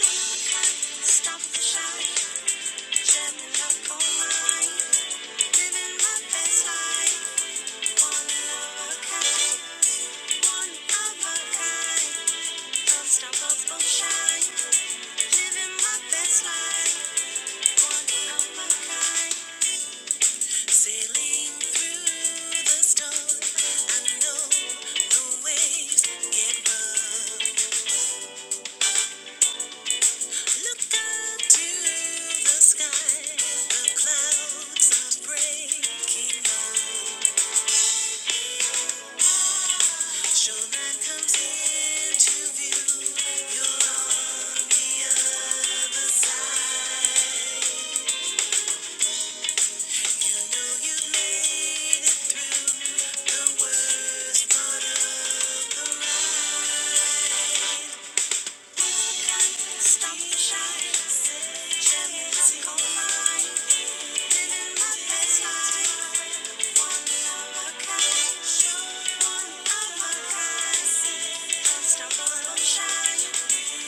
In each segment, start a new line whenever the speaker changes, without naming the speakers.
Stop the shine, jamming the coal mine, living my best life. One of a kind, one of shine, living my best life. One of a kind. Sailing through the storm, I know the waves get rough. Look up to the sky, the clouds are breaking. Showman comes into view. Will you make the worst part of Stop the shine. Gem is gold mine. Living my best life. One of a kind. One of a kind. Stop the shine.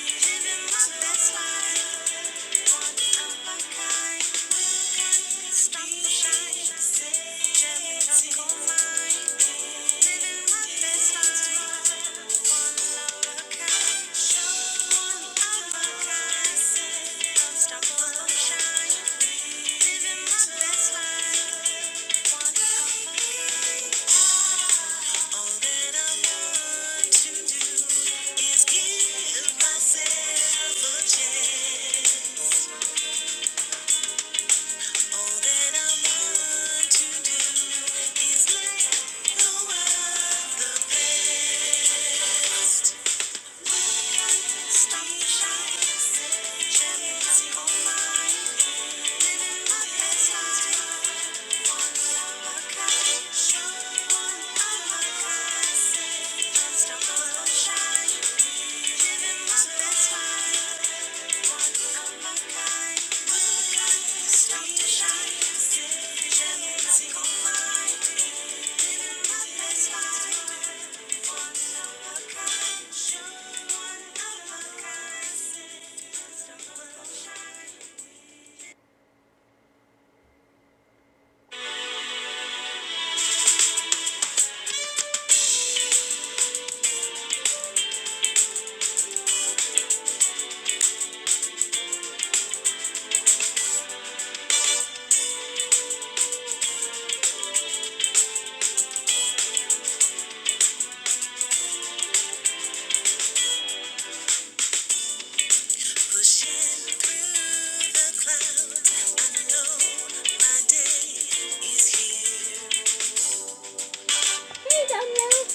Living my best life. To do is give myself a chance. All that I want to do is let the world the best. Stop the shyness, jealousy, all mine. my best life, one of kind. Show one of a shine. Living my best life, one of a kind. Stop the shyness, jealousy, all mine. I Hey, Danielle.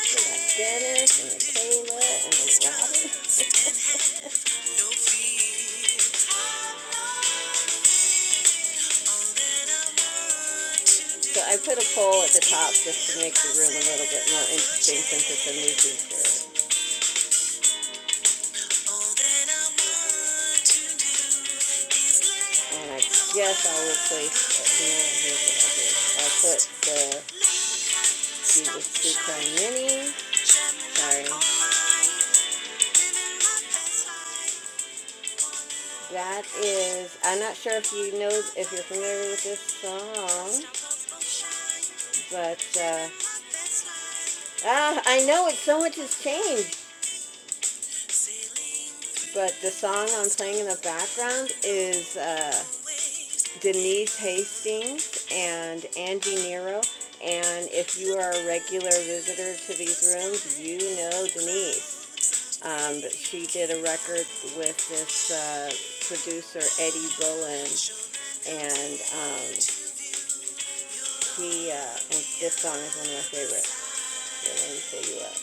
We got Dennis and Michaela and Robin. So I put a pole at the top just to make the room a little bit more interesting since it's a new feature. And I guess I will place, uh, you know, here's what I did. I put the Jesus Sucre Mini. Sorry. That is, I'm not sure if you know, if you're familiar with this song, but uh, ah, I know it, so much has changed. But the song I'm playing in the background is. uh, Denise Hastings and Angie Nero. And if you are a regular visitor to these rooms, you know Denise. Um, she did a record with this uh, producer, Eddie Bullen, and um, he, uh, this song is one of my favorites. Here, let me pull you up.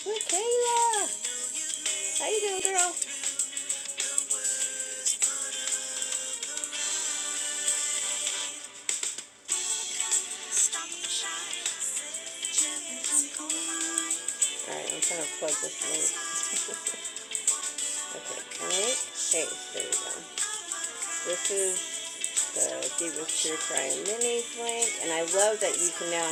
Hey Kayla. How you doing, girl? All right, I'm trying to plug this link. Okay, All right. face. There we go. This is the Zebra True Fry Minis link, and I love that you can now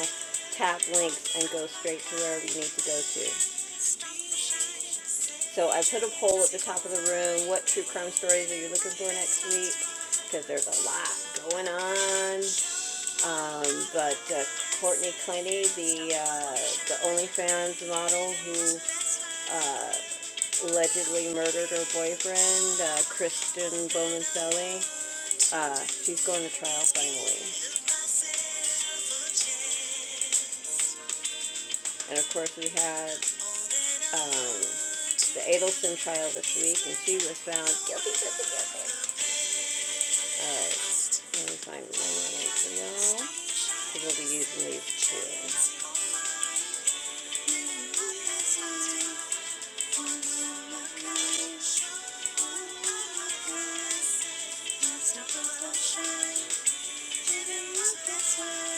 tap links and go straight to wherever you need to go to. So I put a poll at the top of the room. What true crime stories are you looking for next week? Because there's a lot going on. Um, but uh, Courtney Clenny, the uh, the OnlyFans model who uh, allegedly murdered her boyfriend, uh, Kristen bowman Uh, she's going to trial finally. And of course, we had um, the Adelson trial this week, and she was found guilty, guilty, guilty. All right, let me find my link for y'all, 'cause we'll be using these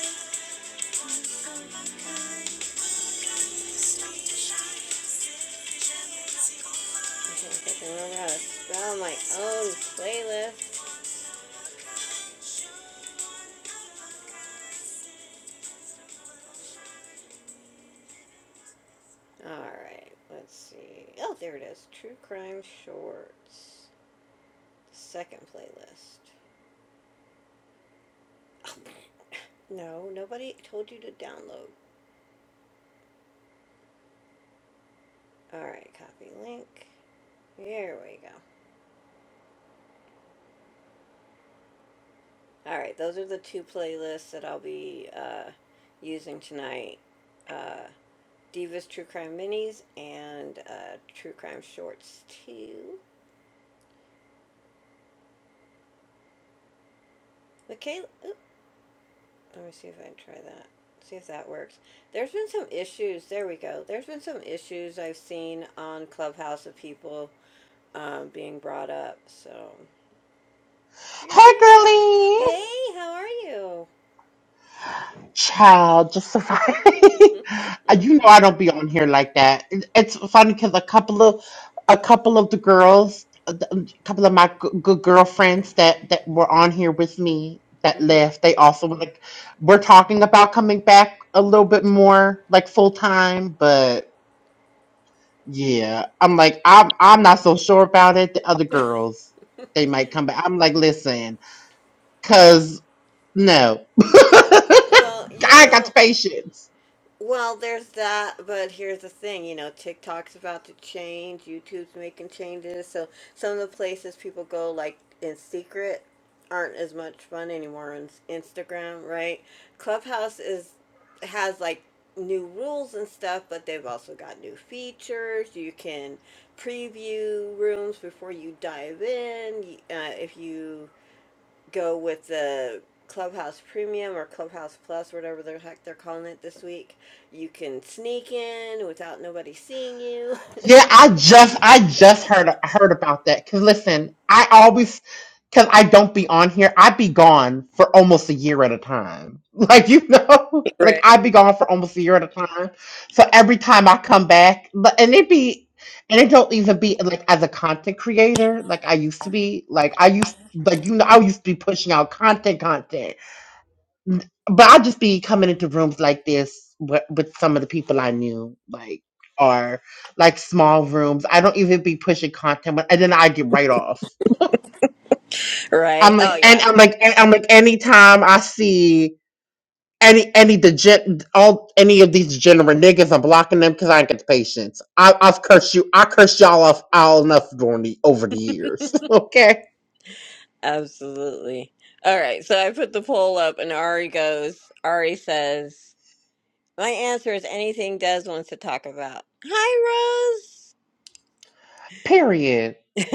too. Now my own playlist. Alright, let's see. Oh, there it is. True Crime Shorts. The Second playlist. No, nobody told you to download. Alright, copy link. There we go. Alright, those are the two playlists that I'll be uh, using tonight. Uh, Divas True Crime Minis and uh, True Crime Shorts too. Michaela, oop, let me see if I can try that. See if that works. There's been some issues. There we go. There's been some issues I've seen on Clubhouse of people um, being brought up. So you're
Hey,
here.
girly,
Hey, how are you?
child, just surviving. you know I don't be on here like that. It- It's funny because a couple of a couple of the girls, a couple of my g- good girlfriends that that were on here with me that
Mm-hmm.
left, they also were like we're talking about coming back a little bit more like full time, but yeah, I'm like I'm I'm not so sure about it. The other girls, they might come back. I'm like, listen. cause. No.
Well, you
I ain't got the
know,
patience.
Well, there's that, but here's the thing, you know, TikTok's about to change, YouTube's making changes, so some of the places people go like in secret aren't as much fun anymore on s- Instagram, right? Clubhouse is has like new rules and stuff, but they've also got new features. You can preview rooms before you dive in. y- Uh, if you go with the Clubhouse Premium or Clubhouse Plus, whatever the heck they're calling it this week. You can sneak in without nobody seeing you.
Yeah, I just I just heard heard about that. Cause listen, I always cause I don't be on here. I be gone for almost a year at a time. Like you know, like I be gone for almost a year at a time. So every time I come back, but and it be and it don't even be like as a content creator like I used to be. Like I used like you know I used to be pushing out content content. but I just be coming into rooms like this with, with some of the people I knew, like are like small rooms. I don't even be pushing content, but and then I get right off.
right?
I'm like,
Oh,
and
yeah.
I'm like, and I'm like, anytime I see any any degen all any of these degenerate niggas, I'm blocking them because I ain't got the patience. I, I've cursed you, I cursed y'all off all enough during the over the years. okay,
Absolutely. All right. So I put the poll up, and Ari goes, Ari says, My answer is anything Des wants to talk about. Hi,
period.
Rose.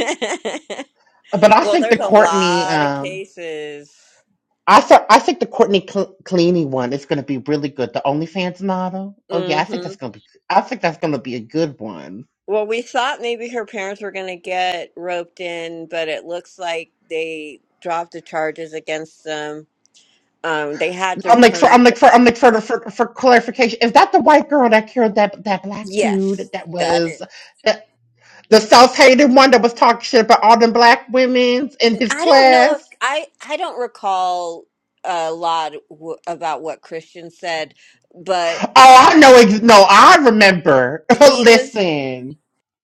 But I
well,
think the
there's a
Courtney,
lot of
um.
cases.
I saw, I think the Courtney Cl- Cleany one is going to be really good. The OnlyFans model. Oh yeah, I think
Mm-hmm.
that's going to be. I think that's going to be a good one.
Well, we thought maybe her parents were going to get roped in, but it looks like they dropped the charges against them. Um, they had to
I'm like for
return.
I'm like
The-
for I'm like for for for clarification. Is that the white girl that killed that that black
yes,
dude that
that is.
was the, the self hated one that was talking shit about all them black women in his
I don't know if
class?
I. I don't recall a lot w- about what Christian said, but
Oh, I know. ex- No, I remember.
he was
Listen.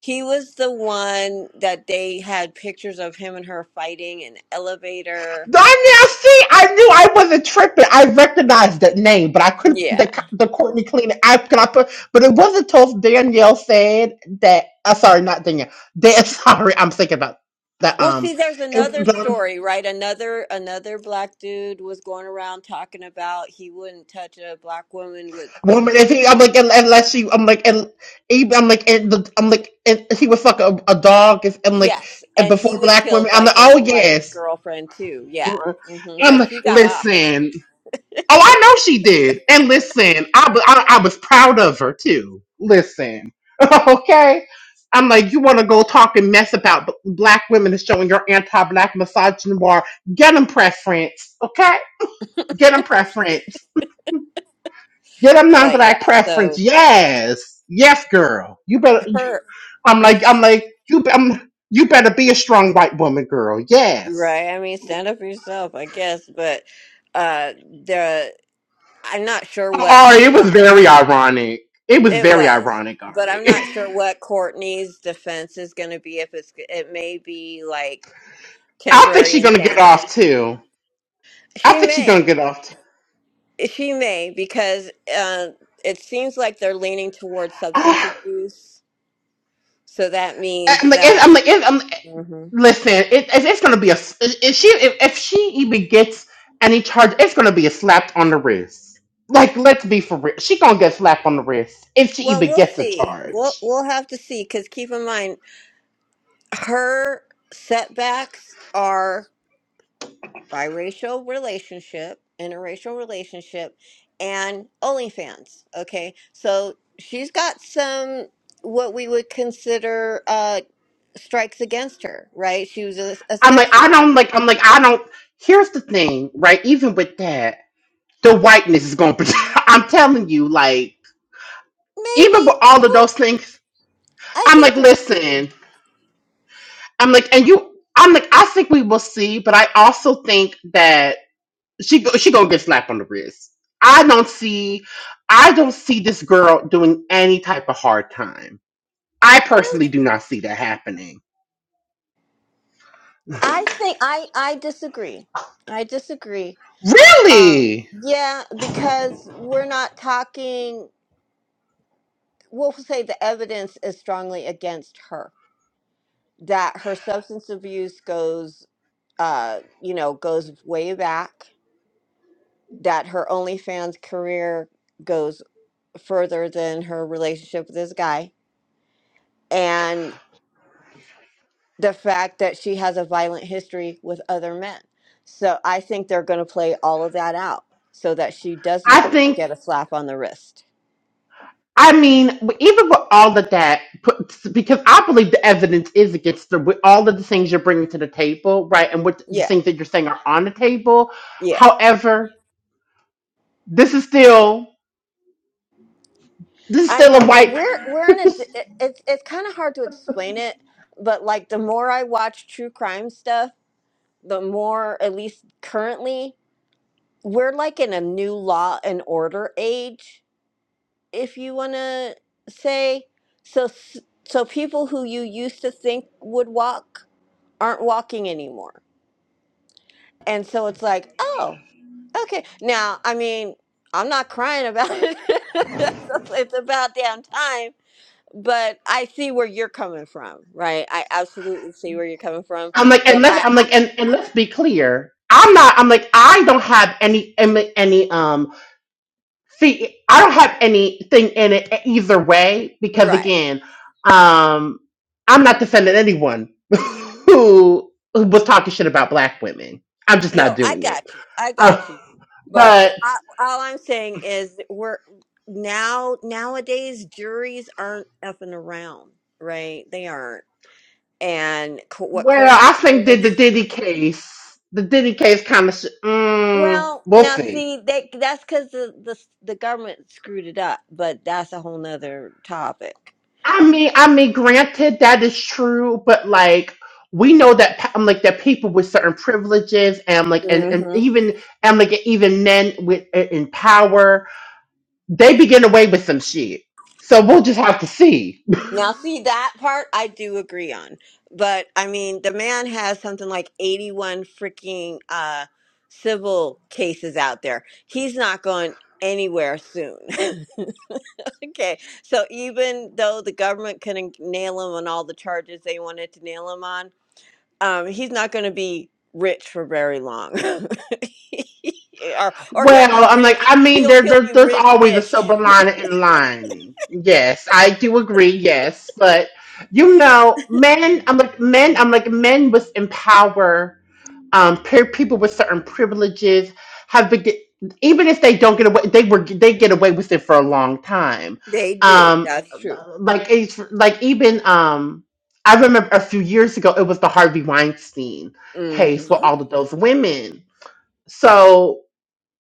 he was the one that they had pictures of him and her fighting in the elevator.
Darn now, see, I knew I wasn't tripping. I recognized that name, but I couldn't put the
Yeah.
co- the Courtney Clean. I could I put, but it wasn't until Danielle said that. Uh, sorry, not Danielle. Dan, sorry, I'm thinking about that.
Well, see,
Um,
there's
it,
another
the
story, right? Another another black dude was going around talking about he wouldn't touch a black woman with
woman. If he, I'm like, un- unless you, I'm like, and even, I'm like, and the, I'm like, and he was fucking a, a dog. Is I'm like,
yes,
and
and he
before
was
black
killed
women, I'm
by
like,
his
oh
white
yes.
girlfriend too. Yeah, hmm
I'm
but
like,
she got off.
listen. Oh, I know she did. And listen, I, wa- I, I was proud of her too. Listen, okay? I'm like, you want to go talk and mess about b- black women and showing your anti-black misogyny war? Get them preference, okay? Get them preference. Get them
But
non-black
yeah,
preference.
so
Yes, yes, girl. You better.
her
I'm
if
like, I'm
you
like, you. be- I'm, you better be a strong white woman, girl. Yes.
right, I mean, stand up for yourself, I guess. But uh the I'm not sure what
Ari, it
co-
was very ironic. It was
it
very
was.
ironic,
But
Ari.
I'm not sure what Courtney's defense is going to be. If it's, it may be like
I think
temporary
she's gonna get
insanity.
off too. I
She
think she's gonna
may.
get off. Too.
She may, because uh, it seems like they're leaning towards substance
Ah,
abuse. So that means
I'm like, it,
that.
I'm like, it, I'm, like,
Mhm.
listen, it, it's it's gonna be a. s- If she, if, if she even gets any charge, it's gonna be a slap on the wrist. Like, let's be for real. She gonna get slapped on the wrist if she
Well,
even
we'll
gets a
see. We'll
charge.
we'll have to see. Because keep in mind, her setbacks are biracial relationship, interracial relationship, and OnlyFans. Okay, so she's got some what we would consider uh, strikes against her, right? She was a, a
I'm like,
sex
I
worker.
don't like. I'm like, I don't. Here's the thing, right? Even with that, the whiteness is gonna. I'm telling you, like, even with
Maybe.
all of
Well,
those things,
I
I'm
think
like,
we'll see.
listen. I'm like, and you, I'm like, I think we will see, but I also think that she go- she gonna get slapped on the wrist. I don't see, I don't see this girl doing any type of hard time. I personally do not see that happening.
I think I I disagree. I disagree. Um,
Really,
yeah, because we're not talking. We'll say the evidence is strongly against her that her substance abuse goes, uh, you know, goes way back. That her OnlyFans career goes further than her relationship with this guy and. the fact that she has a violent history with other men. So I think they're going to play all of that out so that she does
I
not
think.
get a slap on the wrist.
I mean, even with all of that, put- because I believe the evidence is against her with all of the things you're bringing to the table, right? And what the
Yeah.
things that you're saying are on the table.
Yeah.
However, this is still This is
I
still a
know, but
white
we're we're in
person.
a d- it- it's it's kind of hard to explain it, but like the more I watch true crime stuff, the more at least currently we're like in a new law and order age, if you want to say. So s- so people who you used to think would walk aren't walking anymore. And so it's like, oh, okay. Now, I mean, I'm not crying about it. it's about damn time. But I see where you're coming from, right? I absolutely see where you're coming from.
I'm like, and
But
let's,
I,
I'm
I
like, and, and let's be clear. I'm not, I'm like, I don't have any, any, any, um, see, I don't have anything in it either way because
right.
again, um, I'm not defending anyone who, who was talking shit about black women. I'm just not
No, I
doing it.
got you. I
Uh,
got you. But
but,
I, all I'm saying is that we're now nowadays juries aren't effing around, right? They aren't. And co- what
well,
Courtney
I think that
did
the Diddy case, the Diddy case kind of, sh- mm,
Well,
we'll
now
see.
see that that's because the, the the government screwed it up, but that's a whole nother topic.
I mean, I mean, granted that is true, but like we know that pe- I'm like that people with certain privileges and like and, and
hmm
even and like even men with eh, in power they be getting away with some shit. So we'll just have to see.
Now, see that part I do agree on, but I mean the man has something like eighty-one freaking uh civil cases out there. He's not going anywhere soon. Okay, so even though the government couldn't nail him on all the charges they wanted to nail him on, um, he's not going to be rich for very long. or or he'll be
Well, I'm like,
rich.
I mean,
He'll
there,
he'll
there
be
there's always a
rich-ish.
silver lining in lining. Yes, I do agree. Yes, but you know, men, I'm like men, I'm like men was in power um, pe- people with certain privileges have been get- even if they don't get away they were they get away with it for a long time
They do.
um
That's true.
like it's like even um i remember a few years ago it was the harvey weinstein
hmm
case with all of those women so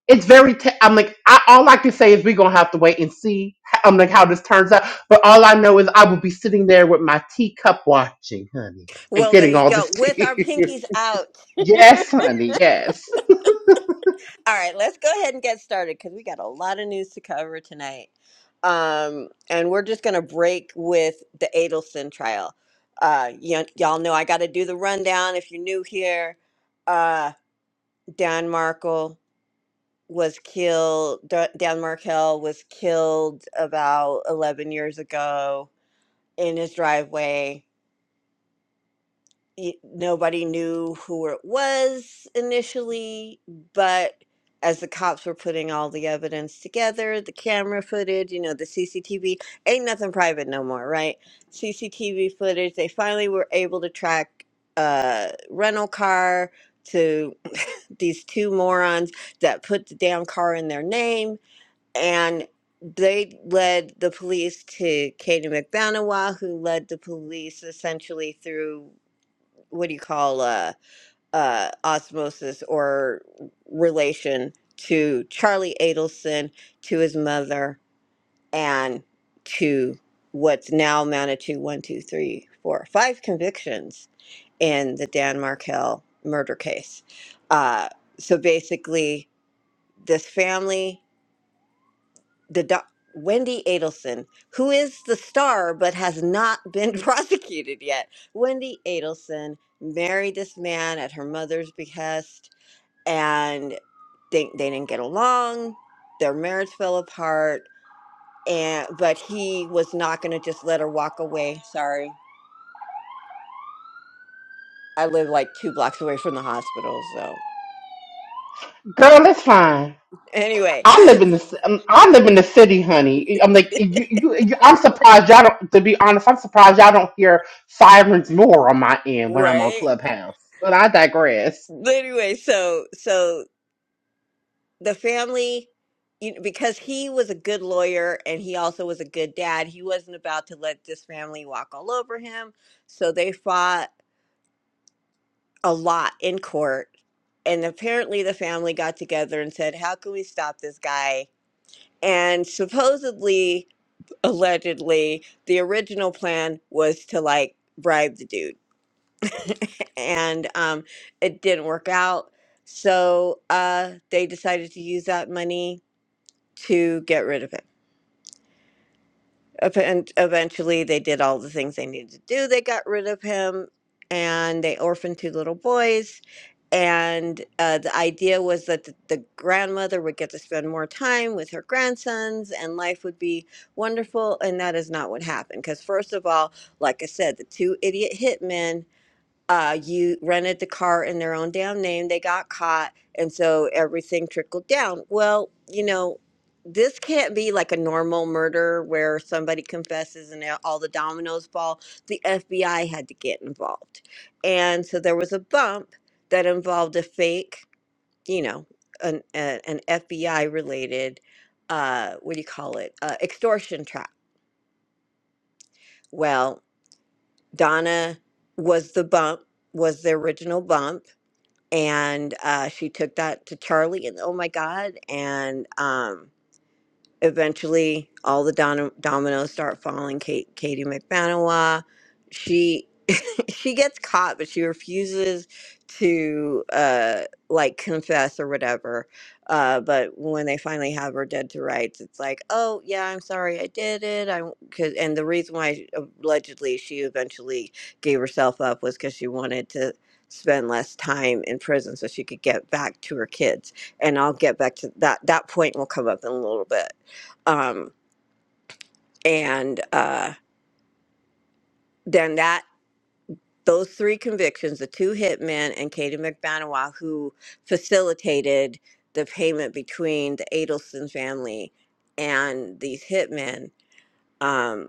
it's very t- i'm like I, all i can say is we're gonna have to wait and see i'm like how this turns out but all i know is i will be sitting there with my teacup watching honey and
Well, there
getting
you
all
go.
this
With our
tea
pinkies out.
yes honey yes
All right, let's go ahead and get started because we got a lot of news to cover tonight. Um, and we're just gonna break with the Adelson trial. Uh, y- y'all know I got to do the rundown. If you're new here, uh, Dan Markle was killed. D- Dan Markle was killed about 11 years ago in his driveway. Y- Nobody knew who it was initially, but as the cops were putting all the evidence together, the camera footage, you know, the CCTV, ain't nothing private no more, right? CCTV footage, they finally were able to track a rental car to these two morons that put the damn car in their name and they led the police to Katie McBanawa, who led the police essentially through what do you call uh, uh, osmosis or relation to Charlie Adelson, to his mother, and to what's now amounted to one, two, three, four, five convictions in the Dan Markell murder case. Uh, so basically, this family the doc- Wendy Adelson, who is the star but has not been prosecuted yet. Wendy Adelson married this man at her mother's behest, and they, they didn't get along. Their marriage fell apart, and but he was not going to just let her walk away. Sorry, I live like two blocks away from the hospital, so
Girl, it's fine.
anyway,
I live in the ci- um, I live in the city, honey. I'm like you, you, you I'm surprised y'all don't. To be honest, I'm surprised y'all don't hear sirens more on my end when I'm on
right?
Clubhouse. But I digress.
Anyway, so so the family you know, because he was a good lawyer and he also was a good dad he wasn't about to let this family walk all over him so they fought a lot in court and apparently the family got together and said how can we stop this guy and supposedly allegedly the original plan was to like bribe the dude and um it didn't work out so uh they decided to use that money to get rid of him Ep- And eventually, they did all the things they needed to do. They got rid of him, and they orphaned two little boys. And uh, the idea was that the, the grandmother would get to spend more time with her grandsons, and life would be wonderful. And that is not what happened. Because first of all, like I said, the two idiot hitmen uh, you rented the car in their own damn name. They got caught, and so everything trickled down. Well, you know, this can't be like a normal murder where somebody confesses and all the dominoes fall. The FBI had to get involved, and so there was a bump that involved a fake, you know, an a, an FBI related, uh, what do you call it, uh, extortion trap. Well, Donna was the bump, was the original bump and uh, she took that to Charlie, and oh my God! And um, eventually, all the don- dominoes start falling. Kate, Katie McBanawa, she she gets caught but she refuses to uh like confess or whatever uh but when they finally have her dead to rights it's like oh yeah i'm sorry i did it i because and the reason why allegedly she eventually gave herself up was because she wanted to spend less time in prison so she could get back to her kids and i'll get back to that that point will come up in a little bit um and uh then that those three convictions, the two hitmen and Katie McBanawa, who facilitated the payment between the Adelson family and these hitmen, um,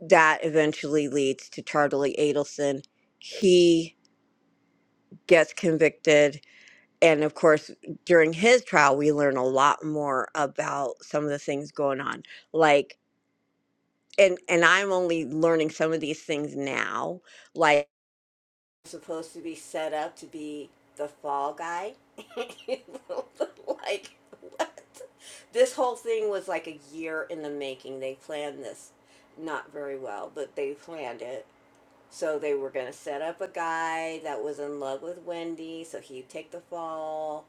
that eventually leads to Charlie Adelson. He gets convicted. And of course, during his trial, we learn a lot more about some of the things going on. Like, and, and I'm only learning some of these things now. Like, supposed to be set up to be the fall guy. like what? This whole thing was like a year in the making. They planned this not very well, but they planned it. So they were going to set up a guy that was in love with Wendy, so he'd take the fall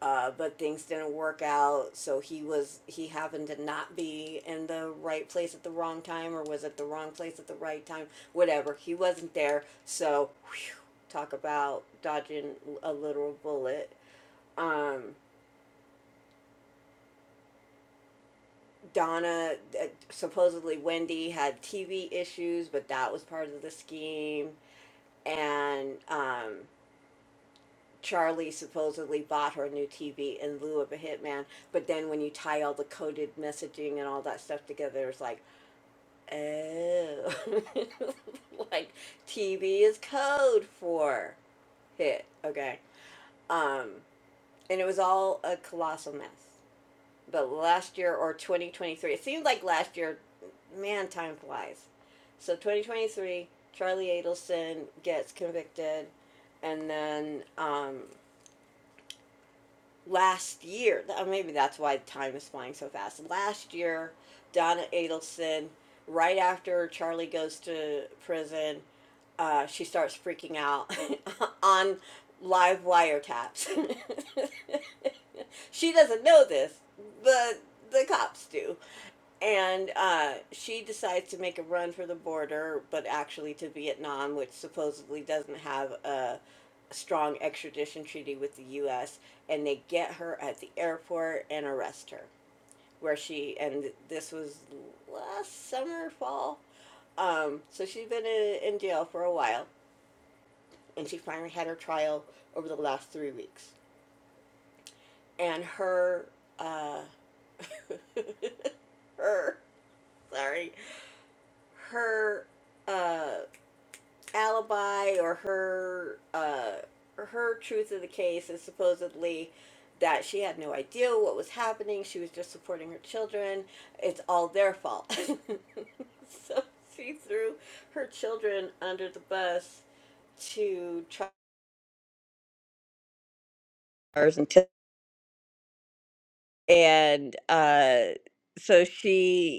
uh, but things didn't work out. So he was he happened to not be in the right place at the wrong time, or was at the wrong place at the right time. Whatever, he wasn't there. So whew, talk about dodging a literal bullet. Um, Donna uh, supposedly Wendy had TV issues, but that was part of the scheme. And um, Charlie supposedly bought her a new TV in lieu of a hitman, but then when you tie all the coded messaging and all that stuff together, it's like, oh, like TV is code for hit. Okay. Um, and it was all a colossal mess. But last year or 2023, it seemed like last year, man, time flies. So 2023, Charlie Adelson gets convicted, and then um, last year, uh, maybe that's why time is flying so fast. Last year, Donna Adelson, right after Charlie goes to prison, uh, she starts freaking out on live wiretaps. She doesn't know this. but the cops do. And uh, she decides to make a run for the border, but actually to Vietnam, which supposedly doesn't have a strong extradition treaty with the U.S. And they get her at the airport and arrest her. Where she and this was last summer, fall. Um, so she's been in, in jail for a while, and she finally had her trial over the last three weeks. And her uh, her sorry her uh alibi or her uh her truth of the case is supposedly that she had no idea what was happening she was just supporting her children it's all their fault so she threw her children under the bus to try and and uh so she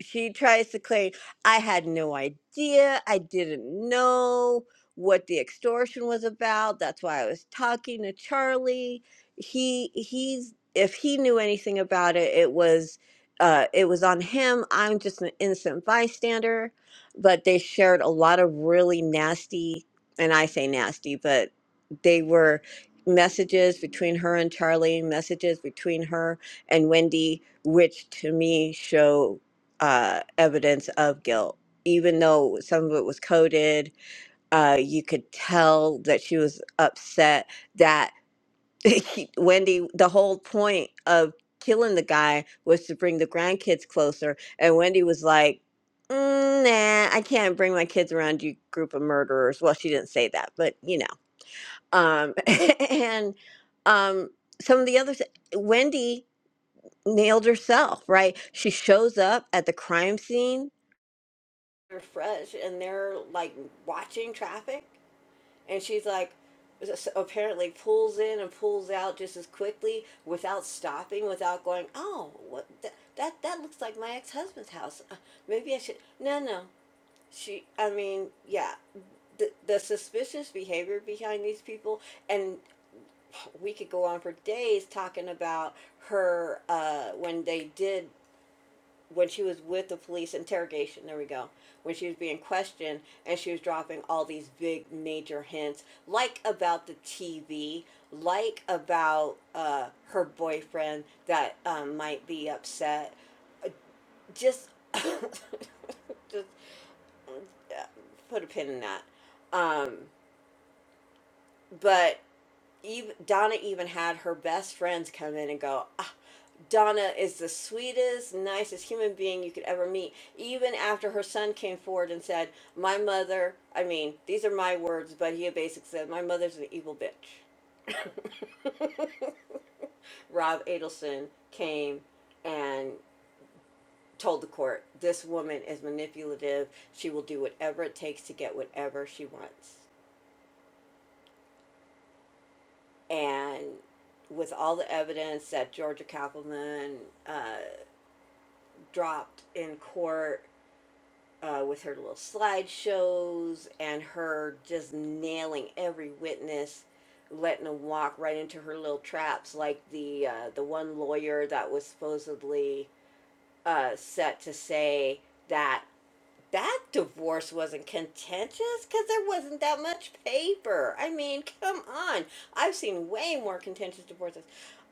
she tries to claim i had no idea i didn't know what the extortion was about that's why i was talking to charlie he he's if he knew anything about it it was uh, it was on him i'm just an innocent bystander but they shared a lot of really nasty and i say nasty but they were messages between her and charlie messages between her and wendy which to me show uh, evidence of guilt. Even though some of it was coded, uh, you could tell that she was upset that Wendy, the whole point of killing the guy was to bring the grandkids closer. And Wendy was like, "Mm, nah, I can't bring my kids around you group of murderers. Well, she didn't say that, but you know. Um, and um, some of the others, Wendy nailed herself, right? She shows up at the crime scene they're fresh and they're like watching traffic and she's like apparently pulls in and pulls out just as quickly without stopping without going oh what that that, that looks like my ex-husband's house Uh, maybe i should no no she i mean yeah the, the suspicious behavior behind these people and we could go on for days talking about her uh, when they did when she was with the police interrogation, there we go, when she was being questioned and she was dropping all these big major hints, like about the TV, like about uh, her boyfriend that um, might be upset. Just, just uh, put a pin in that. Um, but even Donna even had her best friends come in and go, ah, Donna is the sweetest, nicest human being you could ever meet. Even after her son came forward and said, My mother, I mean, these are my words, but he basically said, My mother's an evil bitch. Rob Adelson came and told the court, This woman is manipulative. She will do whatever it takes to get whatever she wants. And with all the evidence that Georgia Kappelman, uh, dropped in court uh, with her little slideshows and her just nailing every witness, letting them walk right into her little traps, like the uh, the one lawyer that was supposedly uh, set to say that that divorce wasn't contentious because there wasn't that much paper. I mean, come on. I've seen way more contentious divorces.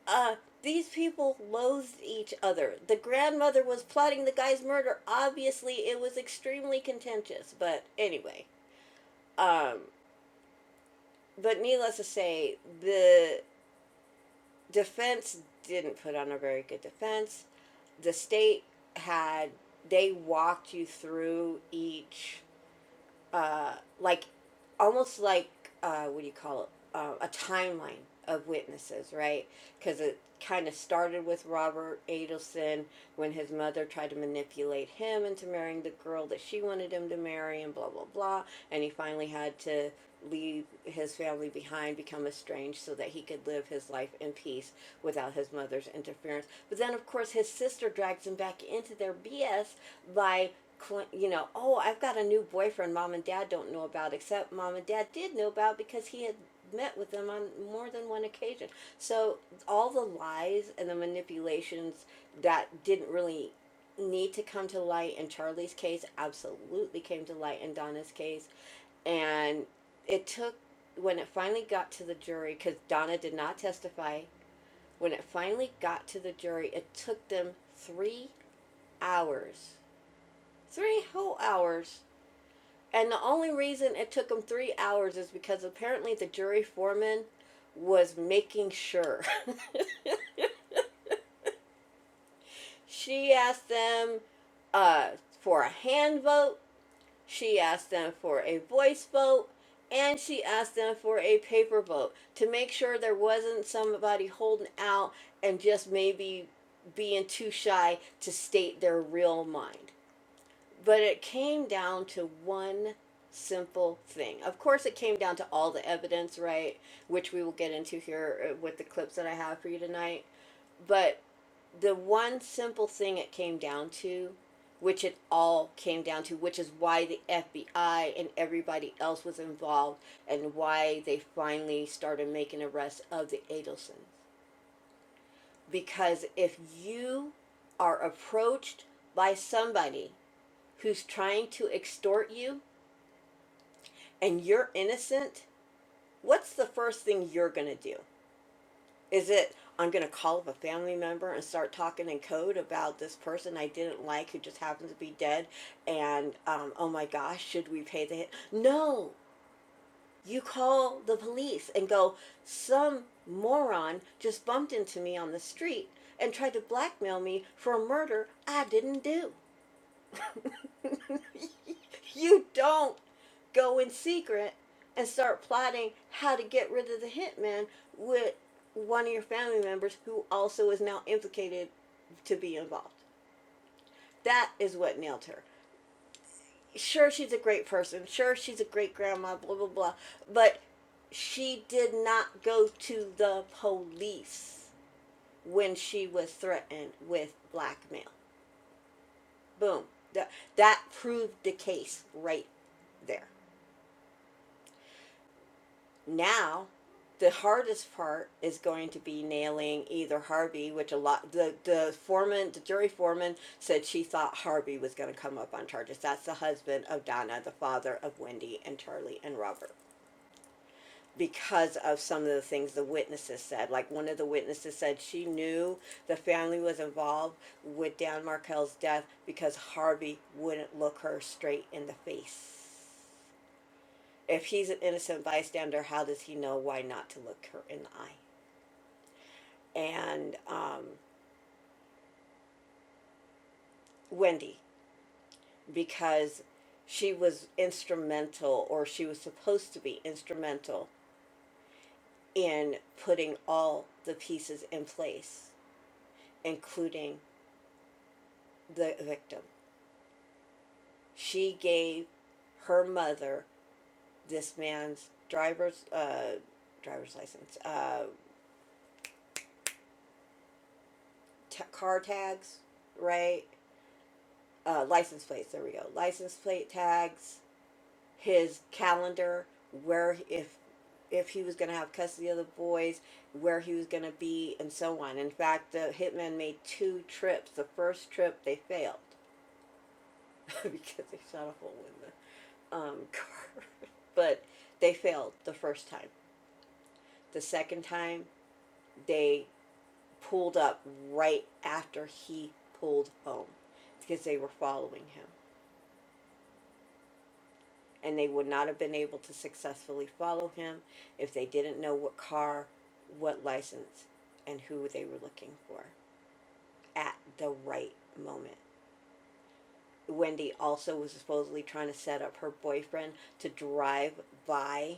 Uh, these people loathed each other. The grandmother was plotting the guy's murder. Obviously, it was extremely contentious. But anyway, um, but needless to say, the defense didn't put on a very good defense. The state had, they walked you through each uh, like almost like uh, what do you call it uh, a timeline of witnesses right because it kind of started with robert adelson when his mother tried to manipulate him into marrying the girl that she wanted him to marry and blah blah blah and he finally had to leave his family behind become estranged so that he could live his life in peace without his mother's interference but then of course his sister drags him back into their bs by you know, oh, I've got a new boyfriend mom and dad don't know about, except mom and dad did know about because he had met with them on more than one occasion. So all the lies and the manipulations that didn't really need to come to light in Charlie's case absolutely came to light in Donna's case. And it took when it finally got to the jury because Donna did not testify. When it finally got to the jury, it took them three hours Three whole hours. And the only reason it took them three hours is because apparently the jury foreman was making sure. she asked them uh, for a hand vote, she asked them for a voice vote, and she asked them for a paper vote to make sure there wasn't somebody holding out and just maybe being too shy to state their real mind. But it came down to one simple thing. Of course, it came down to all the evidence, right? Which we will get into here uh, with the clips that I have for you tonight. But the one simple thing it came down to, which it all came down to, which is why the FBI and everybody else was involved and why they finally started making arrests of the Adelsons. Because if you are approached by somebody who's trying to extort you, and you're innocent, what's the first thing you're going to do? Is it, I'm going to call up a family member and start talking in code about this person I didn't like who just happens to be dead, and um, oh my gosh, should we pay the hit? No! You call the police and go, some moron just bumped into me on the street and tried to blackmail me for a murder I didn't do. You don't go in secret and start plotting how to get rid of the hitman with one of your family members who also is now implicated to be involved. That is what nailed her. Sure, she's a great person. Sure, she's a great grandma, blah, blah, blah. But she did not go to the police when she was threatened with blackmail. Boom. That, that proved the case right there. now the hardest part is going to be nailing either Harvey, which a lot the the foreman, the jury foreman said she thought Harvey was going to come up on charges. That's the husband of Donna, the father of Wendy and Charlie and Robert. Because of some of the things the witnesses said, like one of the witnesses said she knew the family was involved with Dan Markell's death because Harvey wouldn't look her straight in the face. If he's an innocent bystander, how does he know why not to look her in the eye? and um, Wendy because she was instrumental, or she was supposed to be instrumental, in putting all the pieces in place, including the victim. She gave her mother this man's driver's uh, driver's license, uh, t- car tags, right? Uh, license plates. There we go. License plate tags his calendar where if if he was going to have custody of the boys where he was going to be and so on in fact the hitmen made two trips the first trip they failed because they shot a hole in the um, car but they failed the first time the second time they pulled up right after he pulled home because they were following him and they would not have been able to successfully follow him if they didn't know what car, what license, and who they were looking for at the right moment. Wendy also was supposedly trying to set up her boyfriend to drive by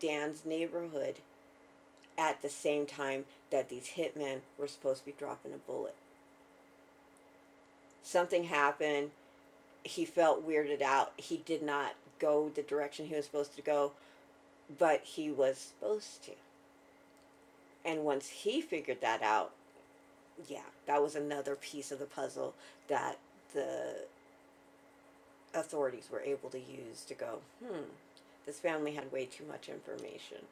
Dan's neighborhood at the same time that these hitmen were supposed to be dropping a bullet. Something happened. He felt weirded out. He did not go the direction he was supposed to go, but he was supposed to. And once he figured that out, yeah, that was another piece of the puzzle that the authorities were able to use to go, hmm, this family had way too much information.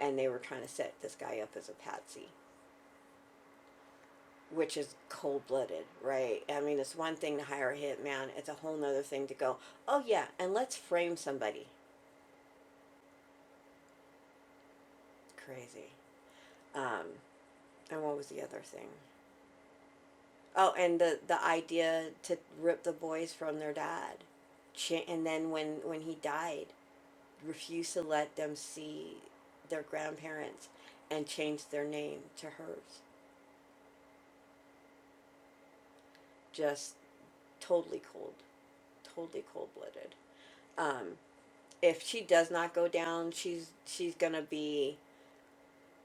And they were trying to set this guy up as a patsy, which is cold blooded, right? I mean, it's one thing to hire a hitman, it's a whole nother thing to go, oh, yeah, and let's frame somebody. Crazy. Um, and what was the other thing? Oh, and the the idea to rip the boys from their dad, Cha- and then when when he died, refuse to let them see their grandparents, and change their name to hers. Just totally cold, totally cold blooded. Um, if she does not go down, she's she's gonna be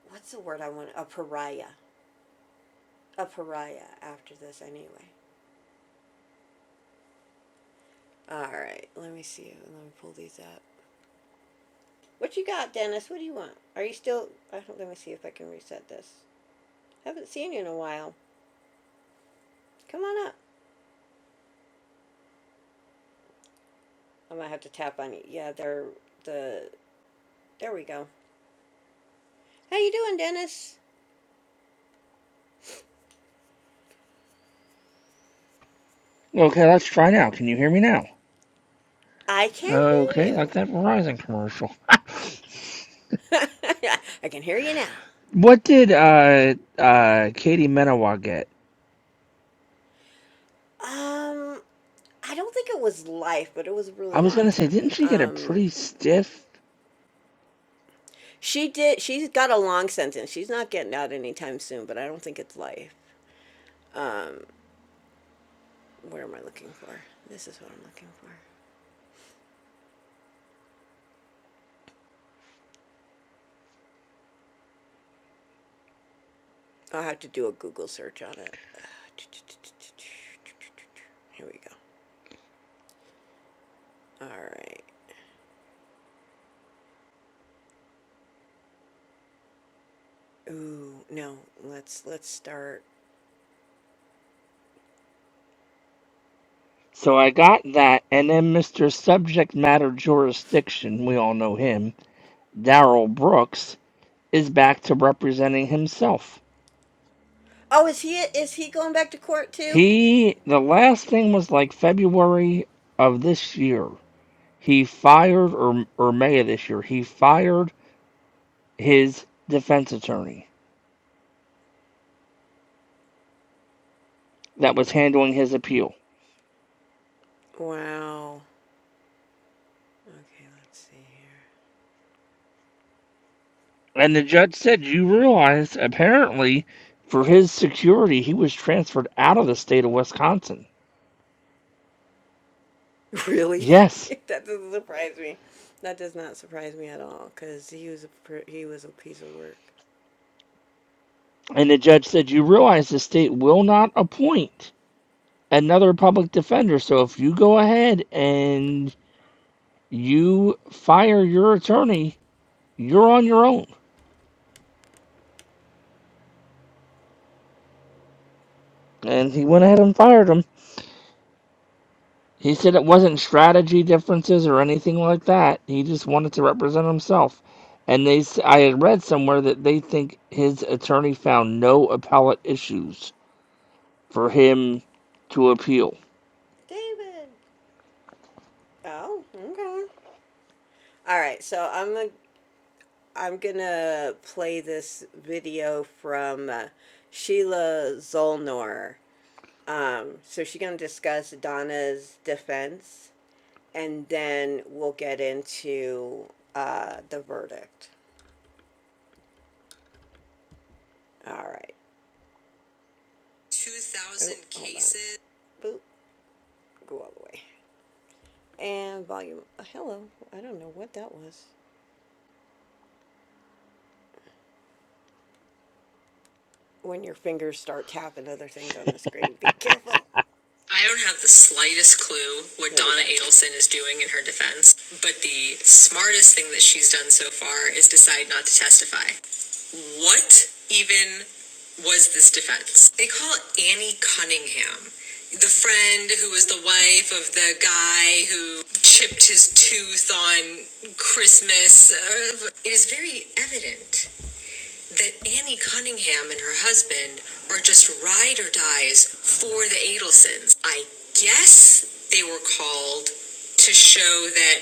what's the word I want? A pariah, a pariah after this anyway. All right, let me see. Let me pull these up. What you got, Dennis? What do you want? Are you still? I don't, let me see if I can reset this. Haven't seen you in a while. Come on up. I might have to tap on you. Yeah, there. The there we go. How you doing, Dennis?
Okay, let's try now. Can you hear me now?
I can
Okay,
hear
like
you.
that Verizon commercial.
I can hear you now.
What did uh uh Katie Menawa get?
Um, I don't think it was life, but it was a really
I was
long
gonna say,
time.
didn't she get a
Um,
pretty stiff?
she did. She's got a long sentence. She's not getting out anytime soon, but I don't think it's life. What am I looking for? This is what I'm looking for. I'll have to do a Google search on it. Here we go. All right. Ooh, no. Let's let's start.
So I got that, and then Mr. Subject Matter Jurisdiction, we all know him, Daryl Brooks, is back to representing himself.
Oh, is he is he going back to court too?
He, the last thing was like February of this year. He fired, or or May of this year, he fired his defense attorney that was handling his appeal.
Wow. Okay, let's see
And the judge said, You realize, apparently, for his security, he was transferred out of the state of Wisconsin.
here. Really?
Yes.
that doesn't surprise me. That does not surprise me at all cuz he was a he was a piece of work.
And the judge said, You realize the state will not appoint another public defender. So if you go ahead and you fire your attorney, you're on your own. And he went ahead and fired him. He said it wasn't strategy differences or anything like that. He just wanted to represent himself. And they, s- I had read somewhere that they think his attorney found no appellate issues for him to appeal.
David. Oh, okay. All right, so I'm gonna I'm gonna play this video from uh, Sheila Zolnor. Um, so she's gonna discuss Donna's defense, and then we'll get into uh, the verdict. All right. 2,000 Oh, cases. Boop. Go all the way. And volume. uh, Hello. I don't know what that was. When your fingers start tapping other things on the screen, be careful. I don't have the slightest clue what Donna Adelson is doing in her defense, but the smartest thing that she's done so far is decide not to testify. What even was this defense? They call Annie Cunningham, the friend who was the wife of the guy who chipped his tooth on Christmas. Uh, It is very evident that Annie Cunningham and her husband are just ride or dies for the Adelsons. I guess they were called to show that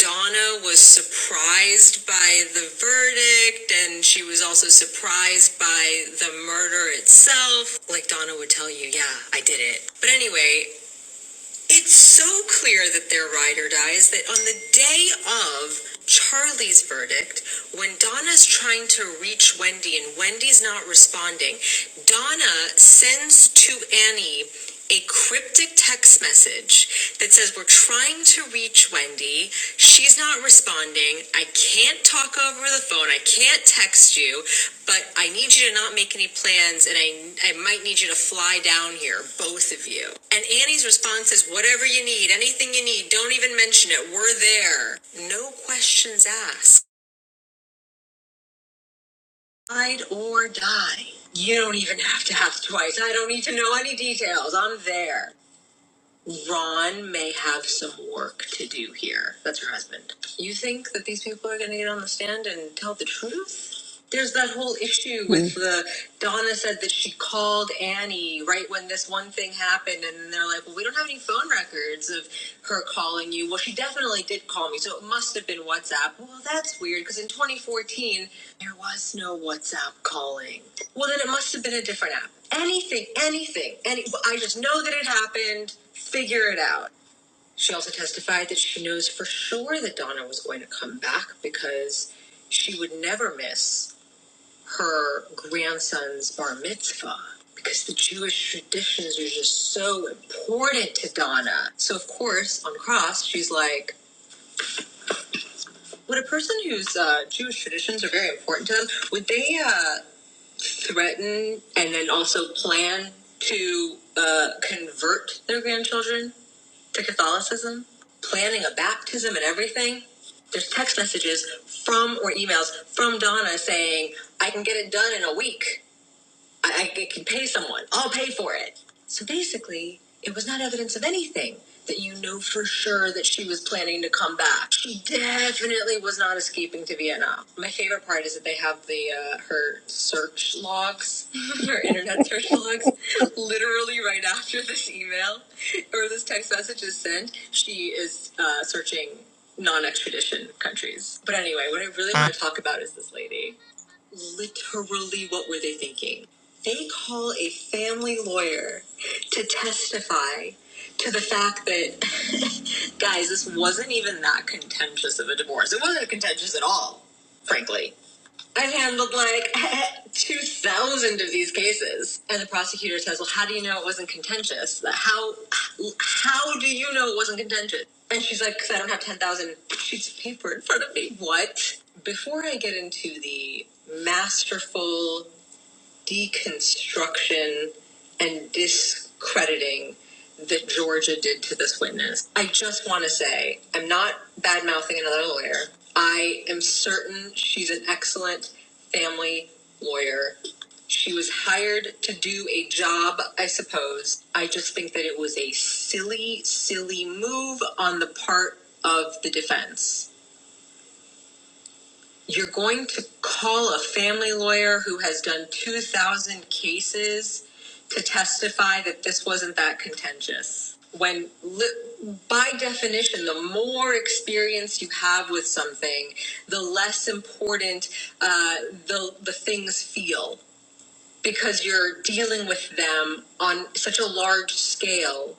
Donna was surprised by the verdict and she was also surprised by the murder itself. Like Donna would tell you, yeah, I did it. But anyway, it's so clear that they're ride or dies that on the day of Charlie's verdict, when Donna's trying to reach Wendy and Wendy's not responding, Donna sends to Annie a cryptic text message that says, We're trying to reach Wendy. She's not responding. I can't talk over the phone. I can't text you, but I need you to not make any plans and I, I might need you to fly down here, both of you. And Annie's response is whatever you need, anything you need, don't even mention it. We're there. No questions asked. Ride or die. You don't even have to have twice. I don't need to know any details. I'm there. Ron may have some work to do here. That's her husband. You think that these people are going to get on the stand and tell the truth? There's that whole issue with Mm. the Donna said that she called Annie right when this one thing happened, and then they're like, "Well, we don't have any phone records of her calling you." Well, she definitely did call me, so it must have been WhatsApp. Well, that's weird because in 2014 there was no WhatsApp calling. Well, then it must have been a different app. Anything, anything, any. well, I just know that it happened figure it out. She also testified that she knows for sure that Donna was going to come back because she would never miss her grandson's bar mitzvah because the Jewish traditions are just so important to Donna. So, of course, on cross, she's like, would a person whose uh, Jewish traditions are very important to them, would they uh, threaten and then also plan to uh, convert their grandchildren to Catholicism, planning a baptism and everything. There's text messages from or emails from Donna saying, I can get it done in a week. I, I can pay someone. I'll pay for it. So basically, it was not evidence of anything that you know for sure that she was planning to come back. She definitely was not escaping to Vietnam. My favorite part is that they have the uh, her search logs, her internet search logs, literally right after this email or this text message is sent. She is uh, searching non-extradition countries. But anyway, what I really want to talk about is this lady. Literally, what were they thinking? They call a family lawyer to testify to the fact that, guys, this wasn't even that contentious of a divorce. It wasn't contentious at all, frankly. I've handled like 2,000 of these cases. And the prosecutor says, Well, how do you know it wasn't contentious? Like, How, how do you know it wasn't contentious? And she's like, Because I don't have 10,000 sheets of paper in front of me. What? Before I get into the masterful deconstruction and discrediting that Georgia did to this witness. I just want to say I'm not bad mouthing another lawyer. I am certain she's an excellent family lawyer. She was hired to do a job, I suppose. I just think that it was a silly, silly move on the part of the defense you're going to call a family lawyer who has done 2,000 cases to testify that this wasn't that contentious. When, li- by definition, the more experience you have with something, the less important uh, the the things feel because you're dealing with them on such a large scale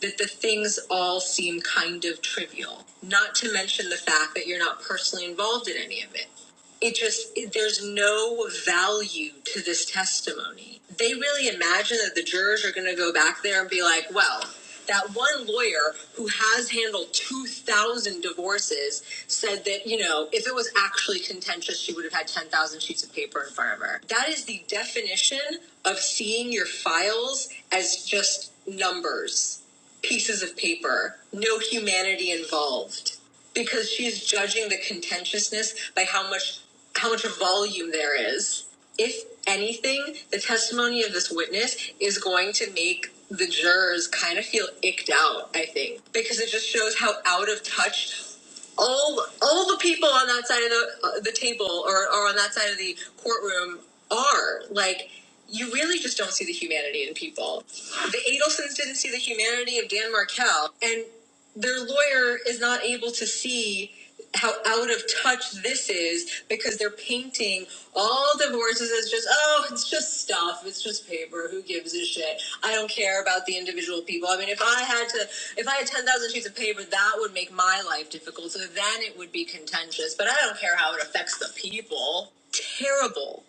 that the things all seem kind of trivial. Not to mention the fact that you're not personally involved in any of it. It just, there's no value to this testimony. They really imagine that the jurors are going to go back there and be like, well, that one lawyer who has handled 2,000 divorces said that, you know, if it was actually contentious, she would have had 10,000 sheets of paper in front of her. That is the definition of seeing your files as just numbers, pieces of paper, no humanity involved. Because she's judging the contentiousness by how much how much volume there is. If anything, the testimony of this witness is going to make the jurors kind of feel icked out, I think, because it just shows how out of touch all all the people on that side of the, uh, the table or, or on that side of the courtroom are like you really just don't see the humanity in people the adelsons didn't see the humanity of dan markell and their lawyer is not able to see how out of touch this is because they're painting all divorces as just oh it's just stuff it's just paper who gives a shit i don't care about the individual people i mean if i had to if i had 10,000 sheets of paper that would make my life difficult so then it would be contentious but i don't care how it affects the people terrible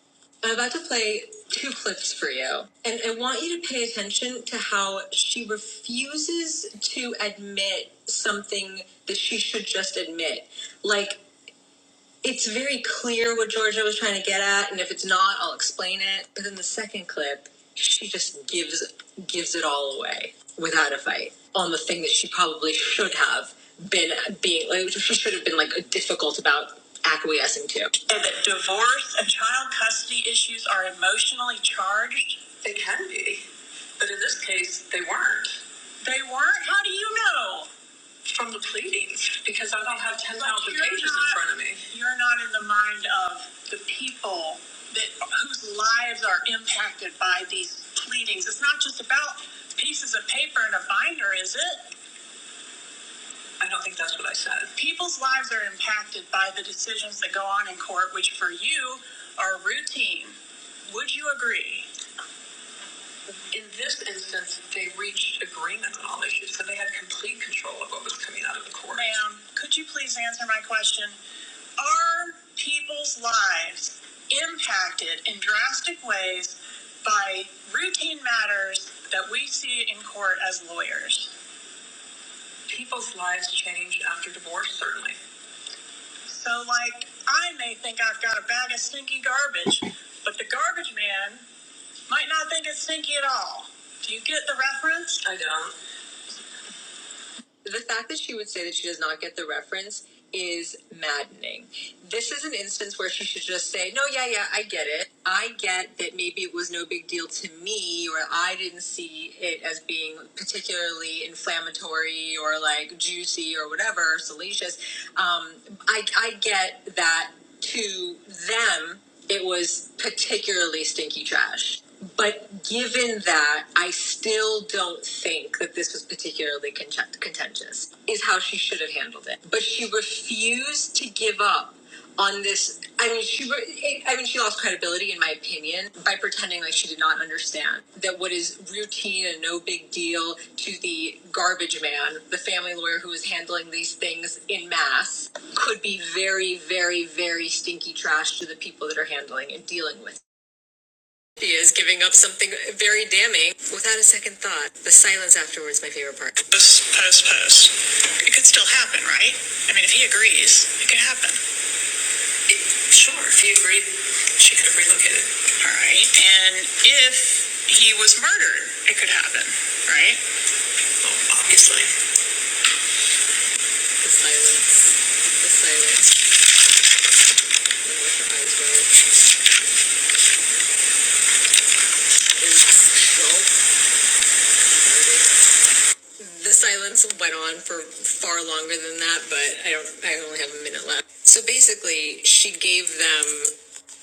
i'm about to play two clips for you and i want you to pay attention to how she refuses to admit something that she should just admit like it's very clear what Georgia was trying to get at, and if it's not, I'll explain it. But in the second clip, she just gives gives it all away without a fight on the thing that she probably should have been being like she should have been like difficult about acquiescing to. Say that divorce and child custody issues are emotionally charged. They can be, but in this case, they weren't. They weren't. How do you know? from the pleadings because I don't have 10,000 But you pages not, in front of me. You're not in the mind of the people that whose lives are impacted by these pleadings. It's not just about pieces of paper and a binder, is it? I don't think that's what I said. People's lives are impacted by the decisions that go on in court, which for you are routine. Would you agree? In this instance, they reached agreement on all issues, so they had complete control of what was coming out of the court. Ma'am, could you please answer my question? Are people's lives impacted in drastic ways by routine matters that we see in court as lawyers? People's lives change after divorce, certainly. So, like, I may think I've got a bag of stinky garbage, but the garbage man might not think it's stinky at all. Do you get the reference? I don't. the fact that she would say that she does not get the reference is maddening. This is an instance where she should just say, No, yeah, yeah, I get it. I get that maybe it was no big deal to me, or I didn't see it as being particularly inflammatory or like juicy or whatever, salacious. Um, I, I get that to them, it was particularly stinky trash. But given that, I still don't think that this was particularly contentious, is how she should have handled it. But she refused to give up on this. I mean, she. Re- I mean, she lost credibility, in my opinion, by pretending like she did not understand that what is routine and no big deal to the garbage man, the family lawyer who is handling these things in mass, could be very, very, very stinky trash to the people that are handling and dealing with he is giving up something very damning without a second thought. The silence afterwards, my favorite part. Post, post, post. It could still happen, right? I mean, if he agrees, it could happen. Sure. If he agreed, she could have relocated. All right. And if he was murdered, it could happen, right? Well, obviously. The silence. The silence. when her eyes were- is- so murdered. the silence went on for far longer than that, but I don't. I only have a minute left. So basically, she gave them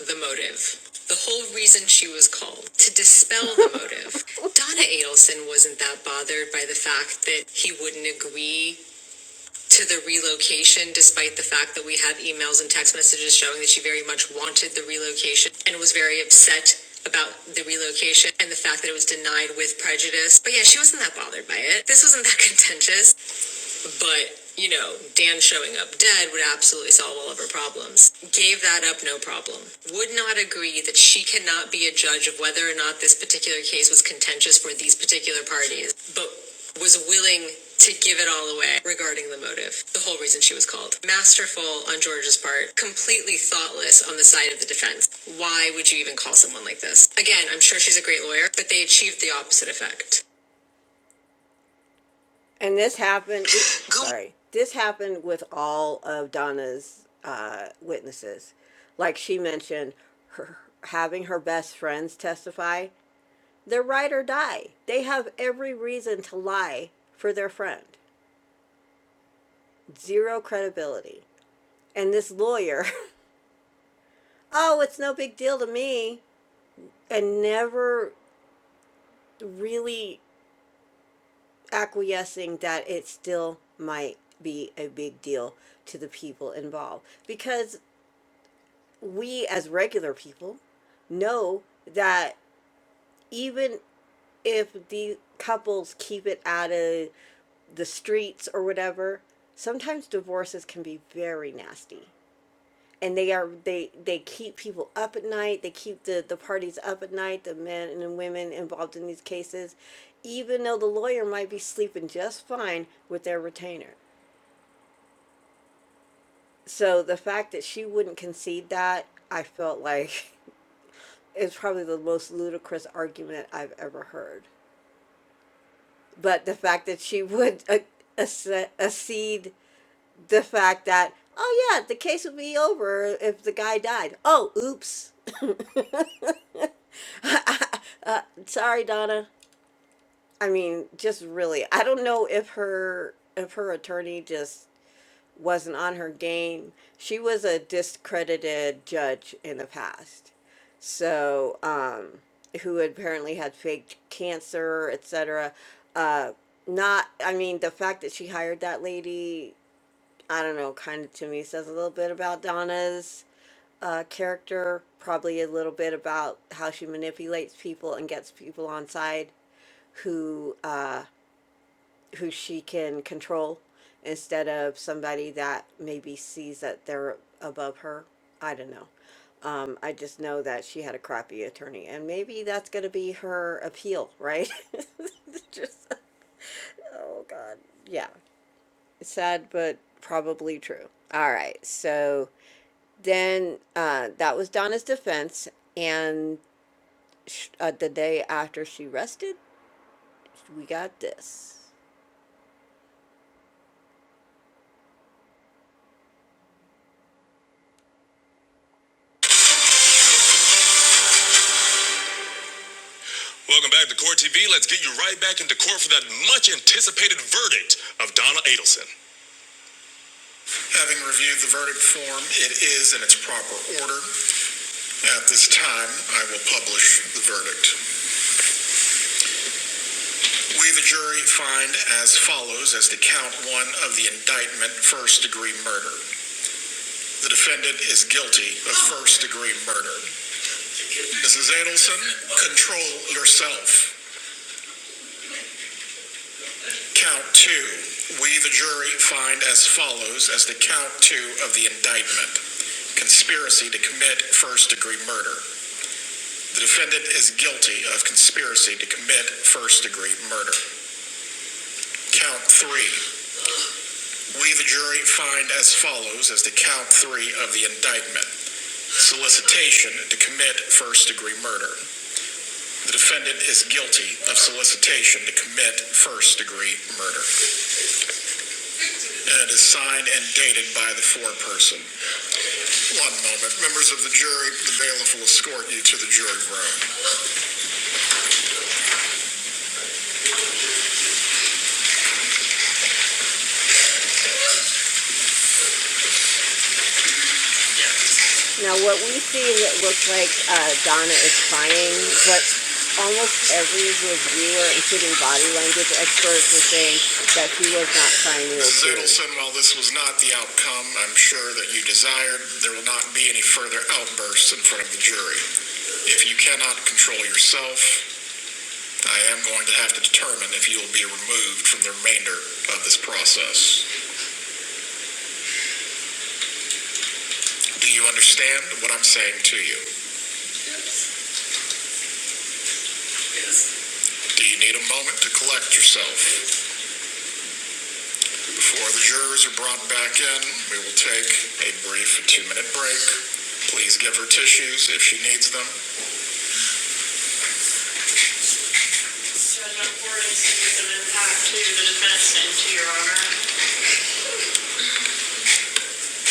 the motive. The whole reason she was called to dispel the motive. Donna Adelson wasn't that bothered by the fact that he wouldn't agree to the relocation, despite the fact that we have emails and text messages showing that she very much wanted the relocation and was very upset about the relocation and the fact that it was denied with prejudice. But yeah, she wasn't that bothered by it. This wasn't that contentious. But, you know, Dan showing up dead would absolutely solve all of her problems. Gave that up, no problem. Would not agree that she cannot be a judge of whether or not this particular case was contentious for these particular parties, but was willing to give it all away regarding the motive, the whole reason she was called. Masterful on George's part, completely thoughtless on the side of the defense. Why would you even call someone like this? Again, I'm sure she's a great lawyer, but they achieved the opposite effect. And this happened, sorry, this happened with all of Donna's uh, witnesses. Like she mentioned, her, having her best friends testify, they're ride or die. They have every reason to lie for their friend. Zero credibility. And this lawyer, oh, it's no big deal to me. And never really acquiescing that it still might be a big deal to the people involved. Because we as regular people know that even if the couples keep it out of the streets or whatever, sometimes divorces can be very nasty. And they are they they keep people up at night, they keep the, the parties up at night, the men and women involved in these cases, even though the lawyer might be sleeping just fine with their retainer. So the fact that she wouldn't concede that, I felt like is probably the most ludicrous argument I've ever heard. But the fact that she would acce- accede the fact that, oh yeah, the case would be over if the guy died. Oh, oops. Sorry, Donna. I mean, just really, I don't know if her if her attorney just wasn't on her game. She was a discredited judge in the past. So, um, who apparently had faked cancer, etc. Uh, not, I mean, the fact that she hired that lady, I don't know, kind of to me says a little bit about Donna's uh, character, probably a little bit about how she manipulates people and gets people on side who uh, who she can control instead of somebody that maybe sees that they're above her. I don't know. Um, I just know that she had a crappy attorney, and maybe that's going to be her appeal, right? just oh god, yeah, sad but probably true. All right, so then uh, that was Donna's defense, and sh- uh, the day after she rested, we got this. Welcome back to Court TV. Let's get you right back into court for that much anticipated verdict of Donna Adelson. Having reviewed the verdict form, it is in its proper order. At this time, I will publish the verdict. We, the jury, find as follows as to count one of the indictment first degree murder. The defendant is guilty of first degree murder. Mrs. Adelson, control yourself. Count two, we, the jury, find as follows as to count two of the indictment, conspiracy to commit first-degree murder. The defendant is guilty of conspiracy to commit first-degree murder. Count three, we, the jury, find as follows as to count three of the indictment, solicitation to commit first-degree murder. The defendant is guilty of solicitation to commit first-degree murder, and it is signed and dated by the foreperson. One moment, members of the jury, the bailiff will escort you to the jury room. Now, what we see that looks like uh, Donna is crying, but almost every reviewer, including body language experts, are saying that she was not crying real Mrs. tears. Adelson, while this was not the outcome I'm sure that you desired, there will not be any further outbursts in front of the jury. If you cannot control yourself, I am going to have to determine if you will be removed from the remainder of this process. Do you understand what I'm saying to you? Do you need a moment to collect yourself? Before the jurors are brought back in, we will take a brief two minute break. Please give her tissues if she needs them. So no worries, it was an impact to the defense and to your honor.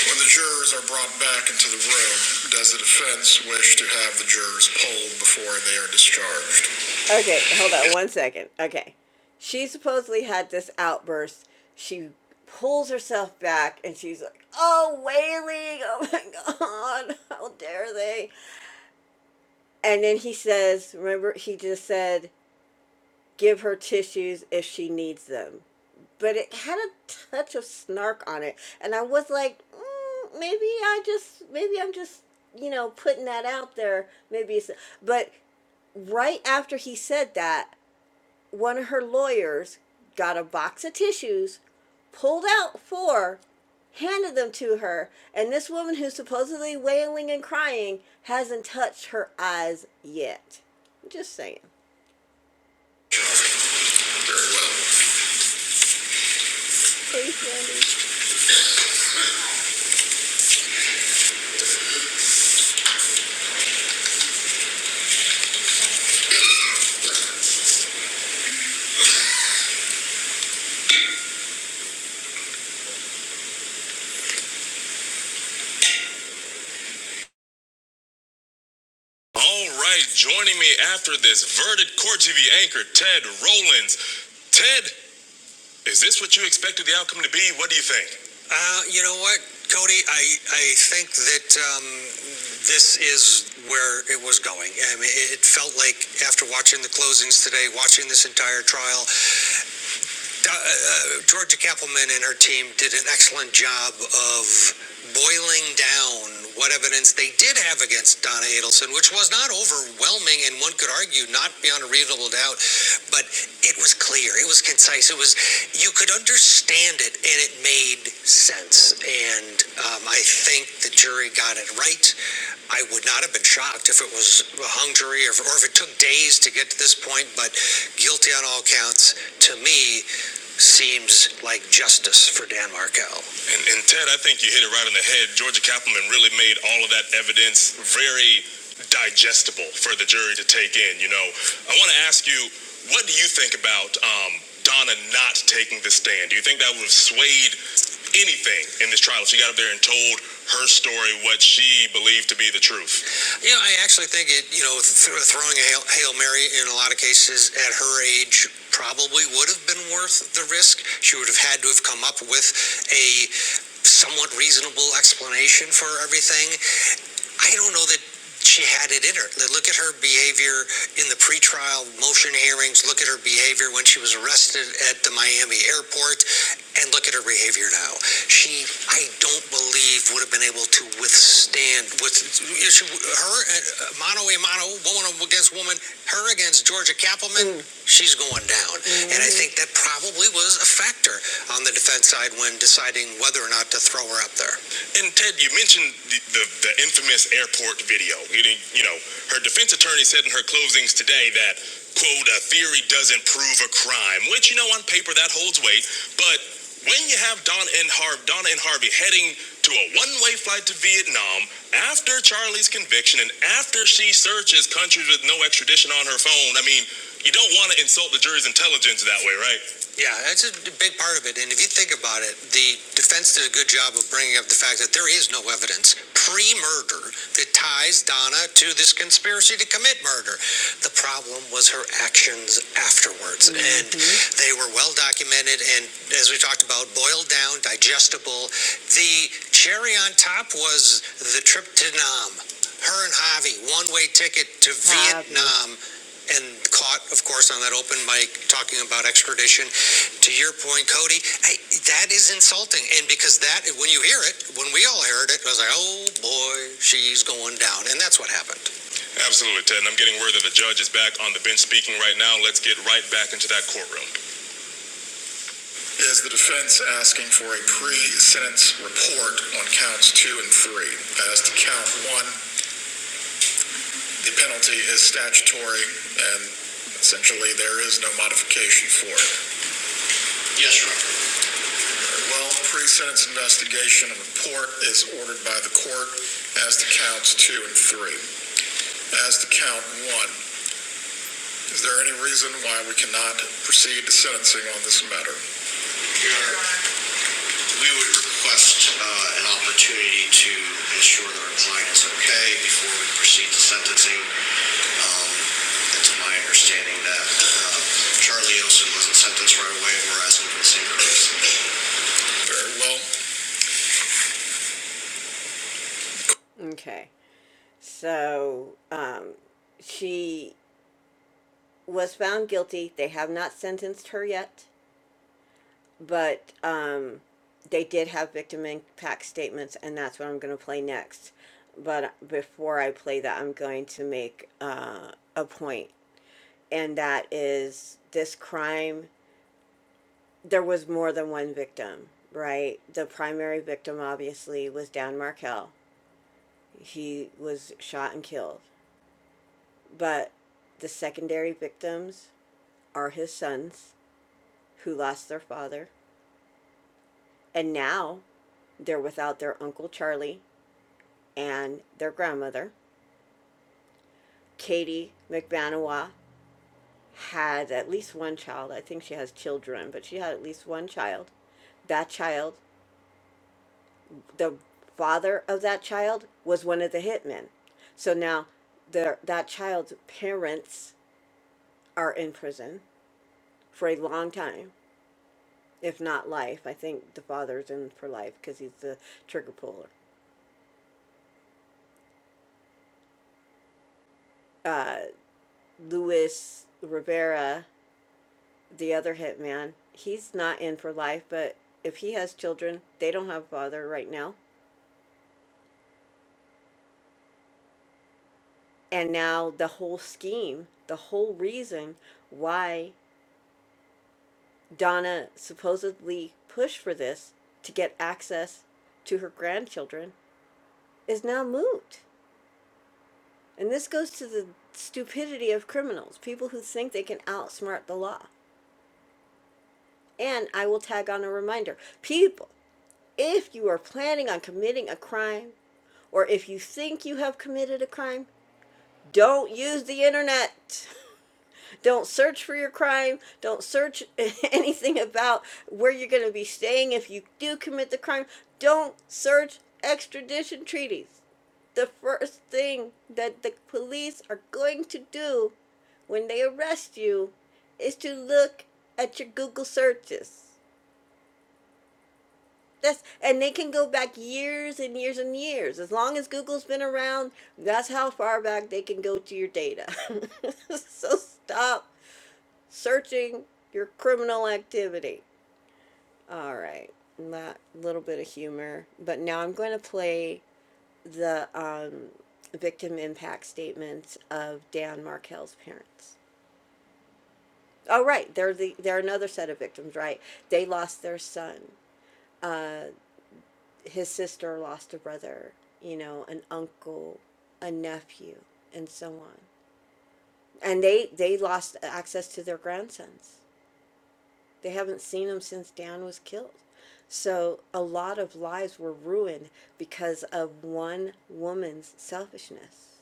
When the jurors are brought back into the room, does the defense wish to have the jurors polled before they are discharged? Okay, hold on one second. Okay. She supposedly had this outburst. She pulls herself back and she's like, Oh, wailing. Oh my God. How dare they? And then he says, Remember, he just said, give her tissues if she needs them. But it had a touch of snark on it. And I was like, mm, maybe I just, maybe I'm just, you know, putting that out there. Maybe it's, but right after he said that, one of her lawyers got a box of tissues, pulled out four, handed them to her, and this woman who's supposedly wailing and crying hasn't touched her eyes yet. Just saying. Please, All right, joining me after this, Verdant Court TV anchor Ted Rollins. Ted, is this what you expected the outcome to be? What do you think? What, Cody? I I think that um, this is where it was going. I mean, it, it felt like after watching the closings today, watching this entire trial, uh, uh, Georgia Kappelman and her team did an excellent job of laying down what evidence they did have against Donna Adelson, which was not overwhelming, and one could argue not beyond a doubt but it was clear it was concise it was you could understand it and it made sense and um, i think the jury got it right i would not have been shocked if it was a hung jury or if, or if it took days to get to this point but guilty on all counts to me seems like justice for Dan Markell. And, and Ted, I think you hit it right on the head. Georgia Kaufman really made all of that evidence very digestible for the jury to take in. You know, I want to ask you, what do you think about um, Donna not taking the stand? Do you think that would have swayed anything in this trial she got up there and told her story, what she believed to be the truth. Yeah, I actually think it, you know, throwing a Hail, Hail Mary in a lot of cases at her age probably would have been worth the risk. She would have had to have come up with a somewhat reasonable explanation for everything. I don't know that she had it in her. Like, Look at her behavior in the pretrial motion hearings, look at her behavior when she was arrested at the Miami airport, and look at her behavior now. She, I don't believe with sin. her one against her against Georgia Kappelman, mm. she's going down, Mm. and I think that probably was a factor on the defense side when deciding whether or not to throw her up there. And Ted, you mentioned the, the, the infamous airport video. You, you know, her defense attorney said in her closings today that, quote, a theory doesn't prove a crime, which, you know, on paper that holds weight. But when you have Don and, Har- Donna and Harvey heading to a one way flight to Vietnam, After Charlie's conviction and after she searches countries with no extradition on her phone, I mean, you don't want to insult the jury's intelligence that way, right? Yeah, that's a big part of it. And if you think about it, job of bringing up the fact that there is no evidence pre-murder that ties Donna to this conspiracy to commit murder. The problem was her actions afterwards, mm-hmm. and they were well documented and, as we talked about, boiled down, digestible. The cherry on top was the trip to Nam. Her and Javi, one-way ticket to Javi. Vietnam, and caught, of course, on that open mic talking about extradition to your point, Cody, hey, that is insulting. And because that, when you hear it, when we all heard it, it was like, oh boy, she's going down. And that's what happened. Absolutely, Ted. And I'm getting word that the judge is back on the bench speaking right now. Let's get right back into that courtroom. Is the defense asking for a pre-sentence report on counts two and three? As to count one, the penalty is statutory, and essentially there is no modification for it. Yes, Your Honor. Well, the pre-sentence investigation and report is ordered by the court as to counts two and three. As to count one, is there any reason why we cannot proceed to sentencing on this matter? Your Honor, we would request uh, an opportunity to ensure that our client is okay before we proceed to sentencing. Um, It's my understanding that uh, Charlie Olson wasn't sentenced right away, and we're asking for the same thing. Very well. Okay, so, um, She was found guilty. They have not sentenced her yet, but um, they did have victim impact statements, and that's what I'm going to play next. But before I play that, I'm going to make uh, a point, and that is this crime, there was more than one victim, right? The primary victim, obviously, was Dan Markell. He was shot and killed. But the secondary victims are his sons who lost their father And now they're without their Uncle Charlie and their grandmother. Katie McBanawa had at least one child. I think she has children, but she had at least one child. That child, the father of that child, was one of the hitmen. So now the, that child's parents are in prison for a long time, if not life. I think the father's in for life because he's the trigger puller. Luis Rivera the other hitman, he's not in for life, but if he has children, they don't have a father right now. And now the whole scheme, the whole reason why Donna supposedly pushed for this to get access to her grandchildren is now moot. And this goes to the stupidity of criminals, people who think they can outsmart the law. And I will tag on a reminder people If you are planning on committing a crime, or if you think you have committed a crime, don't use the internet. Don't search for your crime. Don't search anything about where you're going to be staying if you do commit the crime. Don't search extradition treaties. The first thing that the police are going to do when they arrest you is to look at your Google searches. That's and they can go back years and years and years. As long as Google's been around, that's how far back they can go to your data. so stop searching your criminal activity. All right. That little bit of humor. But now I'm going to play the um, victim impact statements of Dan Markell's parents. Oh, right. They're the they're another set of victims, right? They lost their son. his sister lost a brother, you know, an uncle, a nephew, and so on. And they they lost access to their grandsons. They haven't seen them since Dan was killed. So a lot of lives were ruined because of one woman's selfishness.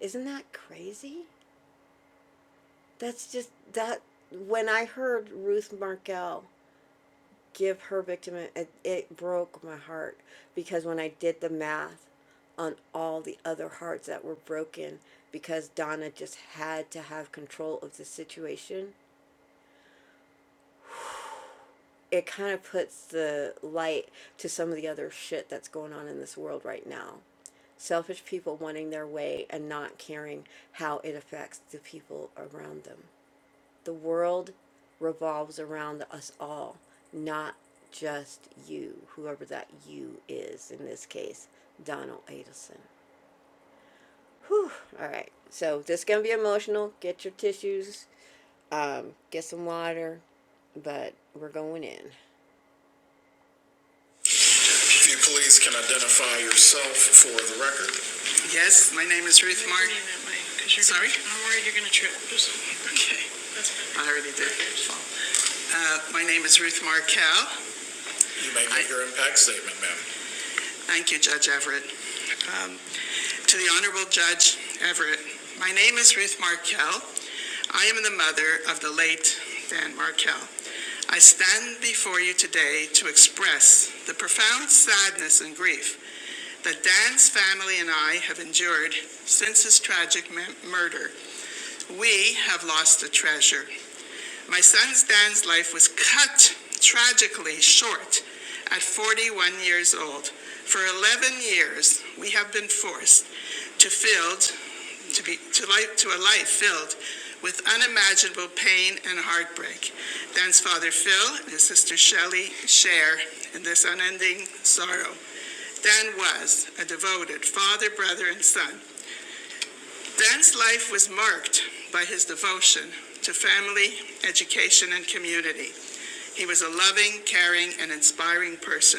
Isn't that crazy? That's just that when I heard Ruth Markell give her victim it, it broke my heart because when I did the math on all the other hearts that were broken because Donna just had to have control of the situation it kind of puts the light to some of the other shit that's going on in this world right now selfish people wanting their way and not caring how it affects the people around them The world revolves around us all, not just you, whoever that you is, in this case, Donald Adelson. Whew. All right. So this is gonna be emotional. Get your tissues. Um, get some water. But we're going in. If you please can identify yourself for the record. Ruth Mark. Sorry? I'm worried you're going to trip. Just, Okay, that's fine. I already did. Uh, my name is Ruth Markow. You may give I, your impact statement, ma'am. Thank you, Judge Everett. Um, To the Honorable Judge Everett, my name is Ruth Markell. I am the mother of the late Dan Markell. I stand before you today to express the profound sadness and grief that Dan's family and I have endured since his tragic murder. We have lost a treasure my son Stan's life was cut tragically short at 41 years old. For 11 years, we have been forced to fill to be to life to a life filled with unimaginable pain and heartbreak. Dan's father Phil and his sister Shelley share in this unending sorrow. Dan was a devoted father, brother, and son. Dan's life was marked his devotion to family education and community, loving, caring, and inspiring person.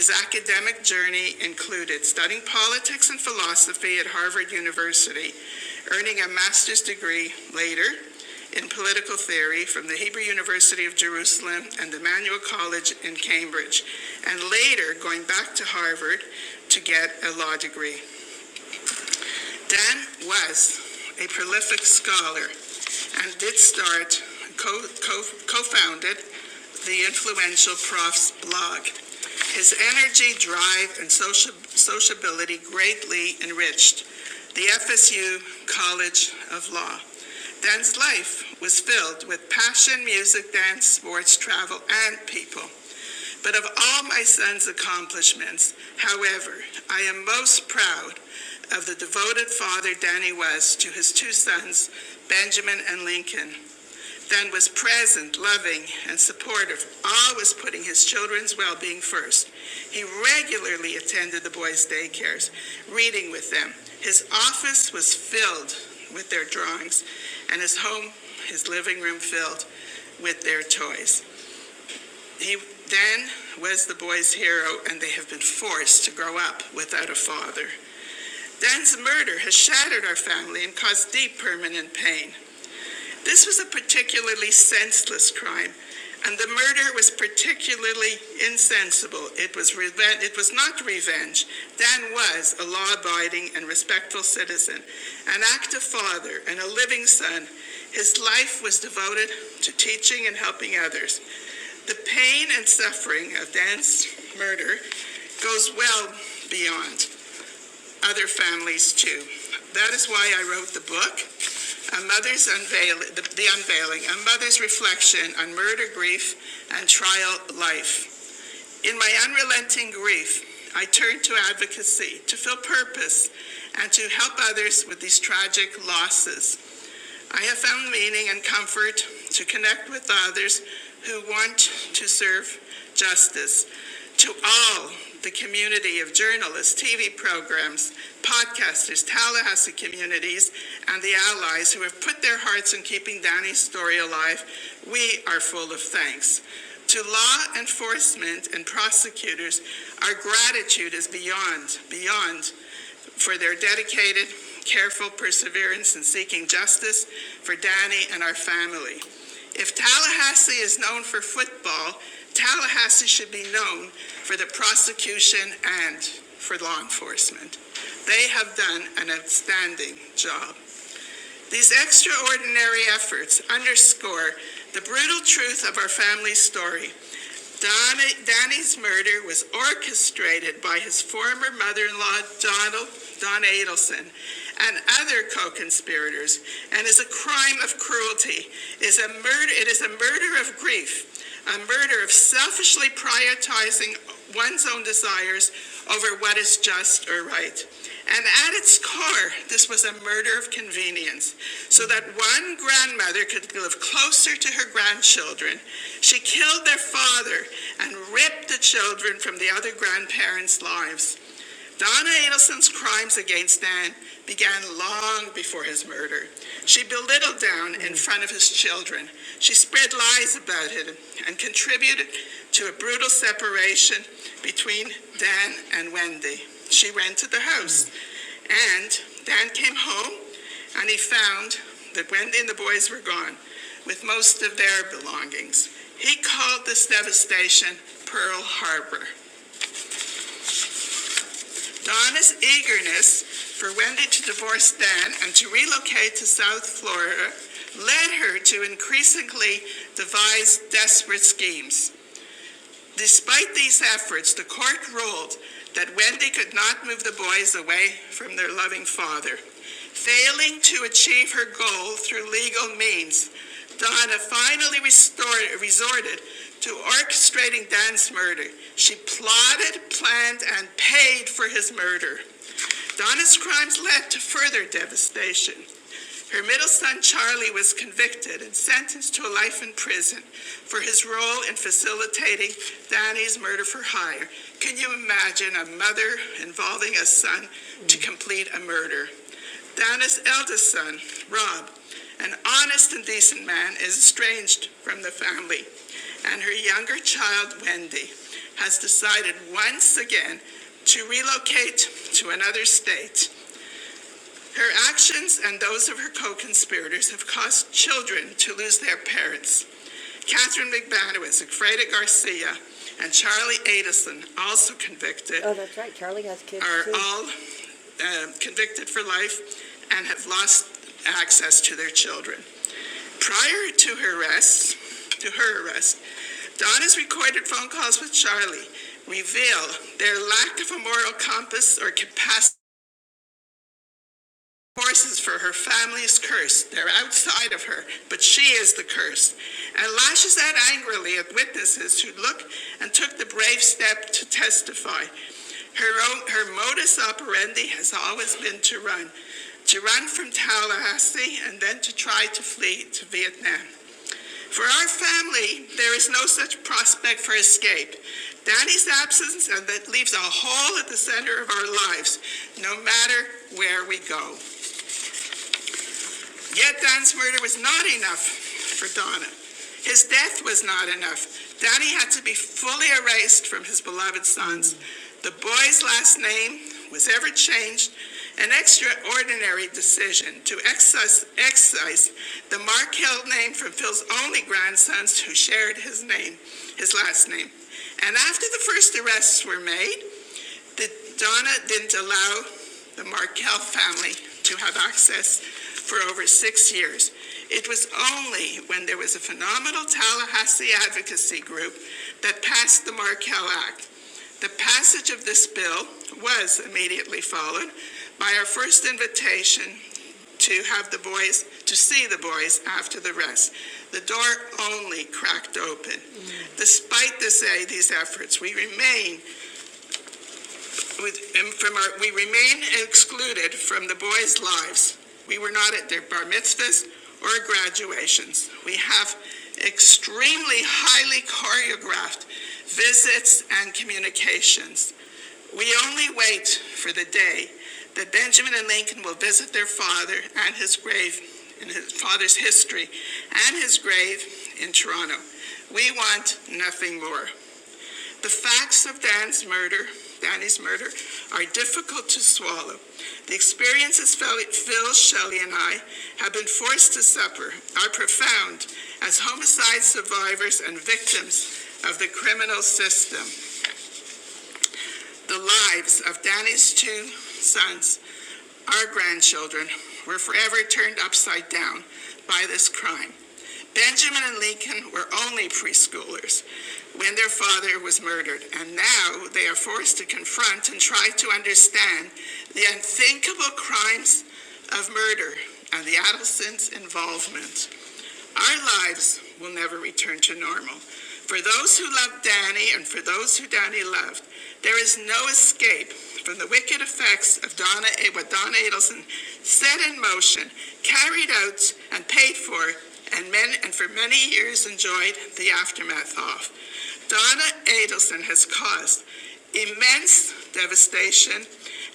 His academic journey included studying politics and philosophy at Harvard University, earning a master's degree later in political theory from the Hebrew University of Jerusalem and Emmanuel College in Harvard to get a law degree. Dan was a prolific scholar and did start co- co- co-founded the influential Prof's blog. His energy, drive, and socia- sociability greatly enriched the FSU College Law. Dan's life was filled with passion, music, dance, sports, travel, and people. How I am devoted father Danny was to his two sons, Benjamin and Lincoln. Dan was present, loving, and supportive, always putting his children's well being first. He regularly attended the boys' reading with them. His office was filled with their drawings and his home living room filled with their toy hero and they have been. Murder has shattered our family and caused deep permanent pain. This was a particularly senseless crime, and the murder was particularly insensible. It was reven- it was not revenge. Dan was a law-abiding and respectful citizen, an active father, and a living son. His life was devoted to teaching and helping others. The pain and suffering of Dan's murder goes with other families. That is a, mother's reflection on grief and life. In my unrelenting grief, I turned to advocacy to fill purpose and to help others with these tragic losses. I have found meaning and comfort to connect with others who want to serve justice to all the community of journalists, TV programs, podcasters, Tallahassee communities, and the allies who have put their hearts in Danny's story alive. We are full of thanks. To law enforcement our gratitude is beyond, beyond for their dedicated, careful perseverance in seeking justice for Danny and our family. If Tallahassee is known for football, Tallahassee should be known for the prosecution and for law enforcement. They have done an outstanding job. These extraordinary efforts underscore the brutal truth of our family's story Donna, Donnie's murder was orchestrated by his former mother-in-law, Donald, Don Adelson, and other co-conspirators, and is a crime of cruelty, It is a murder, it is a murder of grief, a murder of selfishly prioritizing one's own desires over what is just or right. And at its core, this was a murder of convenience, so that one grandmother could live closer to her grandchildren she killed their father and ripped the children from the other grandparents' lives. Donna Adelson's crimes against Nan began long before her children. She spread lies and contributed to a brutal separation between Dan and Wendy. She rented the house, and Dan came home and he found that Wendy and the boys were gone. Shan's eagerness for Wendy to divorce Dan and to relocate to South Florida led her to increasingly devise desperate schemes. Despite these efforts, the court ruled that Wendy could not move the boys away to achieve her goal through legal means on a fine order who orchestrated, planned, and paid further devastation. Middleson did and sentenced for his role in facilitating another involving a younger child, Wendy, once again located to another state. Her actions and those of her co-conspirators caused children to lose their parents. Banowitz, Freda Garcison, Oh, that's right. Charlie has kids too. to their children. Prior to her arrest, to her arrest, Donna's recorded phone calls with Charlie reveal their lack of a moral compass or capacity. Forces for her family is cursed. They're outside of her, but she is the curse. And lashes out angrily at witnesses who look and took the brave step to testify. Her, own, her modus operandi has always been to run, to run from Tallahassee and then to try to flee to Vietnam. For our family, there is no such prospect for escape. Daddy's absence and that leaves a hole at the center of our lives, no matter where we go. Yet Don's murder was not enough for Donna. His death was not enough. Donnie had to be fully erased from his beloved sons. The boy's last name was ever changed, an extraordinary decision to excise, excise the Mark Hill name from Phil's only grandsons who shared his name, his last name. And after the first arrests were made, that Donna didn't allow the Markell family to have access for over six years. It was only when there was a phenomenal Tallahassee advocacy group that passed the Markell Act. The passage of this bill was immediately followed by our first invitation to have the boys, to see the boys after the rest. The door only cracked open. Despite this, eh, these efforts, we remain with, um, from our, we remain excluded from the boys' lives. We were not at their bar mitzvahs or graduations. We have extremely highly choreographed visits and communications. We only wait for the day that Benjamin and Lincoln will visit their father and his grave in his father's history and his grave in Toronto. We want nothing more. The facts of Dan's murder, Danny's murder, are difficult to swallow. The experiences Phil, Shelley, and I have been forced to suffer are profound as homicide survivors and victims of the criminal system. The lives of Danny's two sons, our grandchildren, were forever turned upside down by this crime. Benjamin and Lincoln were only preschoolers when their father was murdered, and now they are forced to confront and try to understand the unthinkable crimes of murder and the adolescents' involvement. Our lives will never return to normal. For those who love Danny and for those who Danny loved, there is no escape from the wicked effects of Donna, what Donna Adelson set in motion, carried out, and paid for, and, men, and for many years enjoyed the aftermath of. Donna Adelson has caused immense devastation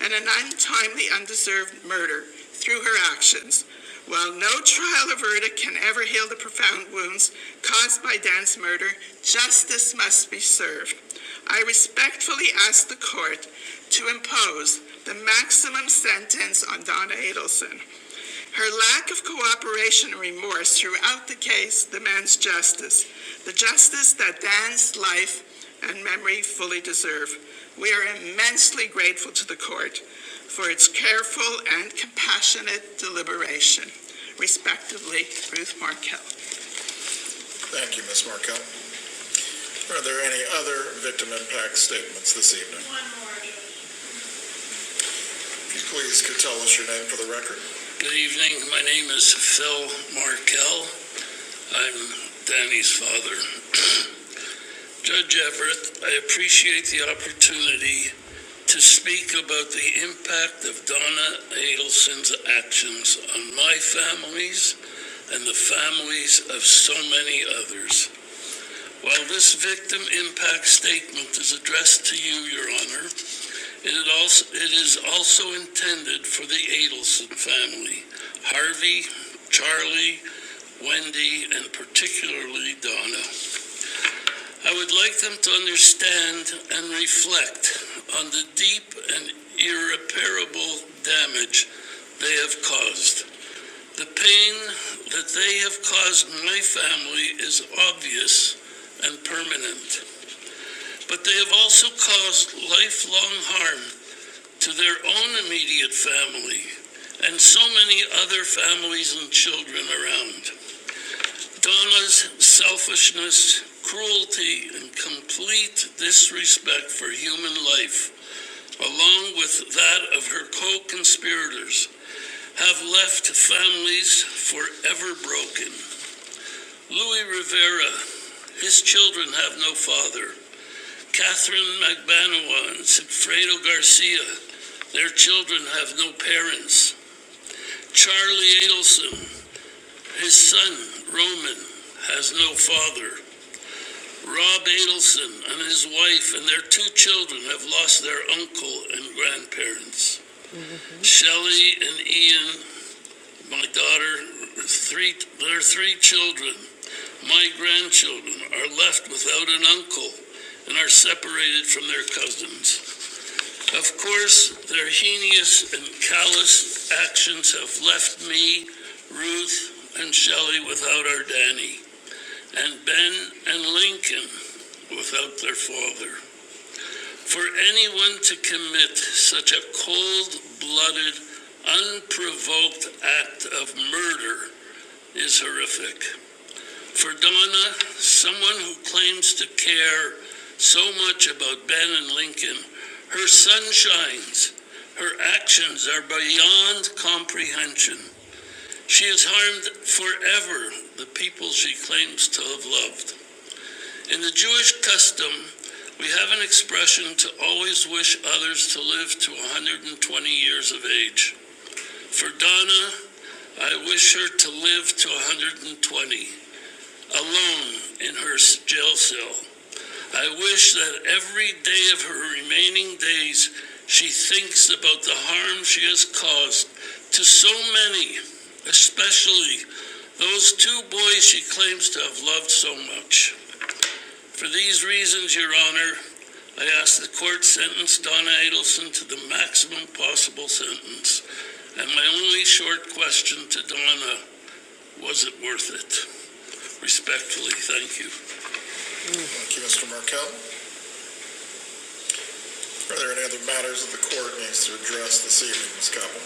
and an untimely, undeserved murder through her actions. While no trial or verdict can ever heal the profound wounds caused by Dan's murder, justice must be served. I respectfully ask the court to impose the maximum sentence on Donna Adelson. Her lack of cooperation and remorse throughout the case demands justice, the justice that Dan's life and memory fully deserve. We are immensely grateful to the court for its careful and compassionate deliberation respectively, Ruth Markell. Thank you, Ms. Markell. Are there any other victim impact statements this evening? One more. Please could tell us your name for the record. Good evening, Phil Marty's father. Judge Everett, I appreciate the opportunity, to Adel's actions on my money, While this victim impact statement is addressed, it is all intended for me. Harvey, Charlie, Wendy, and particularly, I The pain that they have caused my family is obvious and permanent, but they have also caused have ever broke. Louis Rivera, his children have no guard. Their ch- Shelley and Ian, my daughter, three their three children, my grandchildren are left without an uncle and are separated from their cousins. Of course, their heinous and callous actions have left rude and Sheridan and Ben and Lincoln without their father. For anyone to commit such a cold-blooded, unprovoked act of murder is horrific. For Donna, someone who claims to care so much, her sunshine, her actions are beyond she for the people she claims to have loved. In the Jewish custom, We have an expression to always wish others to live to 120 years of age. For Donna, I wish her to live to 120, alone in her jail. I wish that every day of her that she, she, she claims to have loved so much. For these reasons, Your Honor, I ask the court sentence Donna Adelson to the maximum possible sentence. And my only short question to Donna, was it worth it? Respectfully, thank you. Thank you, Mr. Markel. Are there any other matters that the court needs to address this evening, Ms. Cobble?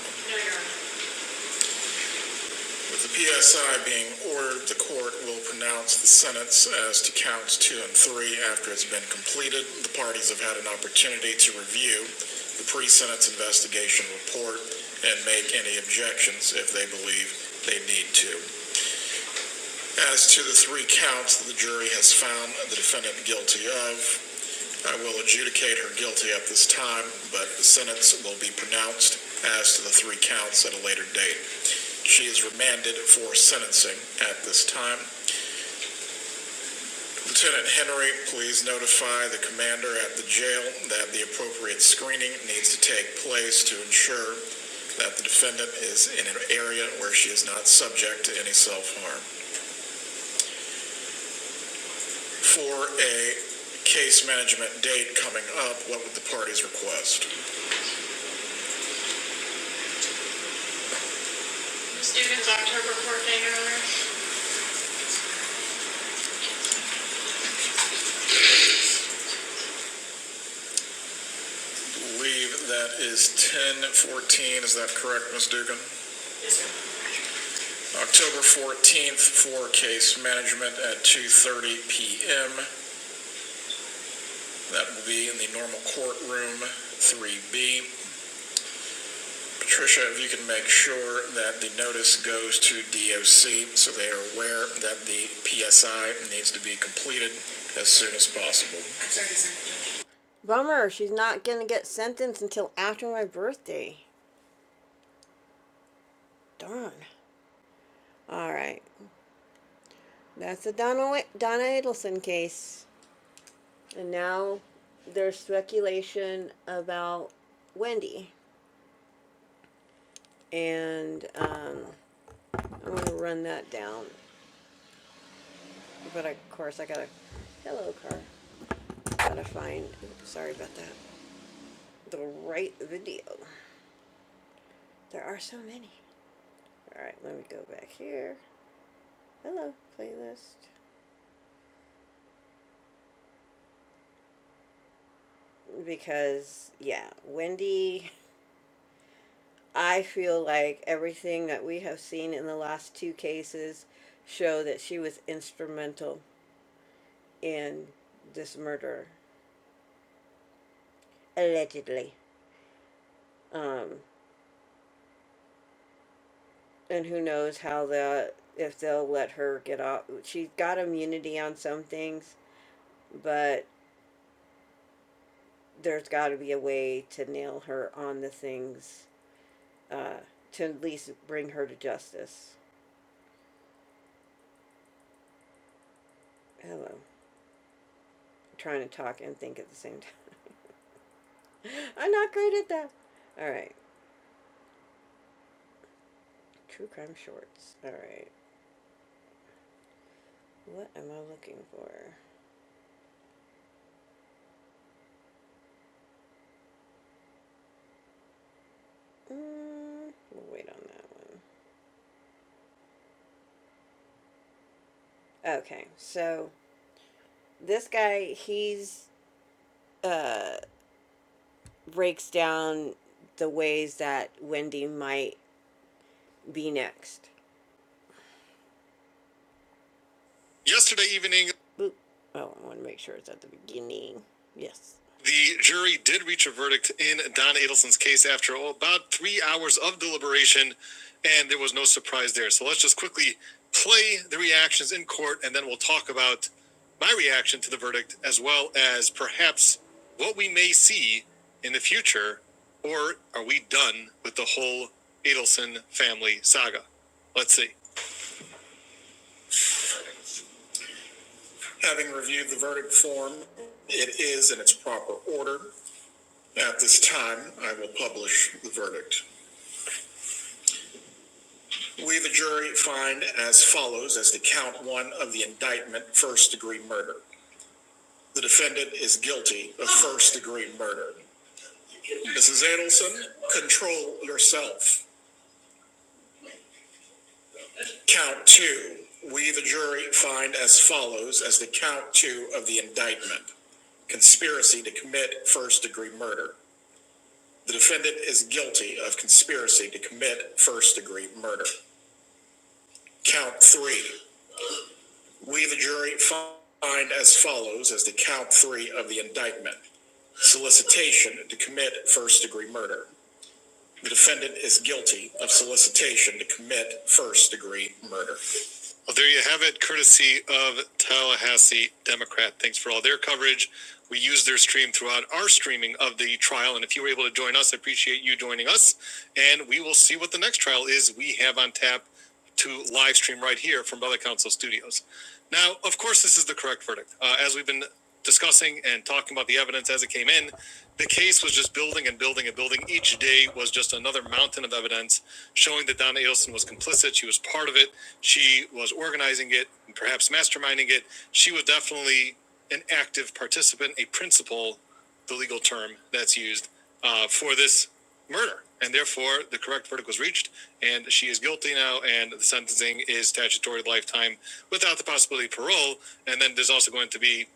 With the PSI being ordered, the court will pronounce the sentence as to counts two and three after it's been completed. The parties have had an opportunity to sentence investigation and make any objections if they believe they need to. As to three counts, the guilty of, will guilty but the sentence will be pronounced counts at a later date. She is sentenced Lieutenant Henry, please notify the commander at the jail that the appropriate screening needs to take place to ensure that the defendant is in an area where she is not subject to any self-harm. For a case management date coming up, what would the parties request? Leave, that is 10:14, is that correct, Ms. Dugan? October 14th for case management at 2:30 PM. That will be in the normal courtroom, 3B. Patricia, if you can make sure that the notice goes to DOC so they are aware that the PSI needs to be completed as soon as possible. Bummer, she's not gonna get sentenced until after my birthday. Darn. Alright, that's the Donna, Wa- Donna Adelson case. And now there's speculation about Wendy. And um, I'm gonna run that down. But of course, I got a Hello, car. Gotta find, oops, sorry about that, the right video. There are so many. Alright, let me go back here. Hello, playlist. Because, yeah, Wendy, I feel like everything that we have seen in the last two cases show that she was instrumental in this murder, allegedly. And who knows how the if they'll let her get off. She's got immunity on some things, but there's got to be a way to nail her on the things uh, to at least bring her to justice. Hello. I'm Trying to talk and think at the same time. I'm not great at that. All right. True crime shorts. All right. What am I looking for? Mm, we'll wait on that one. Okay. So this guy, he's breaks down the ways that Wendy might be next. Yesterday evening, Boop. Oh, I want to make sure it's at the beginning. Yes. the jury did reach a verdict in Don Adelson's case after oh, about three hours of deliberation, and there was no surprise there. So let's just quickly play the reactions in court, and then we'll talk about my reaction to the verdict, as well as perhaps what we may see in the future, or are we done with the whole Adelson family saga? Let's see. Having reviewed the verdict form, it is in its proper order. At this time, I will publish the verdict. We, the jury, find as follows as to count one of the indictment, first-degree murder. The defendant is guilty of first-degree murder. Mrs. Adelson, control yourself. Count two, we, the jury, find as follows as to count two of the indictment, conspiracy to commit first-degree murder. The defendant is guilty of conspiracy to commit first-degree murder. Count three, we, the jury, find as follows as to count three of the indictment. Solicitation to commit first-degree murder. The defendant is guilty of solicitation to commit first-degree murder. Well, there you have it, courtesy of Tallahassee Democrat. Thanks for all their coverage. We use their stream throughout our streaming of the trial. And if you were able to join us, I appreciate you joining us. and we will see what the next trial is we have on tap to live stream right here from Brother Council Studio. Now, of course, this is the correct verdict. Uh, as we've been discussing and talking about the evidence as it came in, the case was just building and building and building. Each day was just another mountain of evidence showing that Donna Adelson was complicit. She was part of it. She was organizing it, perhaps masterminding it. She was definitely an active participant, a principal, the legal term that's used uh, for this murder. And therefore, the correct verdict was reached and she is guilty now, and the sentencing is statutory lifetime without the possibility of parole. And then there's also going to be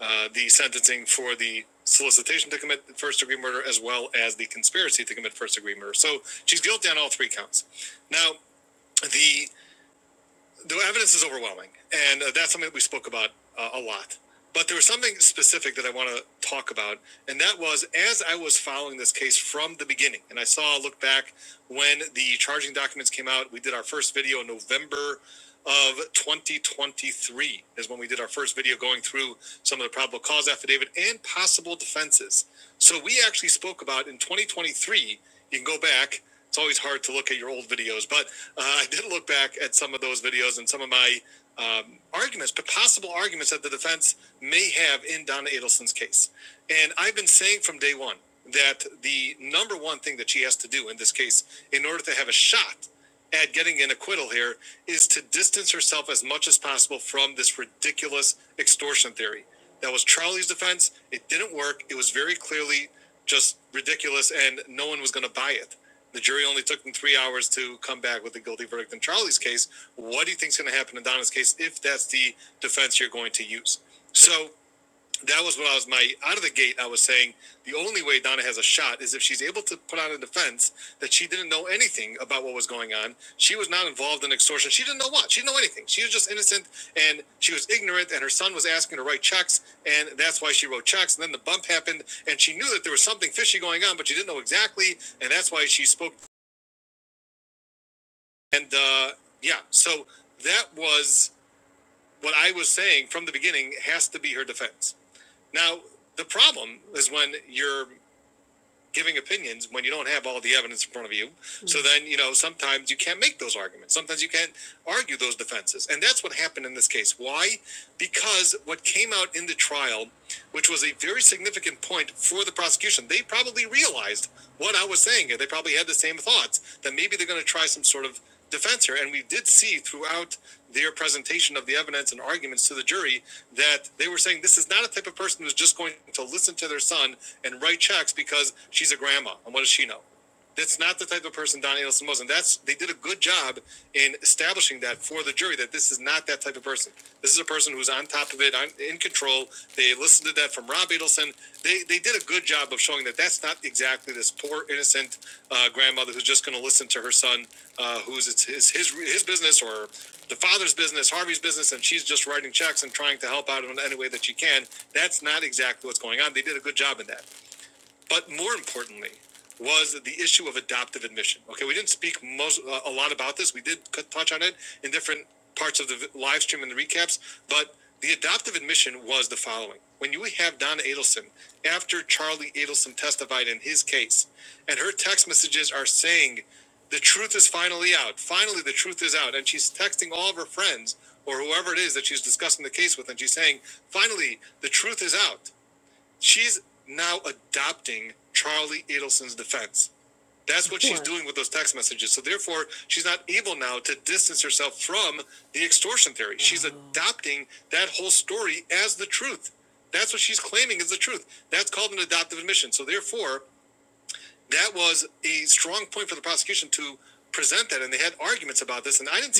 uh, the sentencing for the solicitation to commit first degree murder as well as the conspiracy to commit first degree murder. So she's guilty on all three counts. Now, the, the evidence is overwhelming, and uh, that's something that we spoke about uh, a lot. But there was something specific that I want to talk about, and that was as I was following this case from the beginning, and I saw, looked back the charging documents came out. We did our first video in November of 2023 is when we did our first video going through some of the probable cause affidavit and possible defenses. So we actually spoke about in 2023. You can go back. It's always hard to look at your old videos, but uh, I did look back at some of those videos and some of my um, arguments, but possible arguments that the defense may have in Donna Adelson's case. That the number one thing that she has to do, case not in a clear, is to distance herself as much as possible ridiculous exterior. That was Charlie's defense. It didn't work. It was really then no one. It only took them three hours to come back with a guilty verdict in Charlie's case. What do you think's going to happen in Donna's case if that's the defense you're going to use? That was what I was my out of the gate. I was saying the only way Donna Hamilton's that she anything going on not involved in extortion. She didn't know what. She didn't know anything. She was just innocent and she was ignorant, and her son was asking her to write checks, and that's why she wrote checks. And then the bump happened, and she knew that there was something fishy going on, but she didn't know exactly, and that's why she spoke the. Yeah, so what I was saying from the beginning has to be her defense. Now, the problem is when you're giving opinions when you don't have all the evidence in front of you. Mm-hmm. So then, you know, sometimes you can't make those arguments. Sometimes you can't argue those defenses. And that's what happened in this case. Why? Because what came out in the trial a very point for the prosecution. They probably realized I was saying it. They probably had the same thoughts that maybe they're going to try Spencer and we out dictations and argue the jury. We're saying this is not a type of person who's just to their son write checks because she's a grandma. And what is, that's not the type of person was, and that's the job in establishing that. For this is a person who's on top of it, control. They listened to that from Rob Adelson. They they did a good job of showing that that's not exactly this poor innocent uh, grandmother who's just going to listen to her son uh, the father's business, Harvey's business, and she's just writing checks and trying to help out in any way that she can. That's not exactly They did a good at, but adoptive admission. Okay, we speak most uh, a lot about this. We did in different parts of life, but the adoptive admission was the following: when you have Don Adelson, after Charlie Adelson testified in his case, and her text messages are saying, "Finally out, finally the truth is out," and she's texting all of her friends or whoever it is that she's discussing the case with, and she's saying, "Finally, the truth is out." She's now adopted Carly Adelson's defense. That's what she's Sure. doing with those text messages. So they're aimed to dis the extortion theory. Wow. She's adopting that whole story as the truth. That's what she's claiming is the truth. That's called an adoptive admission. So therefore, it was a strong point for the prosecution to they had arguments,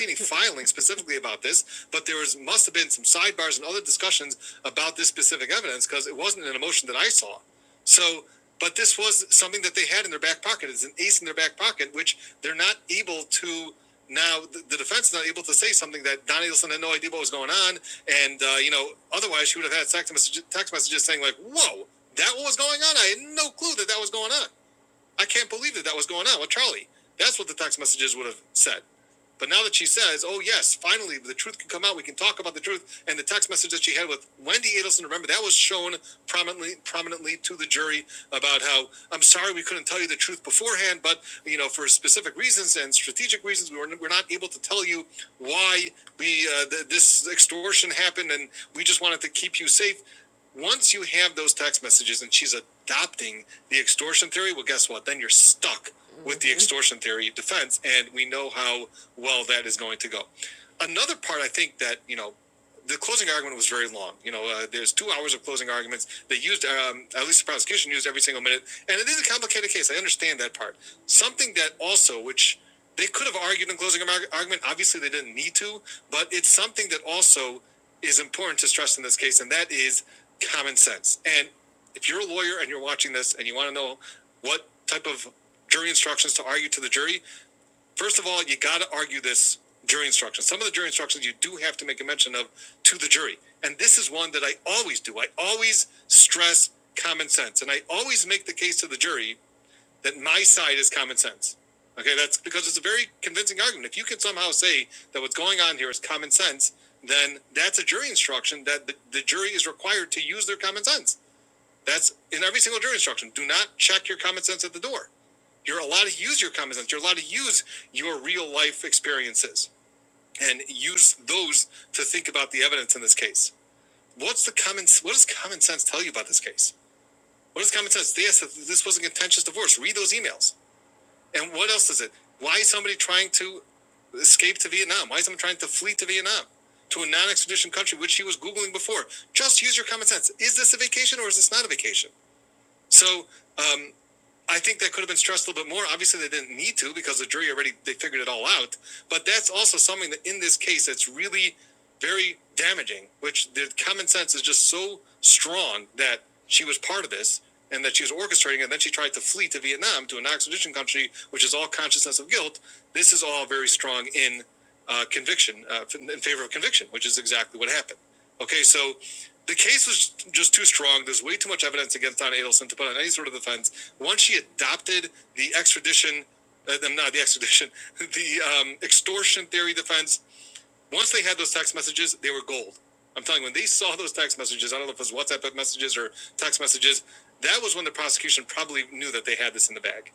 any filing specifically about this, but there was must have been some sidebars and other discussions. This presents cause law. So, but this was something that they had in their back pocket. It's an ace in their back pocket, which they're not able to Now the, the defense is not able to say something that Don Adelson had no idea what was going on, and uh, a message texting like, "What? "I can't believe." That's what the text messages would have said. But now that she says, "Oh yes, finally the truth can come out. We can talk about the truth," and the text message that she had with Wendy is shown prominently about. I'm sorry we couldn't tell you the truth beforehand, but uh, for and strategic reasons, we tell you why extortion happened, and we just wanted to keep you safe. Once you have those text messages and she's adopting the extortion theory, well, guess what? Then you're stuck with the extortion theory defense, and we know how well that is going to go. Another part, I think that you know, the closing argument was very long. You know, uh, there's two hours of closing arguments. They used, um, at least the prosecution used every single minute, and it is a complicated case. I understand that part. Something that also, which they could have argued an argument, obviously they didn't need to, but it's something that also is important in this case, and that is common sense. And if you're a lawyer and you're watching this and you want to know what type of jury instructions to argue to the jury. First of all, you got to argue this jury instruction. Some of the jury instructions you do have to make a mention of to the jury. And this is one that I always do. I always sense and I, that my okay. That's because it's a very convincing argument. If you can somehow say that what's going on here is cons, then that's instruct. The, the jury is required to use their common sense. That's in every single jury instruction. Do not check your common sense at the door. Use your common sense. You're allowed to use your experience and use those to think about the evidence in this case. What's the common? What does common sense tell you about this case? What does common sense? Yes, this was a contentious divorce. Read those emails. What else is it? Why is somebody trying to? Why is someone trying to flee to Vietnam, non-extradition country, which she was googling before? Just use your common sense. Is this a vacation or is this not a vacation? So it could have been it didn't need to because the jury already did out. That's also something that in this case that's really very damaging. Which the common sense is just so strong that she was part of this and that she was orchestrating, and then she tried to flee to Vietnam to a non-extradition country, which is all consciousness of guilt all very strong in uh, conviction, uh, in favor of conviction, which is exactly what happened. Okay, so the case was just too strong. There's way too much evidence against Donna Adelson to put on any sort of defense. Once she adopted the extradition, uh, not the extradition, the um, extortion theory defense, once they had those text messages, they were gold. I'm telling you, when they saw those text messages, I don't know if it was WhatsApp messages or messages, that was when the prosecution probably knew that they had this in the bag.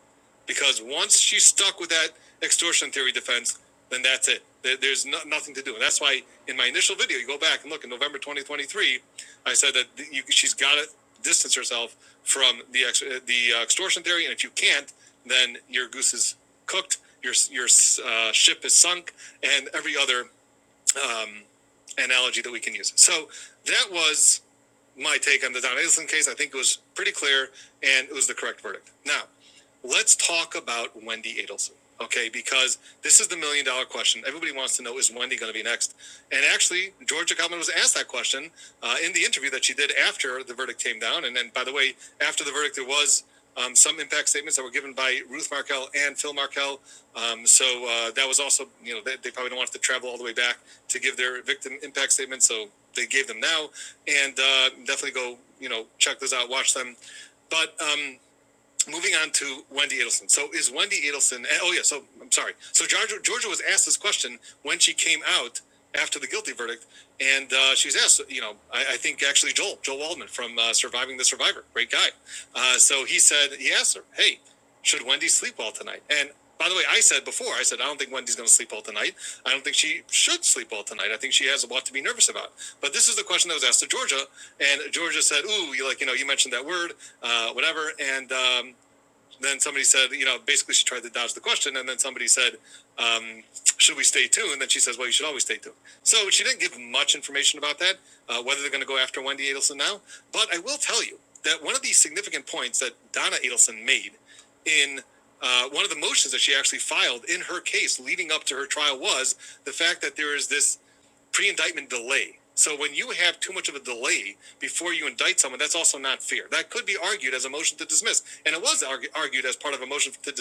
Because once she stuck with that extortion theory defense, then that's it. There's no, nothing to do. And that's why my initial video, you go back and look in November 2023, I said that you, she's got to distance herself from the ex, uh, the uh, extortion theory. And if you can't, then your goose is cooked. your uh, ship is sunk, and every other analogy that we can use. So that was my take on the Don Islin case. I think it was pretty clear and it was the correct verdict. Now, let's talk about Wendy Adelson, okay? Because this is the million dollar question. Everybody wants to know is Wendy going to be next? And actually, Georgia Kalman was asked that question uh, in the interview that she did after the verdict came down. And then, by the way, after the verdict, there was um, some impact statements that were given by Ruth Markell and Phil Markell. So uh, that was also the go, you know, checking on to Wendy Adelson. And I'm sorry. So Georgia, Georgia was out after the guilty verdict. And, uh, you know, I, I think actually Joel, Joel Waldman from uh, Survivor, great guy. So he said, he asked her, hey, should Wendy sleep well tonight? And by the way, I said before, I said, I don't think Wendy's going to sleep well tonight. I don't think she should sleep well tonight. I think she has a lot to be nervous about. But this is the question that was asked to Georgia. And Georgia said, Ooh, you like, you know, you mentioned that word, uh, whatever. And um, then somebody said, you know, basically she tried to dodge the question. And then somebody said, Should we stay tuned? And then she says, Well, you should always stay tuned. So she didn't give much information about that, but whether they're after Wendy now, significant points that Donna Edelson made in uh, one of the motions that she actually filed in up to us the fact that there is this indictment delay. So when you have too much of a delay, you indict someone. That's also not fair. That could be argued as a motion to dismiss. It's Argue, motion to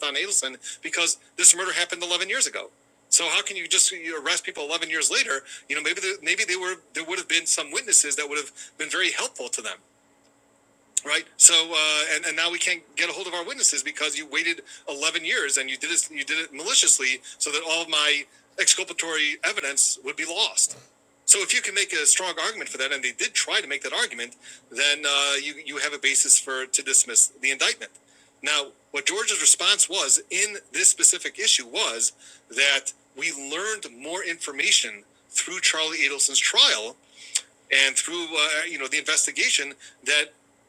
Don Adelson because this was ago. How can you just you arrest people later? Maybe there, maybe they were there would have been some witnesses that would have been very helpful to them, right? So uh, and and now we can't get a hold of our witnesses because you waited 11 years and you did this you did it maliciously so that all of my exculpatory evidence would be lost. So if you can make a strong argument for that, and they did try to make that argument, then uh, you you have a basis for to dismiss the indictment. Now, what Georgia's response was in this specific issue was we through Charlie Adelson's trial and through uh, you know the investigation that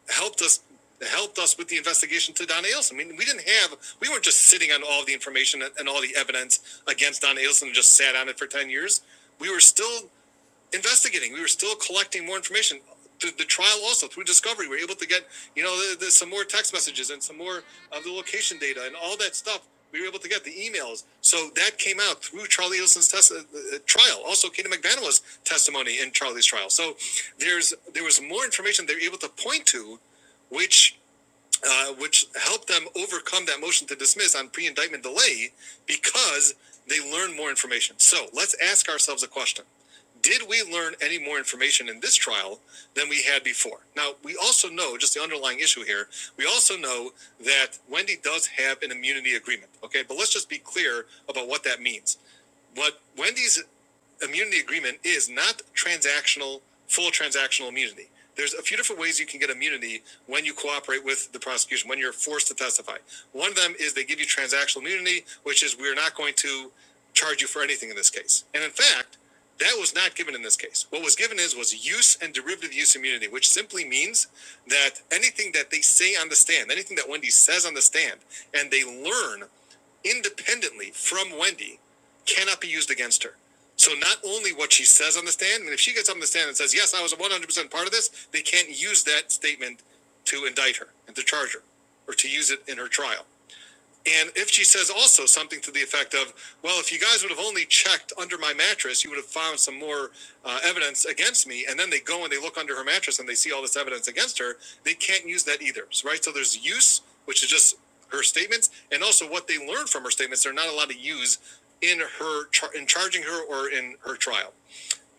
helped us helped us with the investigation to Don Adelson. I mean, we didn't have we weren't just sitting on all the information and and all the evidence against Don Adelson and just sat on it for ten years. We were still investigating. We were still collecting more information. The, the trial also through discovery, we were able to get you know the, the, some more text messages and some more of the location data and all that stuff. We were able to get the emails. So that came out through Charlie Edelson's test, uh, uh, trial, also Katie McVanilla's testimony in trial. So there's there was more information they were able to point to, which uh, which helped them overcome that motion to dismiss on pre-indictment delay because they learned more information. So let's ask ourselves a question. Did we learn any more information in this trial than we had before? Now, we also know, just the underlying issue here, we also know that Wendy does have an immunity agreement. Okay, but let's just be clear about what that means. What Wendy's immunity agreement is not transactional, full transactional immunity. There's a few different ways you can get immunity when you cooperate with the prosecution, when you're forced to testify. One of them is they give you transactional immunity, which is we're not going to charge you for anything in this case. And in fact, that was not given in this case. What was given is was use and that any say on the stand, anything that Wendy says on the stand, and they learn independently from Wendy cannot be used against her. So not only what she says on the stand, and if she gets up on the stand and says, "Yes, I was 100% part of this," they can't use that statement to indict her and to charge her or to use it in her trial. And if she says also something to the effect of, "Well, if I would have only checked under my mattress, found uh, evidence against me, and then they go and they look under her mattress and they see all this evidence against her, they can't use that either, right? So there's use, which is just her statements, and also what they learned from her statements, they're not allowed to use in her in charging her or in her trial.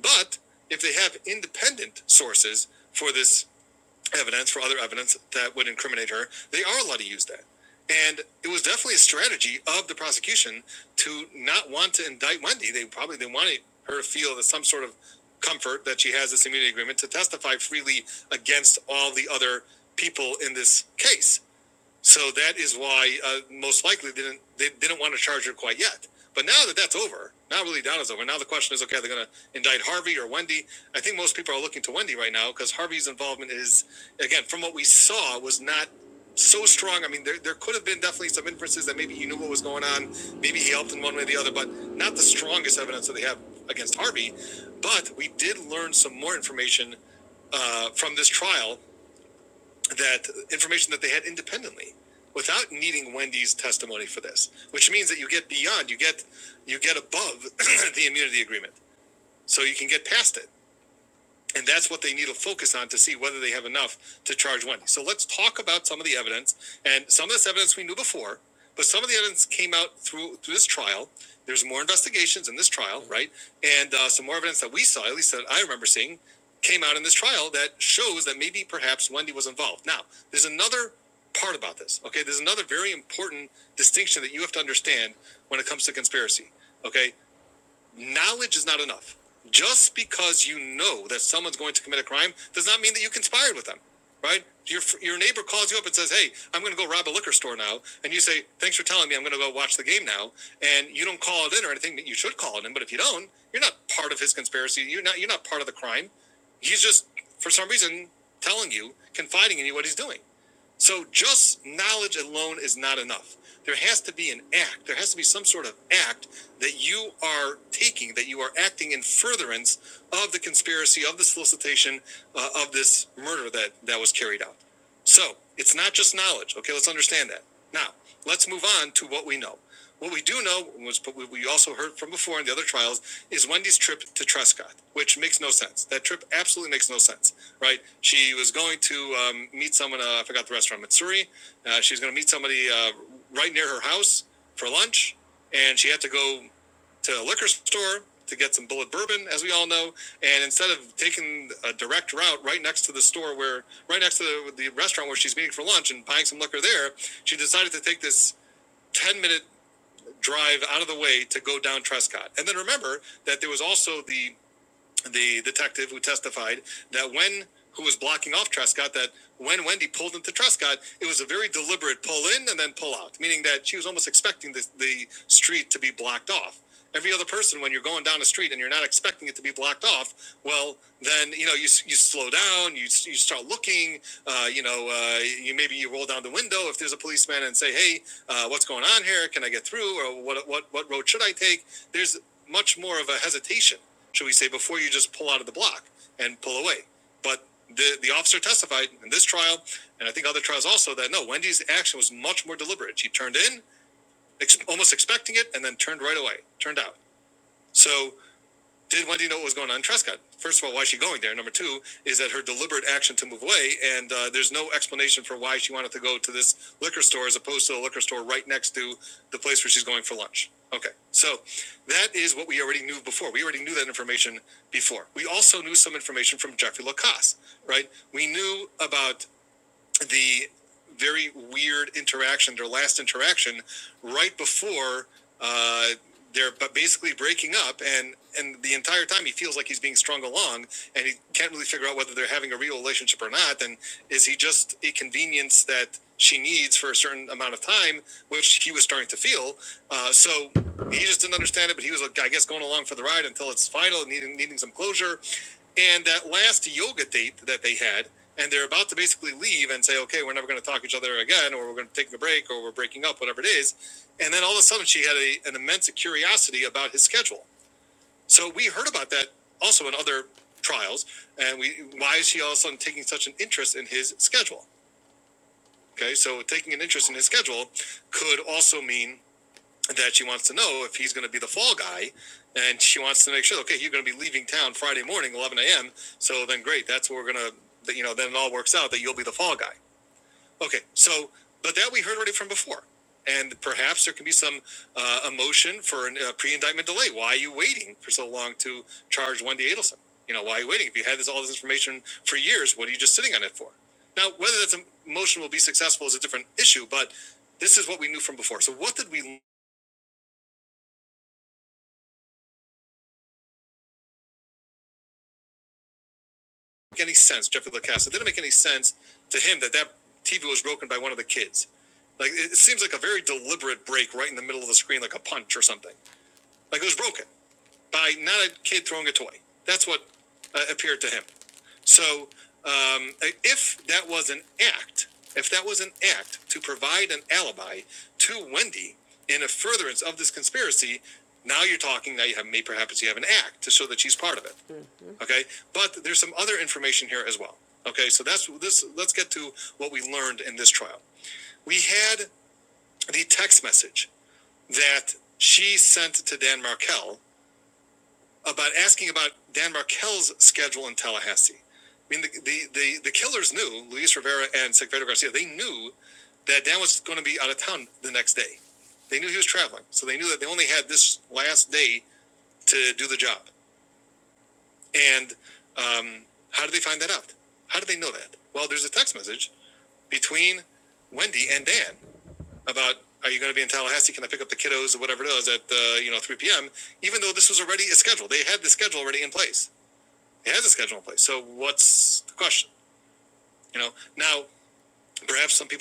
But if they have independent sources for this evidence, for other evidence that would incriminate her, they are allowed to use that. And it was definitely a strategy of the prosecution not want to indict Wendy. They probably they wanted to feel comfort that she has this immunity agreement to testify freely against all the other people in this case. So that is why uh, most likely didn't they didn't want to charge her quite yet. But now that that's over, now really down is over. Now the question is, okay, they're going to indict Harvey or Wendy. I think most people are looking to Wendy right now because Harvey's involvement is, again, from what we saw, was not so strong. I mean, there, there could have been definitely some inferences that maybe he knew what was going on, maybe he helped in one way or the other, but not the strongest evidence that they have against Harvey. But we did learn some more information uh, from this trial that information that they had independently without needing Wendy's testimony for this, which means that you get beyond, you get you get above the immunity agreement. So you can get past it. And that's what they need to focus on to see whether they have enough to charge Wendy. So let's talk about some of the evidence and some of this evidence we knew before, but some of the evidence out through, through this more investigations in this trial, right? And uh, some more evidence that we saw, at least that I remember seeing came out in this trial that shows that maybe perhaps Wendy was involved. Now, there's another part about this. Okay, there's another very important distinction that you have to understand when it comes to conspiracy. Okay, knowledge is not enough. Just because you know that some crime, I mean that you conspired with them, right? Your your neighbor calls you up and says, "Hey, I'm going to go right door now," and you say, "Thanks for telling. me to Watch the game now." Then, or if you don't, you're not part of his conspiracy. You're not you're not part of the crime. He's just for some reason telling you, confiding in you what he's doing. So just knowledge alone is enough. an act. There has to be some sort of act that you are you are acting in furtherance of the conspiracy, of the solicitation, uh, of this murder that that was carried out. So it's not just knowledge. Okay, let's understand that. Now let's move on to what we know. What we do know, which but we also heard from before in the other trials, is Wendy's trip to Trescott, which makes no sense. That trip absolutely makes no sense, right? She was going to um, meet someone. Uh, I forgot the restaurant, Mitsuri. Uh, she's going to meet somebody. Uh, right near her house lunch and she had to go as we all know, in a direct route right next to where, right next to the, the restaurant where she's meeting for lunch and buying some liquor there. She decided to take this 10 minute drive out of the go down Trescott. And then remember that the, the detective who testified blocking Scott that when Wendy pulled into Trescott, it was a very deliberate pull in and then pull out, meaning that she was only electing to be blocked off. Every other person down a street and you're not expecting it to be blocked off, well, then you know you, you slow down, you, you start looking, uh, you know, uh, you maybe you roll down the window if there's a policeman and say, hey, uh, what's going on here? Can I get through? Or what what what road should I take? There's much more of a hesitation, should we say, before you just pull out of the block and pull away. But the, the officer testified in this trial, and I think other trials also, that no, Wendy's action was much more deliberate. She turned in and then turned right away, turned out. So Did Wendy know what was going on in Trescott? First of all, why is she going there? Number two is that her deliberate action to move away, and uh, there's no explanation for why she wanted to go to this liquor store as opposed to the liquor store right next to the place where she's going for lunch. Okay, so that is what we already knew before. We already knew that information before. We also knew some information from Jeffrey Lacasse. We knew about weird or last interaction right before uh, they're bu- basically breaking up, and Tommy feels like he's being wrong, and he can't really figure they're having a real relationship or not Is he just inconvenient that she needs an time, which he was starting to feel? Uh, so he just didn't understand it, but he was, like, I guess, going along for the ride until it's final and needing, needing some closure. And that last yoga date that they had, and they're about to basically leave and say, okay, we're never going to talk to each other again, or we're going to take a break, or we're breaking up, whatever it is. And then all of a sudden, she had a, an immense curiosity about his schedule. So we heard about that also in other trials. And we, why is she all of a sudden taking such an interest in his schedule? Okay, so taking an could also mean that she wants to know if he's going to be the fall guy, and she wants to know, okay, you're going to be leaving Miami, so we're going to, you know, then it all works out that you'll be the fall guy. Okay, so we heard already from before, and perhaps some uh, emotion for a uh, pre-indictment delay. Why are you waiting for so long to one day? You know, why are you waiting? If you had this all this information for years, what are you just sitting on it for? Now, whether that emotion will be successful is a different issue, but this is what we knew from before. So, what did we any sense, Jeffrey LaCassa. It didn't make any sense to him that that TV was broken by one of the kids. Like it, seems like a very deliberate break right in the middle of the screen, like a punch or something. Like it was broken by not a kid throwing a toy. That's what uh, appeared to him. So um, if that was an act, if that was an act to provide an alibi to Wendy in a furtherance of this conspiracy, now you have me so that she's part of it. Okay, but there's some other information here as okay. So that's this. Let's get to what we learned in this trial. We had the text message that she sent to Dan Markell, but at Dan Markell's schedule in Tallahassee. The the killers knew, Luis and Secretary Garcia, they knew that Dan was going to be, they knew he was traveling. So they knew that they only had this last day to do the job. And how did they find that out? How did they know that? Well, there's a text message between Wendy and Dan about, are you going to be in Tallahassee? Can I pick up the kiddos or whatever it is at, uh, you know, 3 p.m.? Even though this was already a schedule. They had the schedule already in place. It has a schedule in place. So what's the question? Now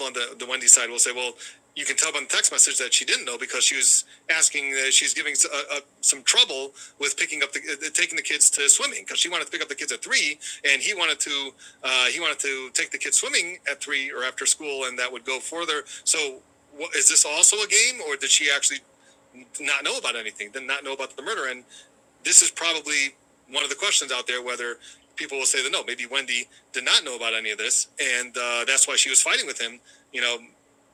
on the the Wendy side, we'll say, well, you can tell by the text message that she didn't know because she was asking that she's giving uh, uh, some trouble with picking up the uh, taking the kids to swimming because she wanted to pick up the kids at three and he wanted to uh, he wanted to take the kids swimming at three or after school and that would go further. So. wha- is this also a game, or did she actually not know about anything? Did not know about the murder? And this is probably one of the questions out there: whether people will say that no, maybe Wendy did not know about any of this, and uh, that's why she was fighting with him. You know,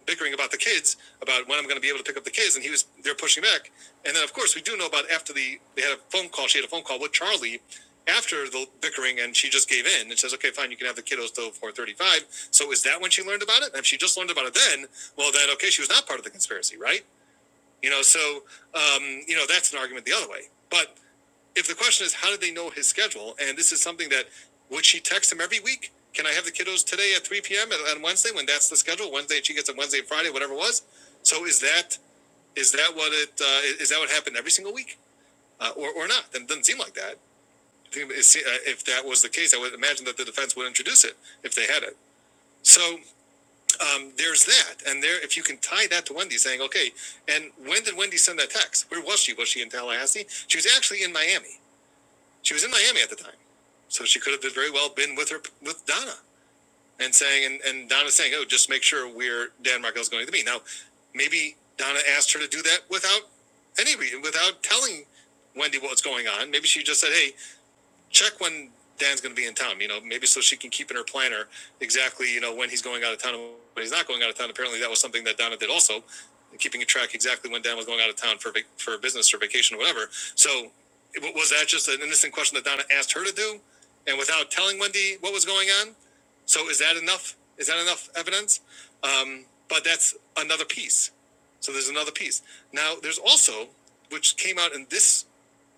bickering about the kids, about when I'm going to be able to pick up the kids, and he was they're pushing back. And then, of course, we do know about after the they had a phone call. She had a phone call with Charlie after the bickering, and she just gave in and says, "Okay, fine, you can have the kiddos till 4:35." So is that when she learned about it? And if she just learned about it then, well, then okay, she was not part of the conspiracy, right? You know, so you know that's an argument the other way. question is, how did they know his schedule? And this is something that would she text him every week? Can I have the kiddos today at 3 p.m. and- on Wednesday when that day she gets on Wednesday and Friday? So is that is that what it uh, is that what happened a week? Not. That doesn't seem like that. uh, If that was the case, I would imagine that the defense would introduce it if they had it. So there's that, and there if you can tie saying okay, and when that text, where was she? Was she in Tallahassee? She was actually in Miami. She was in Miami at the time, so she could have very well been with her with Donna and saying, and, and Donna's saying, oh, just make sure where Dan Markell's going to be. Now, maybe Donna asked her to do that without any reason, without telling Wendy what's going on. Maybe she just said, hey, check when Dan's going to be in town, you know, maybe so she can keep in her planner exactly, you know, when he's going out of town and when he's not going out of town. Apparently, that was something that Donna did also, keeping a track exactly when Dan was going out of town for, for business or vacation or whatever. So, was that just an innocent question that Donna asked her to do? And without telling Wendy what was going on? So, is that enough? Is that enough evidence? but that's another piece. So there's another piece. Now there's also, which came out in this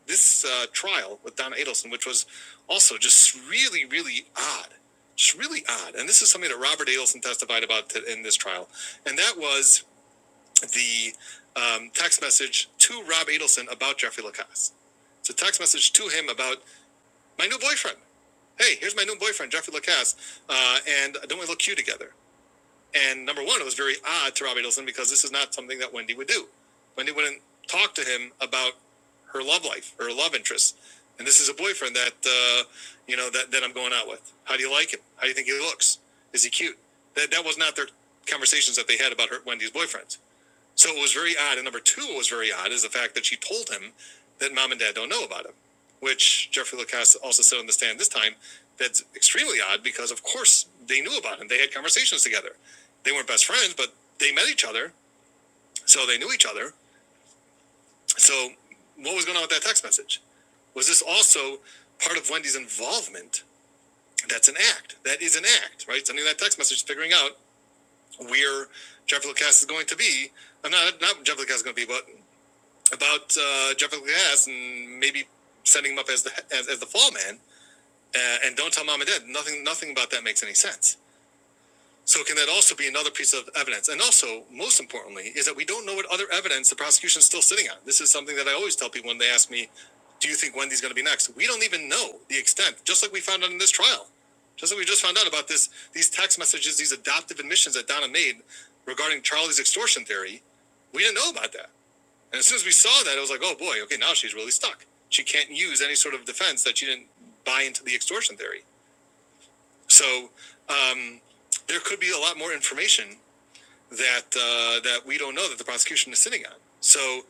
this uh, trial with Don Adelson, which was also just really, really odd, really odd. And this is something that Robert Adelson testified about t- in this trial, and that was the um, text message to Rob Adelson about Jeffrey Lacasse. It's a text message to him about my new boyfriend. Hey, here's my new boyfriend, Jeffrey Lacasse, uh, and don't we look cute together? And number one, it was very odd to Robbie Edelson because this is not something that Wendy would do. Wendy wouldn't talk to him about her love life, her love interests, And this is a boyfriend that uh, you know that, that I'm going out with. How do you like him? How do you think he looks? Is he cute? That that was not their conversations that they had about her Wendy's boyfriends. So it was very odd. And number two, it was very odd is the fact that she told him that mom and dad don't know about him, which Jeffrey Lacasse also said on the stand this time. That's extremely odd because of course they knew about him. They had conversations together. They weren't best friends, but they met each other, so they knew each other. What was going on with that text message? Was this Art of Wendy's involvement? That's an act. That is an act, right? Sending that text message, figuring out where Jeff Lucas is going to be. I'm Not not Jeffrey Lucas is going to be, but about uh, Jeff Lucas and maybe setting him up as the as, as the fall man. Uh, and don't tell mom and dad. Nothing nothing about that makes any sense. So can that also be another piece of evidence? And also, most importantly, is that we don't know what other evidence the prosecution is still sitting on. This is something that I always tell people when they ask me do you think Wendy's going to be next? We don't even know the extent, just like we found out in this trial, just like we just found out about this, these text messages, these adoptive admissions that Donna made regarding Charlie's extortion theory. We didn't know about that. And as soon as we saw that, it was like, oh boy, okay, now she's really stuck. She can't use any sort of defense. She didn't buy into the extortion theory. There could be a lot more information at, uh, that we don't know that the prosecution is sitting on. So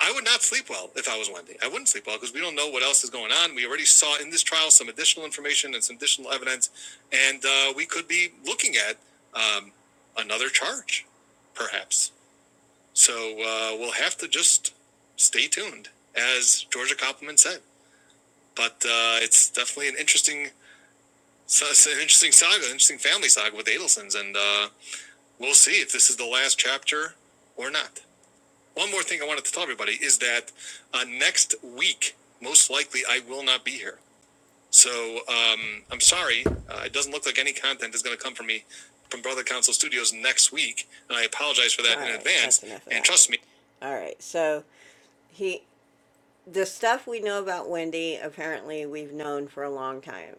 I would not sleep well if I was Wendy. I wouldn't sleep well because we don't know what else is going on. We already saw in this trial some additional information and some additional evidence and uh, we could be looking at um, another charge, perhaps. So uh, we'll have to just stay tuned, as Georgia Koppelman said. But uh, it's definitely an interesting interesting family, uh, or not. One more thing I wanted to tell everybody is that uh, next week, most likely, I will not be here. So um, I'm sorry. Uh, it doesn't look like any content is going to come from me from Brother Council Studios next week, and I apologize for that in All in right, advance. and that. trust me. All right, so he the stuff we know about Wendy, apparently we've known for a long time,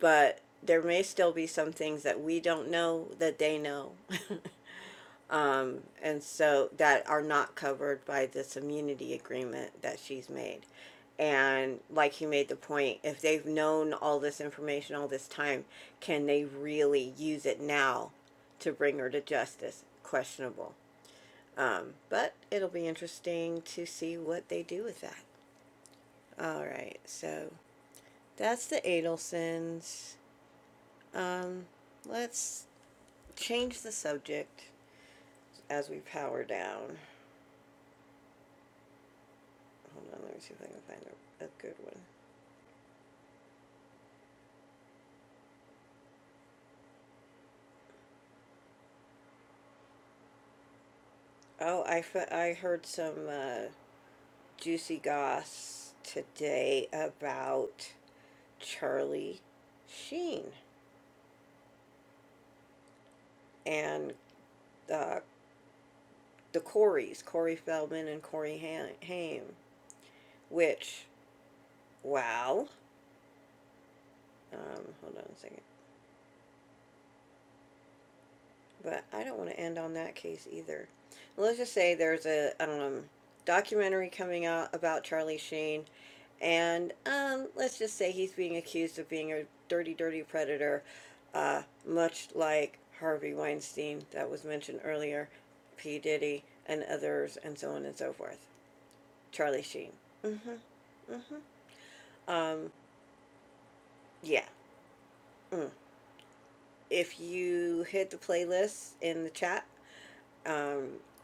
but there may still be some things that we don't know that they know. and so that are not covered by this immunity agreement that she's made. And like you made the point, if they've known all this information all this time, can they really use it now to bring her to justice? Questionable. But it'll be interesting to see what they do with that. All right, so That's the Adelsons. Let's change the subject as we power down. Hold on, let me see if I can find a, a good one. Oh, I, I heard some uh, juicy goss today about Charlie Sheen and uh, the Coreys, Corey Feldman and Corey Haim, which, wow. Um, hold on a second. But I don't want to end on that case either. Let's just say there's a um, documentary coming out about Charlie Sheen, and um, let's just say he's being accused of being a dirty, dirty predator, uh, much like Harvey Weinstein that was mentioned earlier, P. Diddy, and others, and so on and so forth. Charlie Sheen. Yeah. If you hit the playlist in the chat,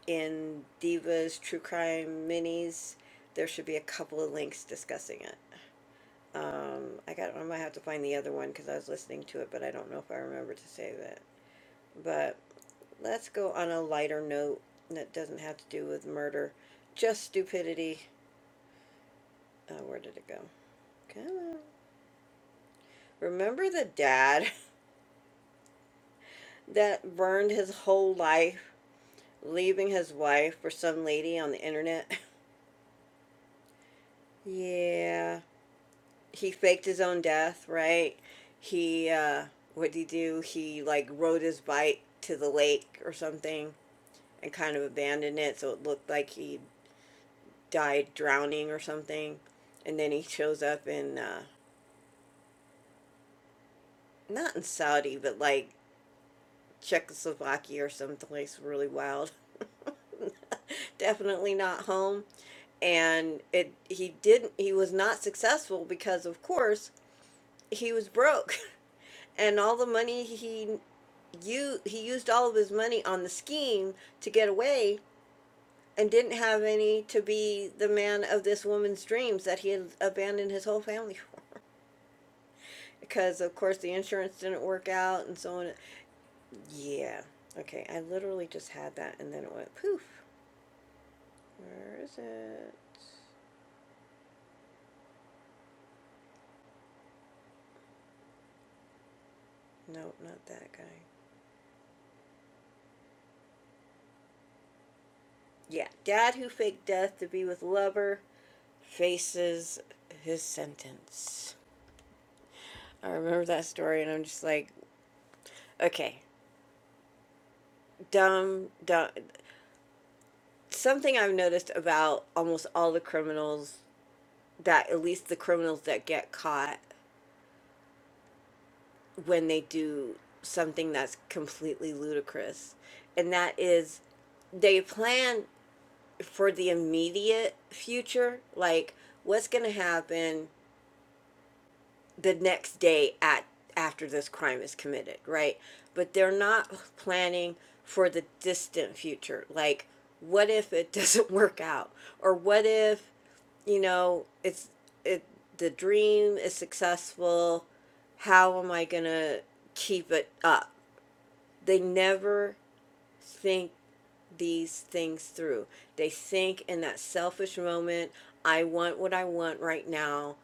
in Divas True Crime Minis, there should be a couple of links discussing it. Um, I got. I might have to find the other one because I was listening to it, but I don't know if I remember to say that. But let's go on a lighter note that doesn't have to do with murder, just stupidity. Uh, where did it go? Come on. Remember the dad that burned his whole life, leaving his wife for some lady on the internet? yeah, he faked his own death, right? He uh what did he do? He like rode his bike to the lake or something and kind of abandoned it so it looked like he died drowning or something. And then he shows up in uh not in Saudi, but like Czechoslovakia or someplace really wild. Definitely not home. And it he didn't he was not successful because of course he was broke. and all the money he you he used all of his money on the scheme to get away and didn't have any to be the man of this woman's dreams that he had abandoned his whole family for because of course the insurance didn't work out and so on yeah okay i literally just had that and then it went poof where is it no not that guy yeah dad who faked death to be with lover faces his sentence i remember that story and i'm just like okay dumb, dumb. Something I've noticed about almost all the criminals that, at least the criminals that get caught when they do something that's completely ludicrous, and that is they plan for the immediate future, like what's going to happen the next day at after this crime is committed, right? But they're not planning for the distant future, like what if it doesn't work out or what if you know, it's it the dream is successful. How am I gonna keep it up? They never think these things through. They think in that selfish moment, I want what I want right now,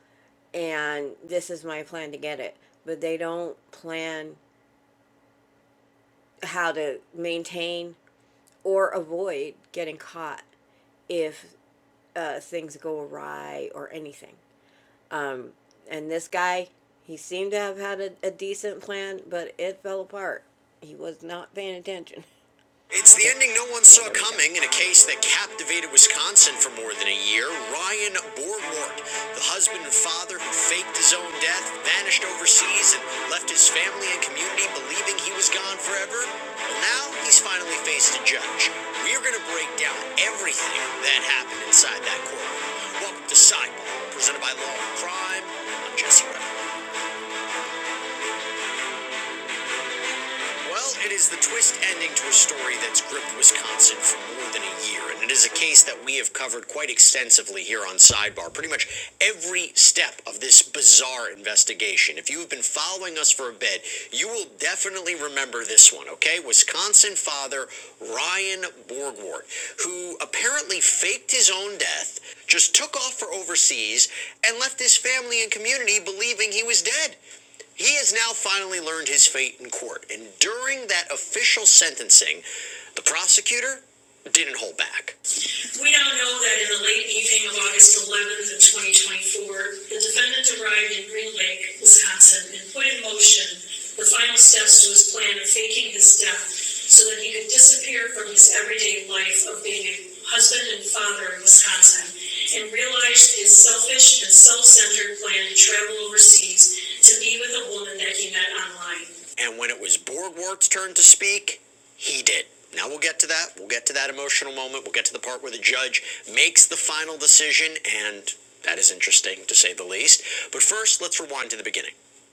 and this is my plan to get it. But they don't plan how to maintain or avoid getting caught if uh, things go awry or anything. Um, and this guy, he seemed to have had a, a decent plan, but it fell apart. He was not paying attention. Saw coming in a case that captivated here Ryan Borwart, the hunter who faked his own death, Manson left only in community believing he was gone forever. Well, He's finally faced a judge. We're going to down everything that happened inside that courtroom. Welcome to Sidebar, presented by Law and Crime. I'm Jesse Ryan. Well, it is the twist ending to a story that's gripped Wisconsin for more than a year, and it is a case that we have covered quite extensively here on Sidebar. Pretty much every step of this bizarre investigation. If you have been following us for a bit, you will definitely remember this one, okay? Wisconsin father Ryan Borgwart, who apparently faked his own death, just took off for overseas, and left his family and community believing he was dead. He has now finally learned his fate in court, and during that official sentencing, the prosecutor didn't hold back. We now know that in the late evening of August 11th of 2024, the defendant arrived in Green Lake, Wisconsin, and put in motion the final steps to his plan of faking his death so that he could disappear from his everyday life of being a husband and father in Wisconsin and realized his selfish and self-centered plan to travel overseas to be with a woman that he met online. And when it was Borgwart's turn to speak, he did. Now we'll get to that. We'll get to that emotional moment. We'll get to the part where the judge makes the final decision, and that is interesting to say the least. But first, let's rewind to the beginning.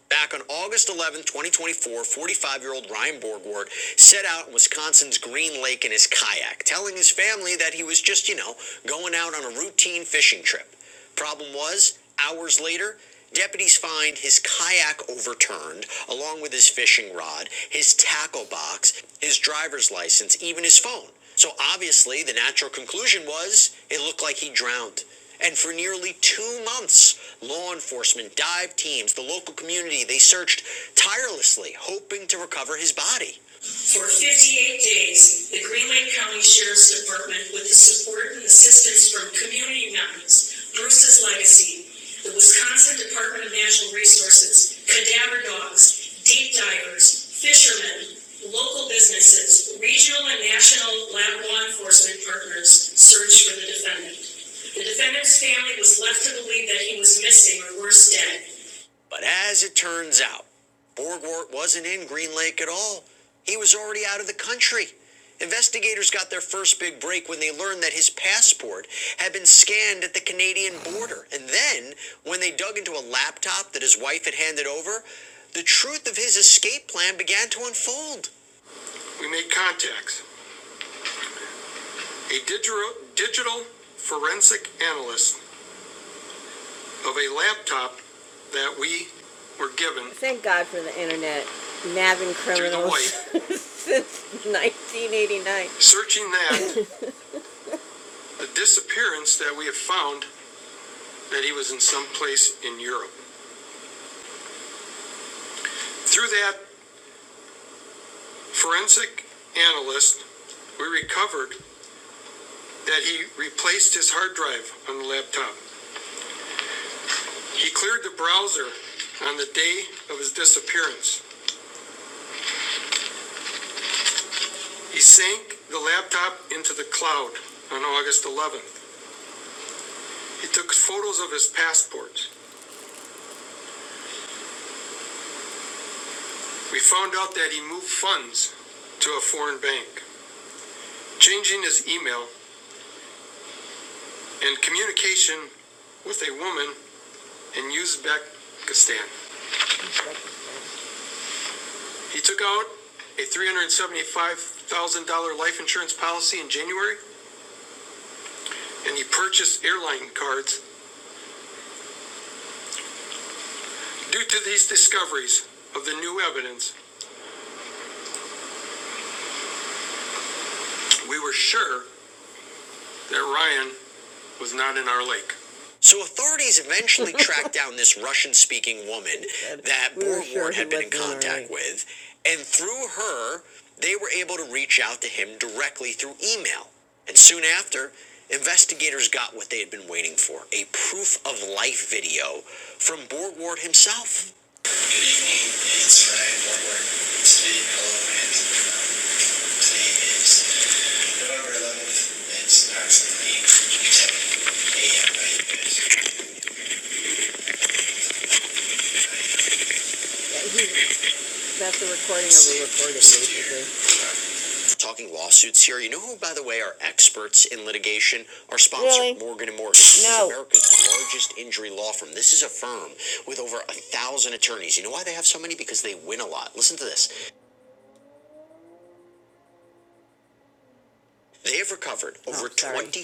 Back on August 11, 2024, 45 year old Ryan Borgward set out in Wisconsin's Green Lake in his kayak, telling his family that he was just, you know, going out on a routine fishing trip. Problem was, hours later, deputies find his kayak overturned, along with his fishing rod, his tackle box, his driver's license, even his phone. So obviously, the natural conclusion was it looked like he drowned. And for nearly two months, law enforcement, dive teams, the local community. They searched tirelessly, hoping to recover his body. For 58 days, the Green Lake County Sheriff's Department, with the support and assistance from community members, Bruce's Legacy, the Wisconsin Department of Natural Resources, cadaver dogs, deep divers, fishermen, local businesses, regional and national law enforcement partners searched for the defendant. The defendant's family was left to believe that he was missing or worse dead. But as it turns out, Borgwart wasn't in Green Lake at all. He was already out of the country. Investigators got their first big break when they learned that his passport had been scanned at the Canadian border. And then, when they dug into a laptop that his wife had handed over, the truth of his escape plan began to unfold. Once again, we're given Thank God for the internet nabbing criminals since 1989. searching that the disappearance that we have found that he was in some place in Europe. Through that forensic analyst, we recovered that he replaced his hard drive on the laptop. He cleared the browser on the day of his disappearance. He sank the laptop into the cloud on August 11th. He took photos of his passport. We found out that he moved funds to a foreign bank, changing his email and communication with a woman in Uzbekistan. He took out a $375,000 life insurance policy in January, and he purchased airline cards. Due to these discoveries of the new evidence, we were sure that Ryan was not in our lake. So authorities eventually tracked down this Russian-speaking woman that Borgward sure had been in contact right. with, and through her, they were able to reach out to him directly through email. And soon after, investigators got what they had been waiting for: a proof of life video from Borgward himself. Good evening, it's Ryan Borgward. Today, hello, and today is November 11th. It's approximately 7 a.m. by you guys. He- That's a recording of a recording, basically. talking lawsuits here. You know who, by the way, are experts in litigation? Our sponsor, Really? Morgan and Morgan. This No. is America's largest injury law firm. This is a firm with over a thousand attorneys. You know why they have so many? Because they win a lot. Listen to this. Covered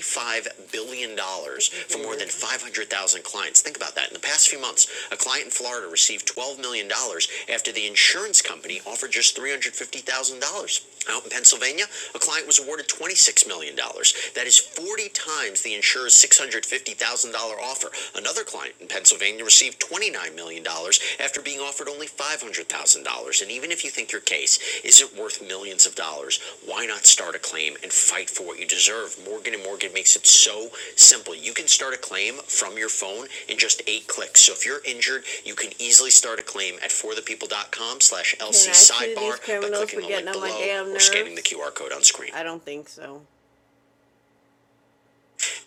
five billion dollars and five hundred thousand clients. Think about that. In the past few months, a client in Florida received twelve million dollars after the insurance company offered just three hundred fifty thousand dollars. Out in Pennsylvania, it was awarded $26 million. dollars. That is The insurer's $69 million, but only $500,000. And even if you think your case isn't worth millions of dollars, makes it your phone in just eight clicks. Or injure LC sidebar by clicking the link below or scanning the QR code on screen. I don't think so.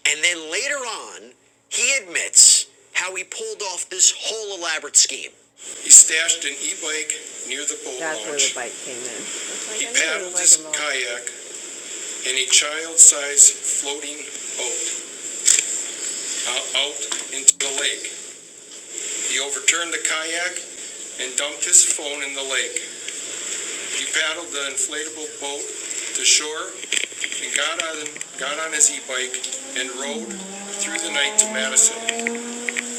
And then He stashed an e-bike near the boat that's launch. where the bike came in. like, He paddled like his kayak and he in floating boat out into the lake. He overturned the kayak and dumped his phone in the lake. He paddled the inflatable boat to shore and got on, got on his e-bike and rode through the night to Madison.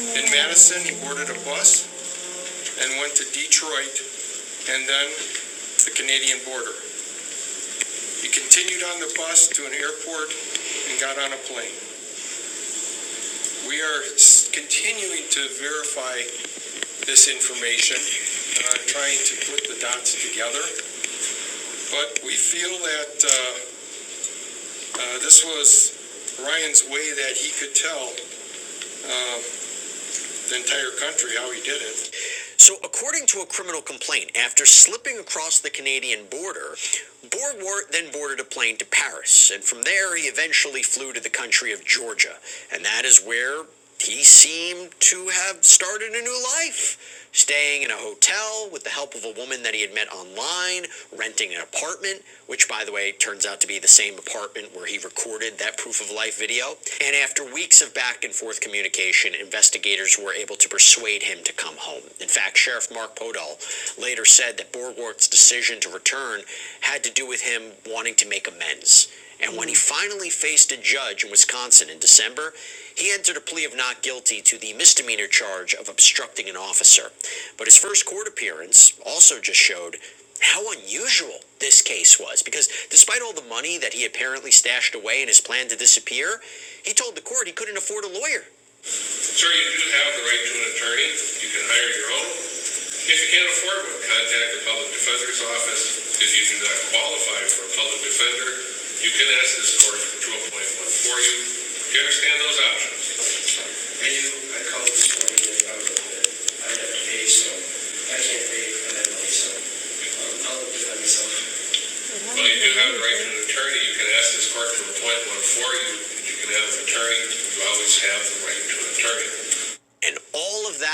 In Madison, he boarded a bus and went to Detroit and then the Canadian border. He continued on the bus to an airport and got on a plane. We are continuing to verify this information, uh, trying to put the dots together, but we feel that uh, uh, this was Ryan's way that he could tell um, the entire country how he did it. So, according to a criminal complaint, after slipping across the Canadian border, Borgwart then boarded a plane to Paris, and from there he to the country of Georgia. And that is where he seemed to have started a new life, staying in a hotel with the help of a woman that he had met online, renting an apartment, which, by the way, turns out to be the same apartment where he recorded that proof of life video. And after weeks of back and forth communication, investigators were able to persuade him to come home. In fact, Sheriff Mark Podol later said that Borgwart's decision to return had to do with him wanting to make amends and when he finally faced a judge in Wisconsin in December, he entered a plea of not guilty to the misdemeanor charge of obstructing an officer. But his first court appearance also just showed how unusual this case was because despite all the money that he apparently stashed away in his plan to disappear, he told the court he couldn't afford a lawyer. Sir, you do have the right to an attorney. You can hire your own if you can't afford one, contact the public defender's office. If you do not qualify for a public defender, you can ask this court to appoint one for you. Do you understand those options? I do, I called this morning, and I was, like, I had to pay, so I can't pay for that money, so I'll, I'll do myself. Well, you do have the right to an attorney. You can ask this court to appoint one for you. You can have an attorney. You always have the right to an attorney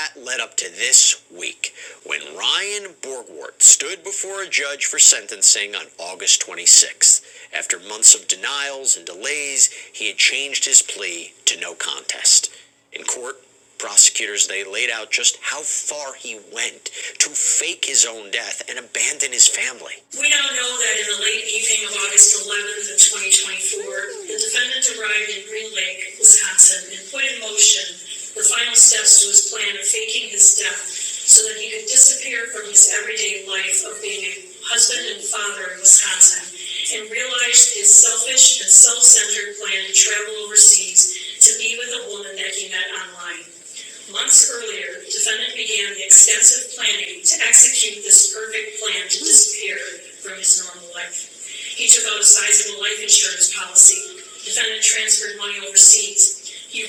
that led up to this week when Ryan Borgwart stood before a judge for sentencing on August 26th. After months of denials and delays, he had changed his plea to no contest. In prosecutors they laid out just how far he went to fake his own death and abandon his family. We now know that in the late evening of August 11th of 2024, the defendant arrived in Green Lake, Wisconsin, and put in motion the final steps to his plan of faking his death so that he could disappear from his everyday life of being a husband and father in Wisconsin and real efficiency and travel online earlier and the extensive planning to execute plan to disappear. He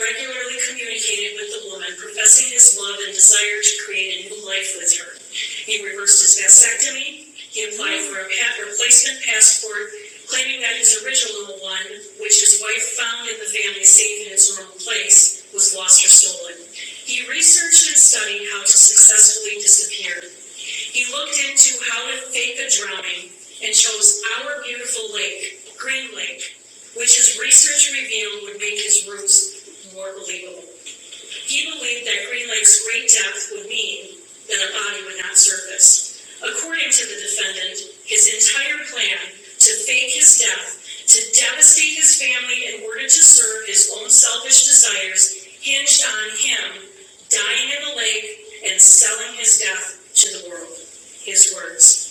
He applied for a replacement passport, claiming that his original one, which his wife found in the family safe in his own place, was lost or stolen. He researched and studied how to successfully disappear. He looked into how to fake a drowning and chose our beautiful lake, Green Lake, which his research revealed would make his roots more believable. He believed that Green Lake would mean that a body would not surface. According to the defendant, his entire plan to fake his death, to devastate his family in order to serve his own selfish desires, hinged on him dying in the lake and selling his death to the world. His words.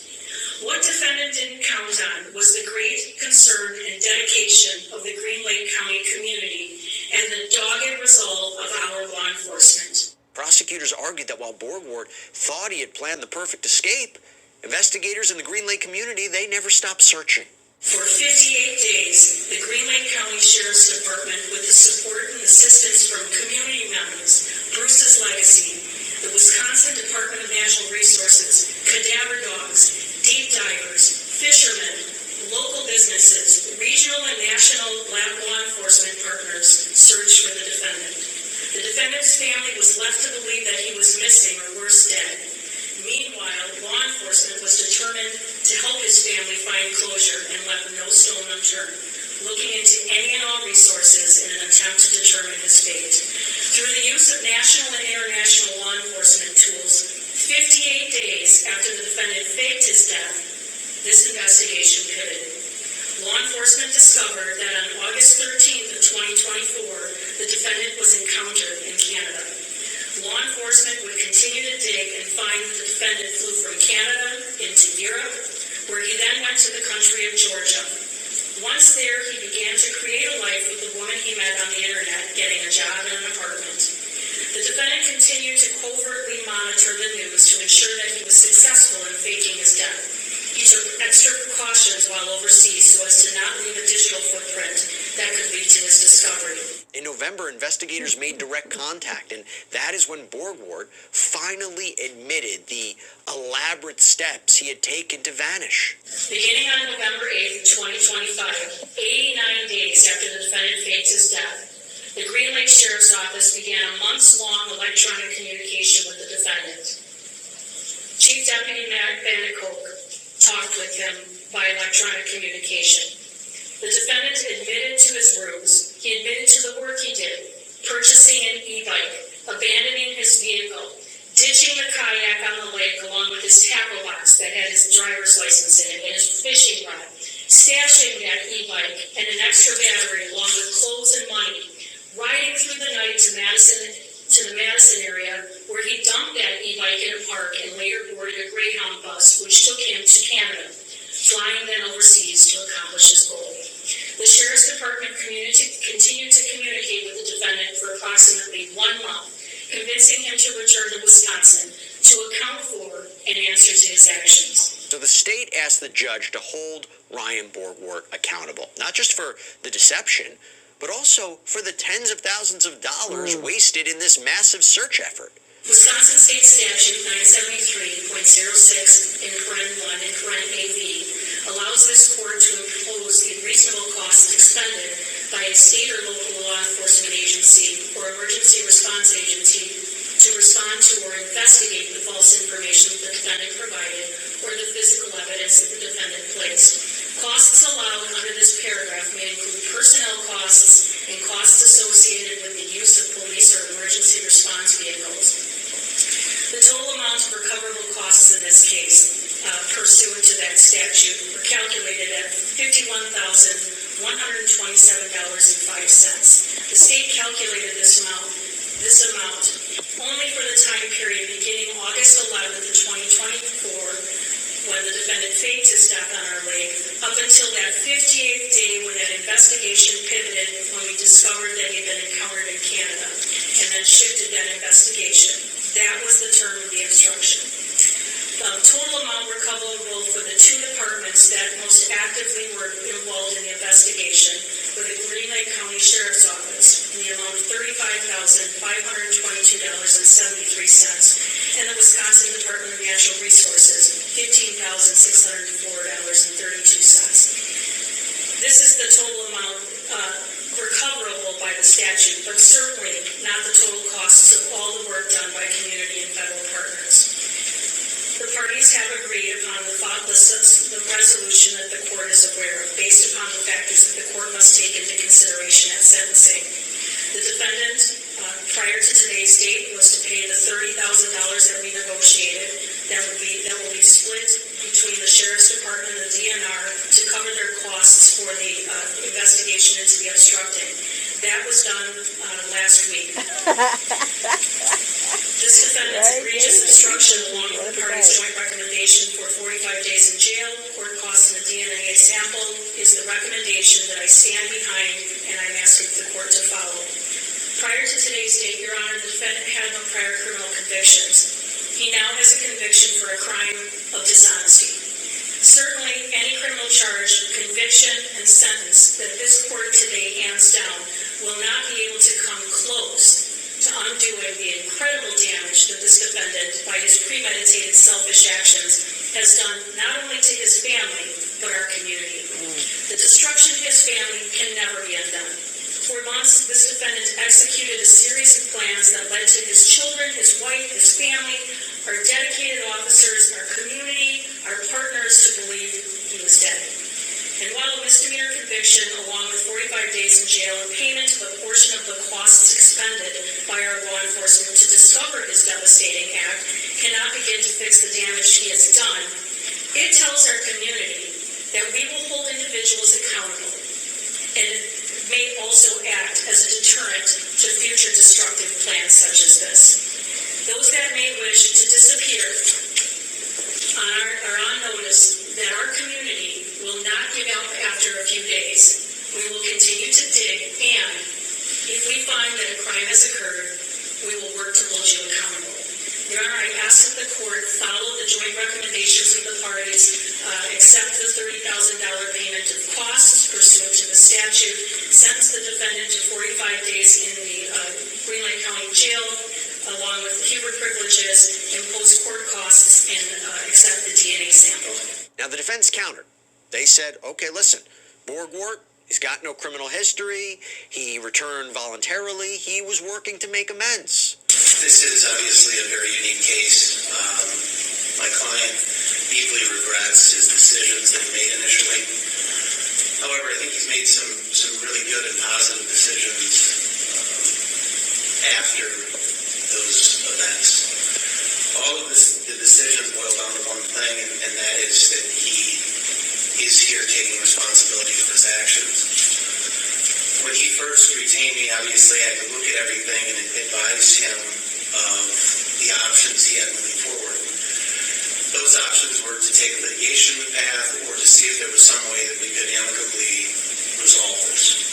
What defendant didn't count on was the great concern and dedication of the Green Lake County community and the dogged resolve of our law enforcement. argued that thought he had planned the perfect escape. Investigators in the Green Lake community, they never stopped searching. For 58 days, the Green Lake County Sheriff's Department, with the support and assistance from community members, Bruce's Lab, the Wisconsin Park D Business, regional and law enforcement partners, searched for the defendant. The defendant's dead, Meanwhile, one family find closure and left stone unturned, looking into any and all resources in an attempt to determine his fate. Through the use of national and international law enforcement tools, 58 days after the defendant faked his death, this investigation pivoted. Law enforcement discovered that on August 13th of 2024, the defendant was encountered in Canada. Law enforcement would continue to dig and find that the defendant flew from Canada into Europe, where he then went to the country of Georgia. Once there, he began to create a life with the woman he met on the internet, getting a job and an apartment. The defendant continued to covertly monitor the news to ensure that he was successful in faking his death. These are extra precautions while overseas so as to not leave a digital footprint that could lead to his discovery. That is Beginning on November 8, 2025, 89 days after the defendant faked his death, the Green Lake Sheriff's Office began a months-long electronic communication with the defendant. Chief Deputy Matt Bandicoke talked with him by electronic communication. The defendant admitted to his ruse. He admitted to the work he did, purchasing an e-bike, abandoning his vehicle, Ditching the kayak on the lake along with his tackle box that had his driver's license in it and his fishing rod. Stashing that e-bike and an extra battery along with clothes and money. Riding through the night to Madison, to the Madison area where he dumped that e-bike in a park and later boarded a Greyhound bus which took him to Canada, flying then overseas to accomplish his goal. The sheriff's department continued to communicate with the defendant for approximately one month convincing him to return to Wisconsin to account for and answer to his actions. So the state asked the judge to hold Ryan Borgward accountable, not just for, but also for the tens of thousands of. Wisconsin State Statute 973.06 in current 1 and current AV allows this court to impose the reasonable costs expended by a state or local law enforcement agency or emergency response agency to respond to or investigate the false information the defendant provided the physical evidence that the defendant played, personnel costs, and costs associated with the use of police or emergency response vehicles uh, pursuant to that, calculated at one thousand one hundred twenty-seven dollars and five cents. The state calculated this amount, this amount only for the time period beginning August eleventh twenty twenty-four, when the defendant faked his death on our lake, up until that fifty-eighth day when that investigation pivoted, when we discovered that he had been encountered in Canada. and then shifted that investigation. That was the term of the instruction. The total amount recoverable departments that most actively were involved in the investigation, County Sheriff's Office, thirty-five thousand, fifteen thousand, six hundred and four dollars and thirty-two cents. This is the total amount, uh, recoverable by the statute, but certainly not the total costs of all the work done by community and federal partners. The parties have agreed upon the thought, the, the resolution that the court is aware of, based upon the factors that the court must take into consideration at sentencing. The defendant, uh, prior to today's date, was to pay the thirty thousand dollars that we negotiated. That would be, that will be split between the sheriff's department and the DNR to cover their costs for the, uh, investigation into the obstructing. That was done, uh, last week. This defendant's egregious obstruction along with the parties' joint recommendation for forty-five days in jail, court costs and a DNA sample is the recommendation that I stand behind and I'm asking the court to follow. Prior to today's date, your defendant had no prior criminal conviction, conviction for a crime of dishonesty. Since that this court today hands down will not defend by selfish actions done not only to his family but our community. Obstruction cannot For months, this defendant executed a series of plans that led to his children, his wife, his family, our dedicated officers, our community, our partners to believe he was dead. And while a misdemeanor conviction, along with 45 days in jail and payment of a portion of the costs expended by our law enforcement to discover his devastating act, cannot begin to fix the damage he has done, it tells our community that we will hold individuals accountable as a deterrent to future destructive. They wish to disappear notice our committee did, and if we find that a crime has occurred, work to hold you accountable. There are vouchers of the parties, uh, accept the thirty thousand dollar payment of costs pursuant to the statute, sentence the defendant to forty-five days in the, uh, Green Lake County Jail, along with Huber privileges, impose court costs, and, uh, accept the DNA sample. Now, the defense countered. They said, okay, listen, Borgwart, he's got no criminal history. He returned voluntarily. He was working to make amends. This is obviously a very unique case. Uh, my client deeply regrets his decisions that he made initially. However, I think he's made some, some really good and positive decisions after those events. All of this, the decisions boil down to one thing, and, and that is that he is here taking responsibility for his actions. When he first retained me, obviously, I could look at everything and advise him of the options he had moving forward. Those options were to take a litigation path or to see if there was some way that we could amicably resolve this.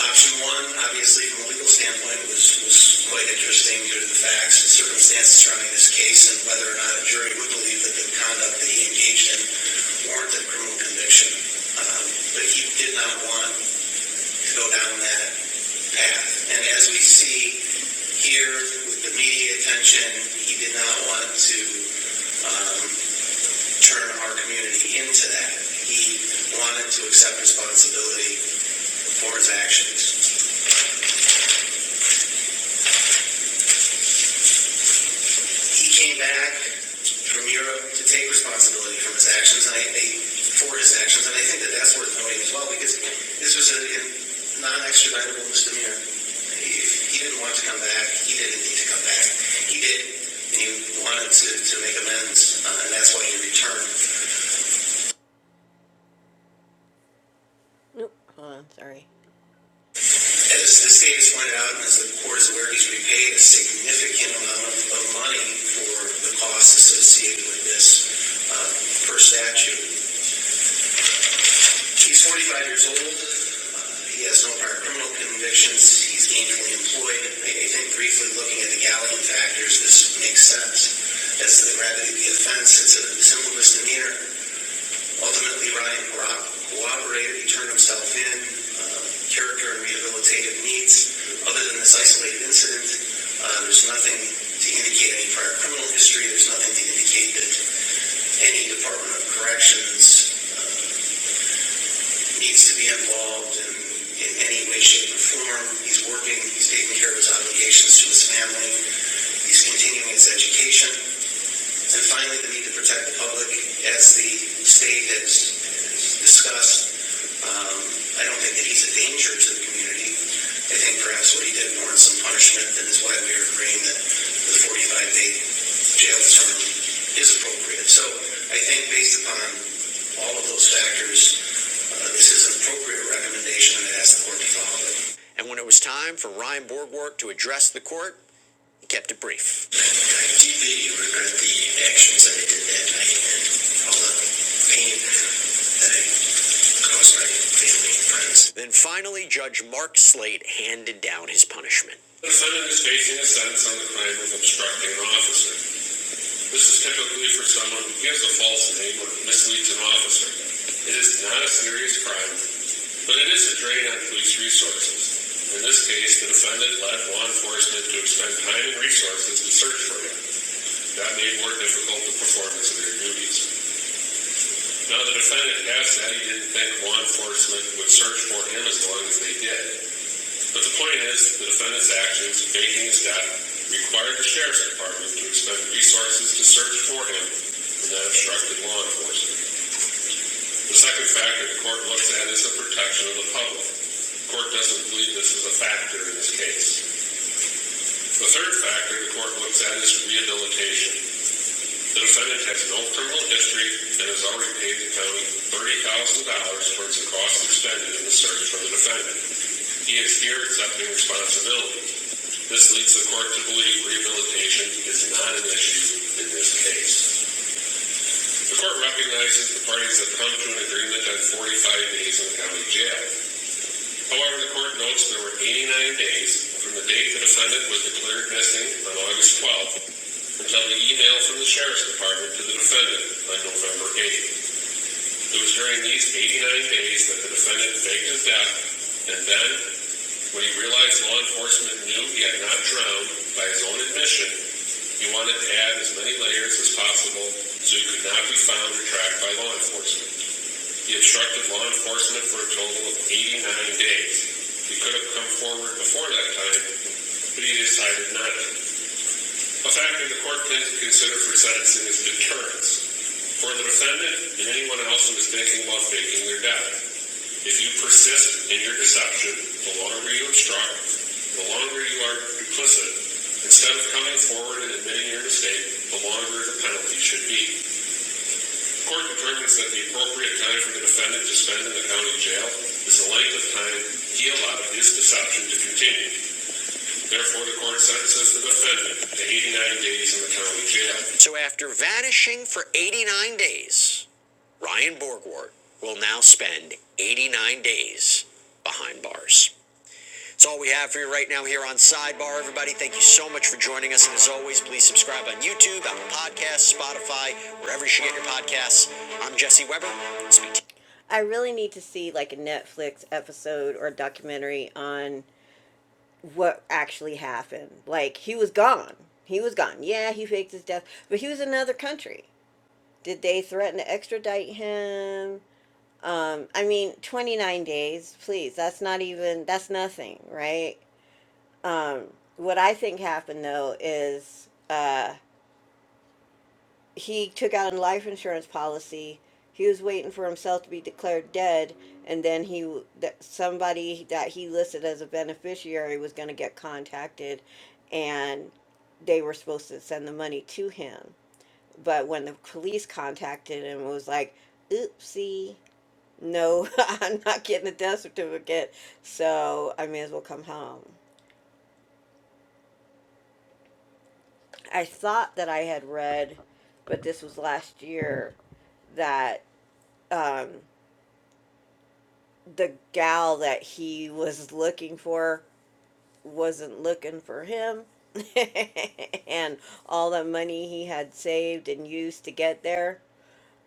Option one, obviously, from a legal standpoint, was, was quite interesting due to the facts and circumstances surrounding this case and whether or not a jury would believe that the conduct that he engaged in warranted criminal conviction. Um, But he did not want go down that path. And as we see here with the media attention, he did not want to um, turn our community into that. He wanted to accept responsibility for his actions. He came back from Europe to take responsibility from his actions, and I, I- for his actions, and I think that that's worth noting as well, because this was a a non-extraditable misdemeanor. If he didn't want to come back, he didn't need to come back. He did, and he wanted to, to make amends, uh, and that's why he returned. Oop, hold on, sorry. As the state has pointed out, and as the court is aware, he's repaid a significant amount of money for the costs associated with this uh, per statute. He's 45 years old. Uh, He has no prior criminal convictions. He's gainfully employed. I I think briefly looking at the galleon factors, this makes sense. As to the gravity of the offense, it's a simple misdemeanor. Ultimately, Ryan corro- cooperated, he turned himself in, uh, character and rehabilitative needs. Other than this isolated incident, uh, there's nothing to indicate any prior criminal history. There's nothing to indicate that any Department of Corrections uh, needs to be involved in, in any way, shape, or form. He's working, he's taking care of his obligations to his family, he's continuing his education. And finally, the need to protect the public, as the state has discussed. Um, I don't think that he's a danger to the community. I think perhaps what he did warrants some punishment, and is why we are agreeing that the 45-day jail term is appropriate. So I think based upon all of those factors, uh, this is an appropriate recommendation, and I ask the court to follow. and when it was time for Ryan Borgwardt to address the court, he kept it brief. Really regret the actions that I did that night and all the pain that I caused my family and friends. Then finally, Judge Mark Slate handed down his punishment. The defendant is facing a sentence on the crime of obstructing an officer. This is typically for someone who gives a false name or misleads an officer. It is not a serious crime, but it is a drain on police resources. In this case, the defendant led law enforcement to expend time and resources to search for him. that made more difficult the performance of their duties. Now, the defendant asked that he didn't think law enforcement would search for him as long as the fact had resource search for him and that obstructed law enforcement. The Second fact that the court looks at protection of the public interest. The third fact, the defendant and the thirty thousand dollars towards the cost expended in the search for the defendant. He is here accepting responsibility. This leads to collusion in this case. The court recognizes the parties have come to an agreement on 45 days in the county jail. The court notes there were 89 days from the date the defendant was declared missing, August 12th, until the email from the defendant on November 8th. It was during these 89 days that the defendant faked his death, and then, when he realized law enforcement knew he had not drowned by his own admission, he wanted to add as many layers as possible so he could not be found or tracked by law enforcement. He obstructed law enforcement for a total of 89 days. He could have come forward before that time, but he decided not to. A factor the court can consider sentencing is deterrence. And anyone else who is thinking they're dead, if you persist, the longer, the longer you are duplicit, instead of coming forward and admitting your mistake, the longer the penalty should be. The court determines that the appropriate time for the defendant to spend in the county jail is the length of time he allowed his deception to continue. Therefore, the court sentences the defendant to 89 days in the county jail. So after vanishing for 89 days, Ryan Borgward will now spend 89 days behind bars. That's all we have for you right now here on Sidebar. Everybody, thank you so much for joining us. And as always, please subscribe on YouTube, Apple Podcasts, Spotify, wherever you should get your podcasts. I'm Jesse Weber. I really need to see like a Netflix episode or a documentary on what actually happened. Like he was gone. He was gone. Yeah, he faked his death, but he was in another country. Did they threaten to extradite him? Um, I mean, 29 days, please. That's not even, that's nothing, right? Um, what I think happened though is he took out a life insurance policy. He was waiting for himself to be declared dead, and then he that somebody that he listed as a beneficiary was going to get contacted, and they were supposed to send the money to him. But when the police contacted him, it was like, "Oopsie, no, I'm not getting a death certificate, so I may as well come home." I thought that I had read, but this was last year, that the gal that he was looking for wasn't looking for him and all the money he had saved and used to get there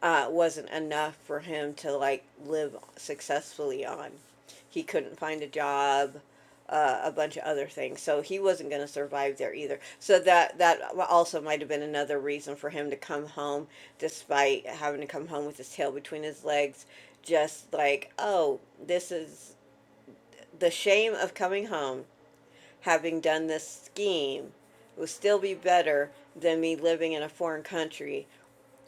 uh, wasn't enough for him to like live successfully on he couldn't find a job uh, a bunch of other things so he wasn't going to survive there either so that that also might have been another reason for him to come home despite having to come home with his tail between his legs just like oh this is the shame of coming home, having done this scheme, will still be better than me living in a foreign country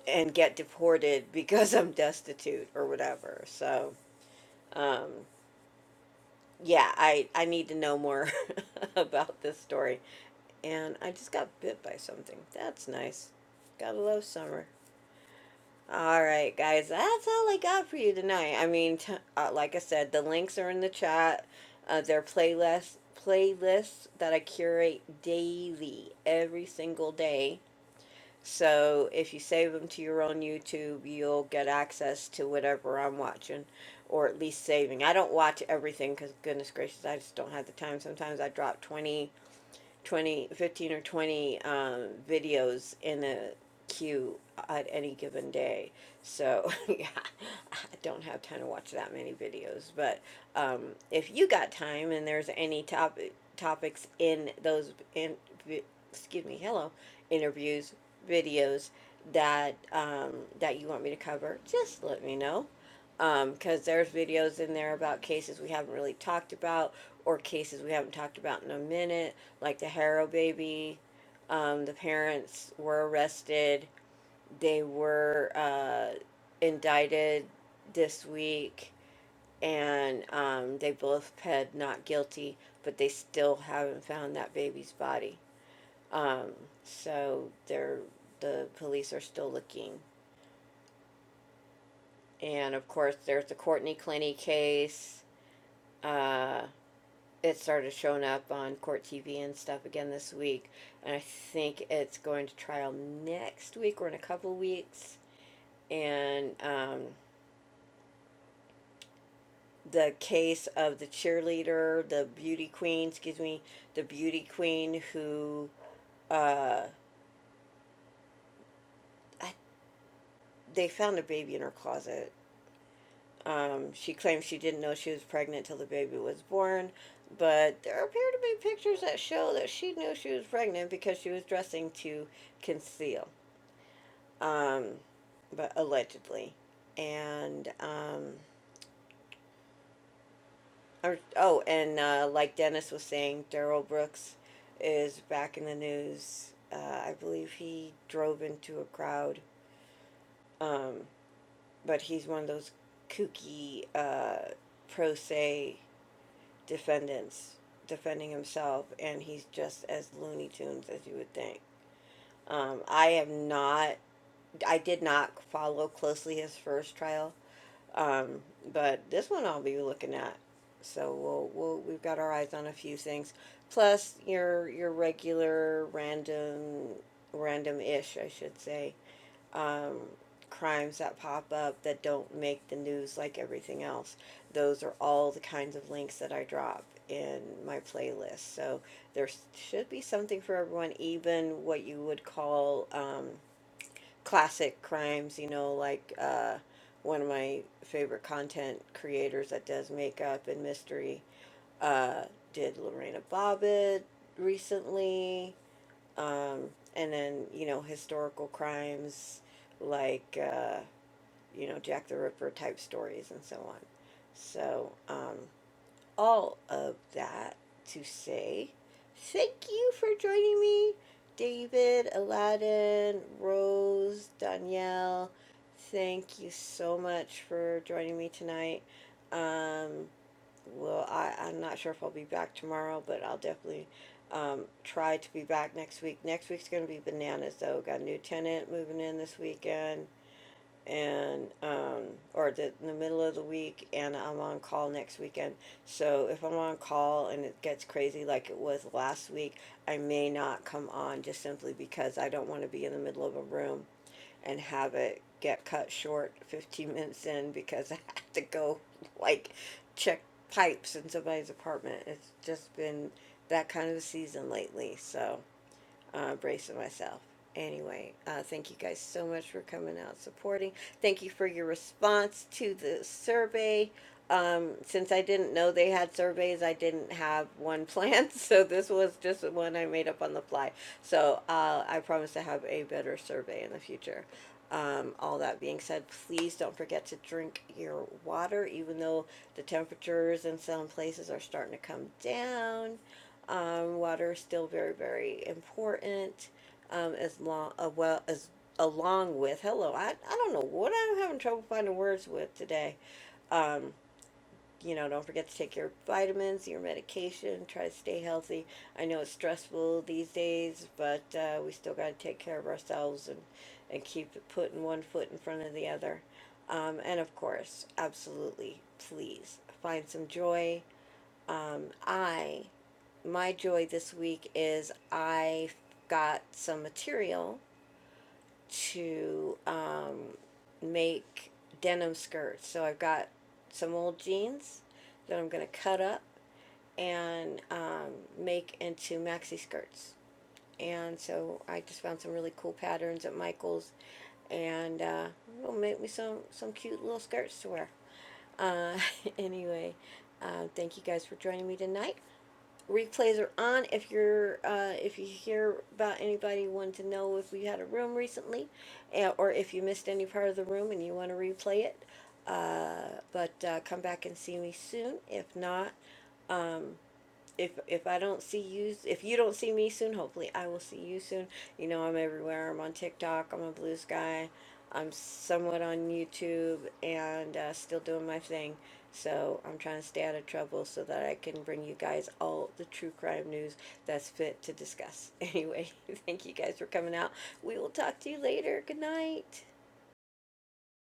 and get deported because I'm destitute or whatever. So, yeah, I, I need to know more about this story. And I just got bit by something. That's nice. Gotta love summer. All right, guys, that's all I got for you tonight. I mean, t- uh, like I said, the links are in the chat. Uh, they're playlists, playlists that I curate daily, every single day. So if you save them to your own YouTube, you'll get access to whatever I'm watching, or at least saving. I don't watch everything because, goodness gracious, I just don't have the time. Sometimes I drop 20 20, 15, or 20 um, videos in a queue at any given day. So, yeah, I don't have time to watch that many videos. But um, if you got time and there's any topic topics in those in excuse me, hello, interviews, videos that um, that you want me to cover, just let me know. Um, because there's videos in there about cases we haven't really talked about or cases we haven't talked about in a minute, like the Harrow baby. Um, the parents were arrested. They were uh, indicted this week, and um, they both pled not guilty, but they still haven't found that baby's body. Um, so they're the police are still looking. And of course, there's the Courtney Clinty case. Uh, it started showing up on court TV and stuff again this week, and I think it's going to trial next week or in a couple weeks. And um, the case of the cheerleader, the beauty queen, excuse me, the beauty queen who I, they found a baby in her closet. Um, she claims she didn't know she was pregnant till the baby was born, but there appear to be pictures that show that she knew she was pregnant because she was dressing to conceal. but allegedly. And um, or, oh, and uh, like Dennis was saying, Daryl Brooks is back in the news. Uh, I believe he drove into a crowd, but he's one of those kooky uh, pro se defendants defending himself, and he's just as Looney Tunes as you would think. Um, I am not. I did not follow closely his first trial. Um, but this one I'll be looking at. So we'll, we'll we've got our eyes on a few things. Plus your your regular random random ish, I should say, crimes that pop up that don't make the news like everything else. Those are all the kinds of links that I drop in my playlist. So there should be something for everyone, even what you would call um, classic crimes, you know, like uh, one of my favorite content creators that does makeup and mystery uh, did Lorena Bobbitt recently, and then, you know, historical crimes like, uh, you know, Jack the Ripper type stories and so on. So, um, all of that to say thank you for joining me, David, Aladdin, Rose, Danielle. Thank you so much for joining me tonight. Well, I, I'm not sure if I'll be back tomorrow, but I'll definitely um, try to be back next week. Next week's going to be bananas, though. Got a new tenant moving in this weekend and um, or the, in the middle of the week, and I'm on call next weekend. So if I'm on call and it gets crazy like it was last week, I may not come on just simply because I don't want to be in the middle of a room and have it get cut short 15 minutes in because I have to go like check pipes in somebody's apartment. It's just been that kind of a season lately, so uh, Brace myself. Anyway, uh, thank you guys so much for coming out supporting. Thank you for your response to the survey. Um, since I didn't know they had surveys, I didn't have one planned, so this was just one I made up on the fly. So uh, I promise to have a better survey in the future. Um, all that being said, please don't forget to drink your water, even though the temperatures in some places are starting to come down. Um, water is still very, very important. Um, as long, uh, well, as along with hello, I I don't know what I'm having trouble finding words with today. You know, don't forget to take your vitamins, your medication, try to stay healthy. I know it's stressful these days, but uh, we still got to take care of ourselves and and keep putting one foot in front of the other. Um, and of course, absolutely, please find some joy. I my joy this week is I got some material to um, make denim skirts. So I've got some old jeans that I'm going to cut up and um, make into maxi skirts. And so I just found some really cool patterns at Michael's and uh, it'll make me some, some cute little skirts to wear. Uh, anyway, uh, thank you guys for joining me tonight. replays are on if you're uh, if you hear about anybody wanting to know if we had a room recently uh, or if you missed any part of the room and you want to replay it but uh, come back and see me soon if not if if I don't see you, if you don't see me soon, hopefully I will see you soon. You know, I'm everywhere. I'm on TikTok. I'm on Blue Sky. I'm somewhat on YouTube and uh, still doing my thing. So I'm trying to stay out of trouble so that I can bring you guys all the true crime news that's fit to discuss. Anyway, thank you guys for coming out. We will talk to you later. Good night.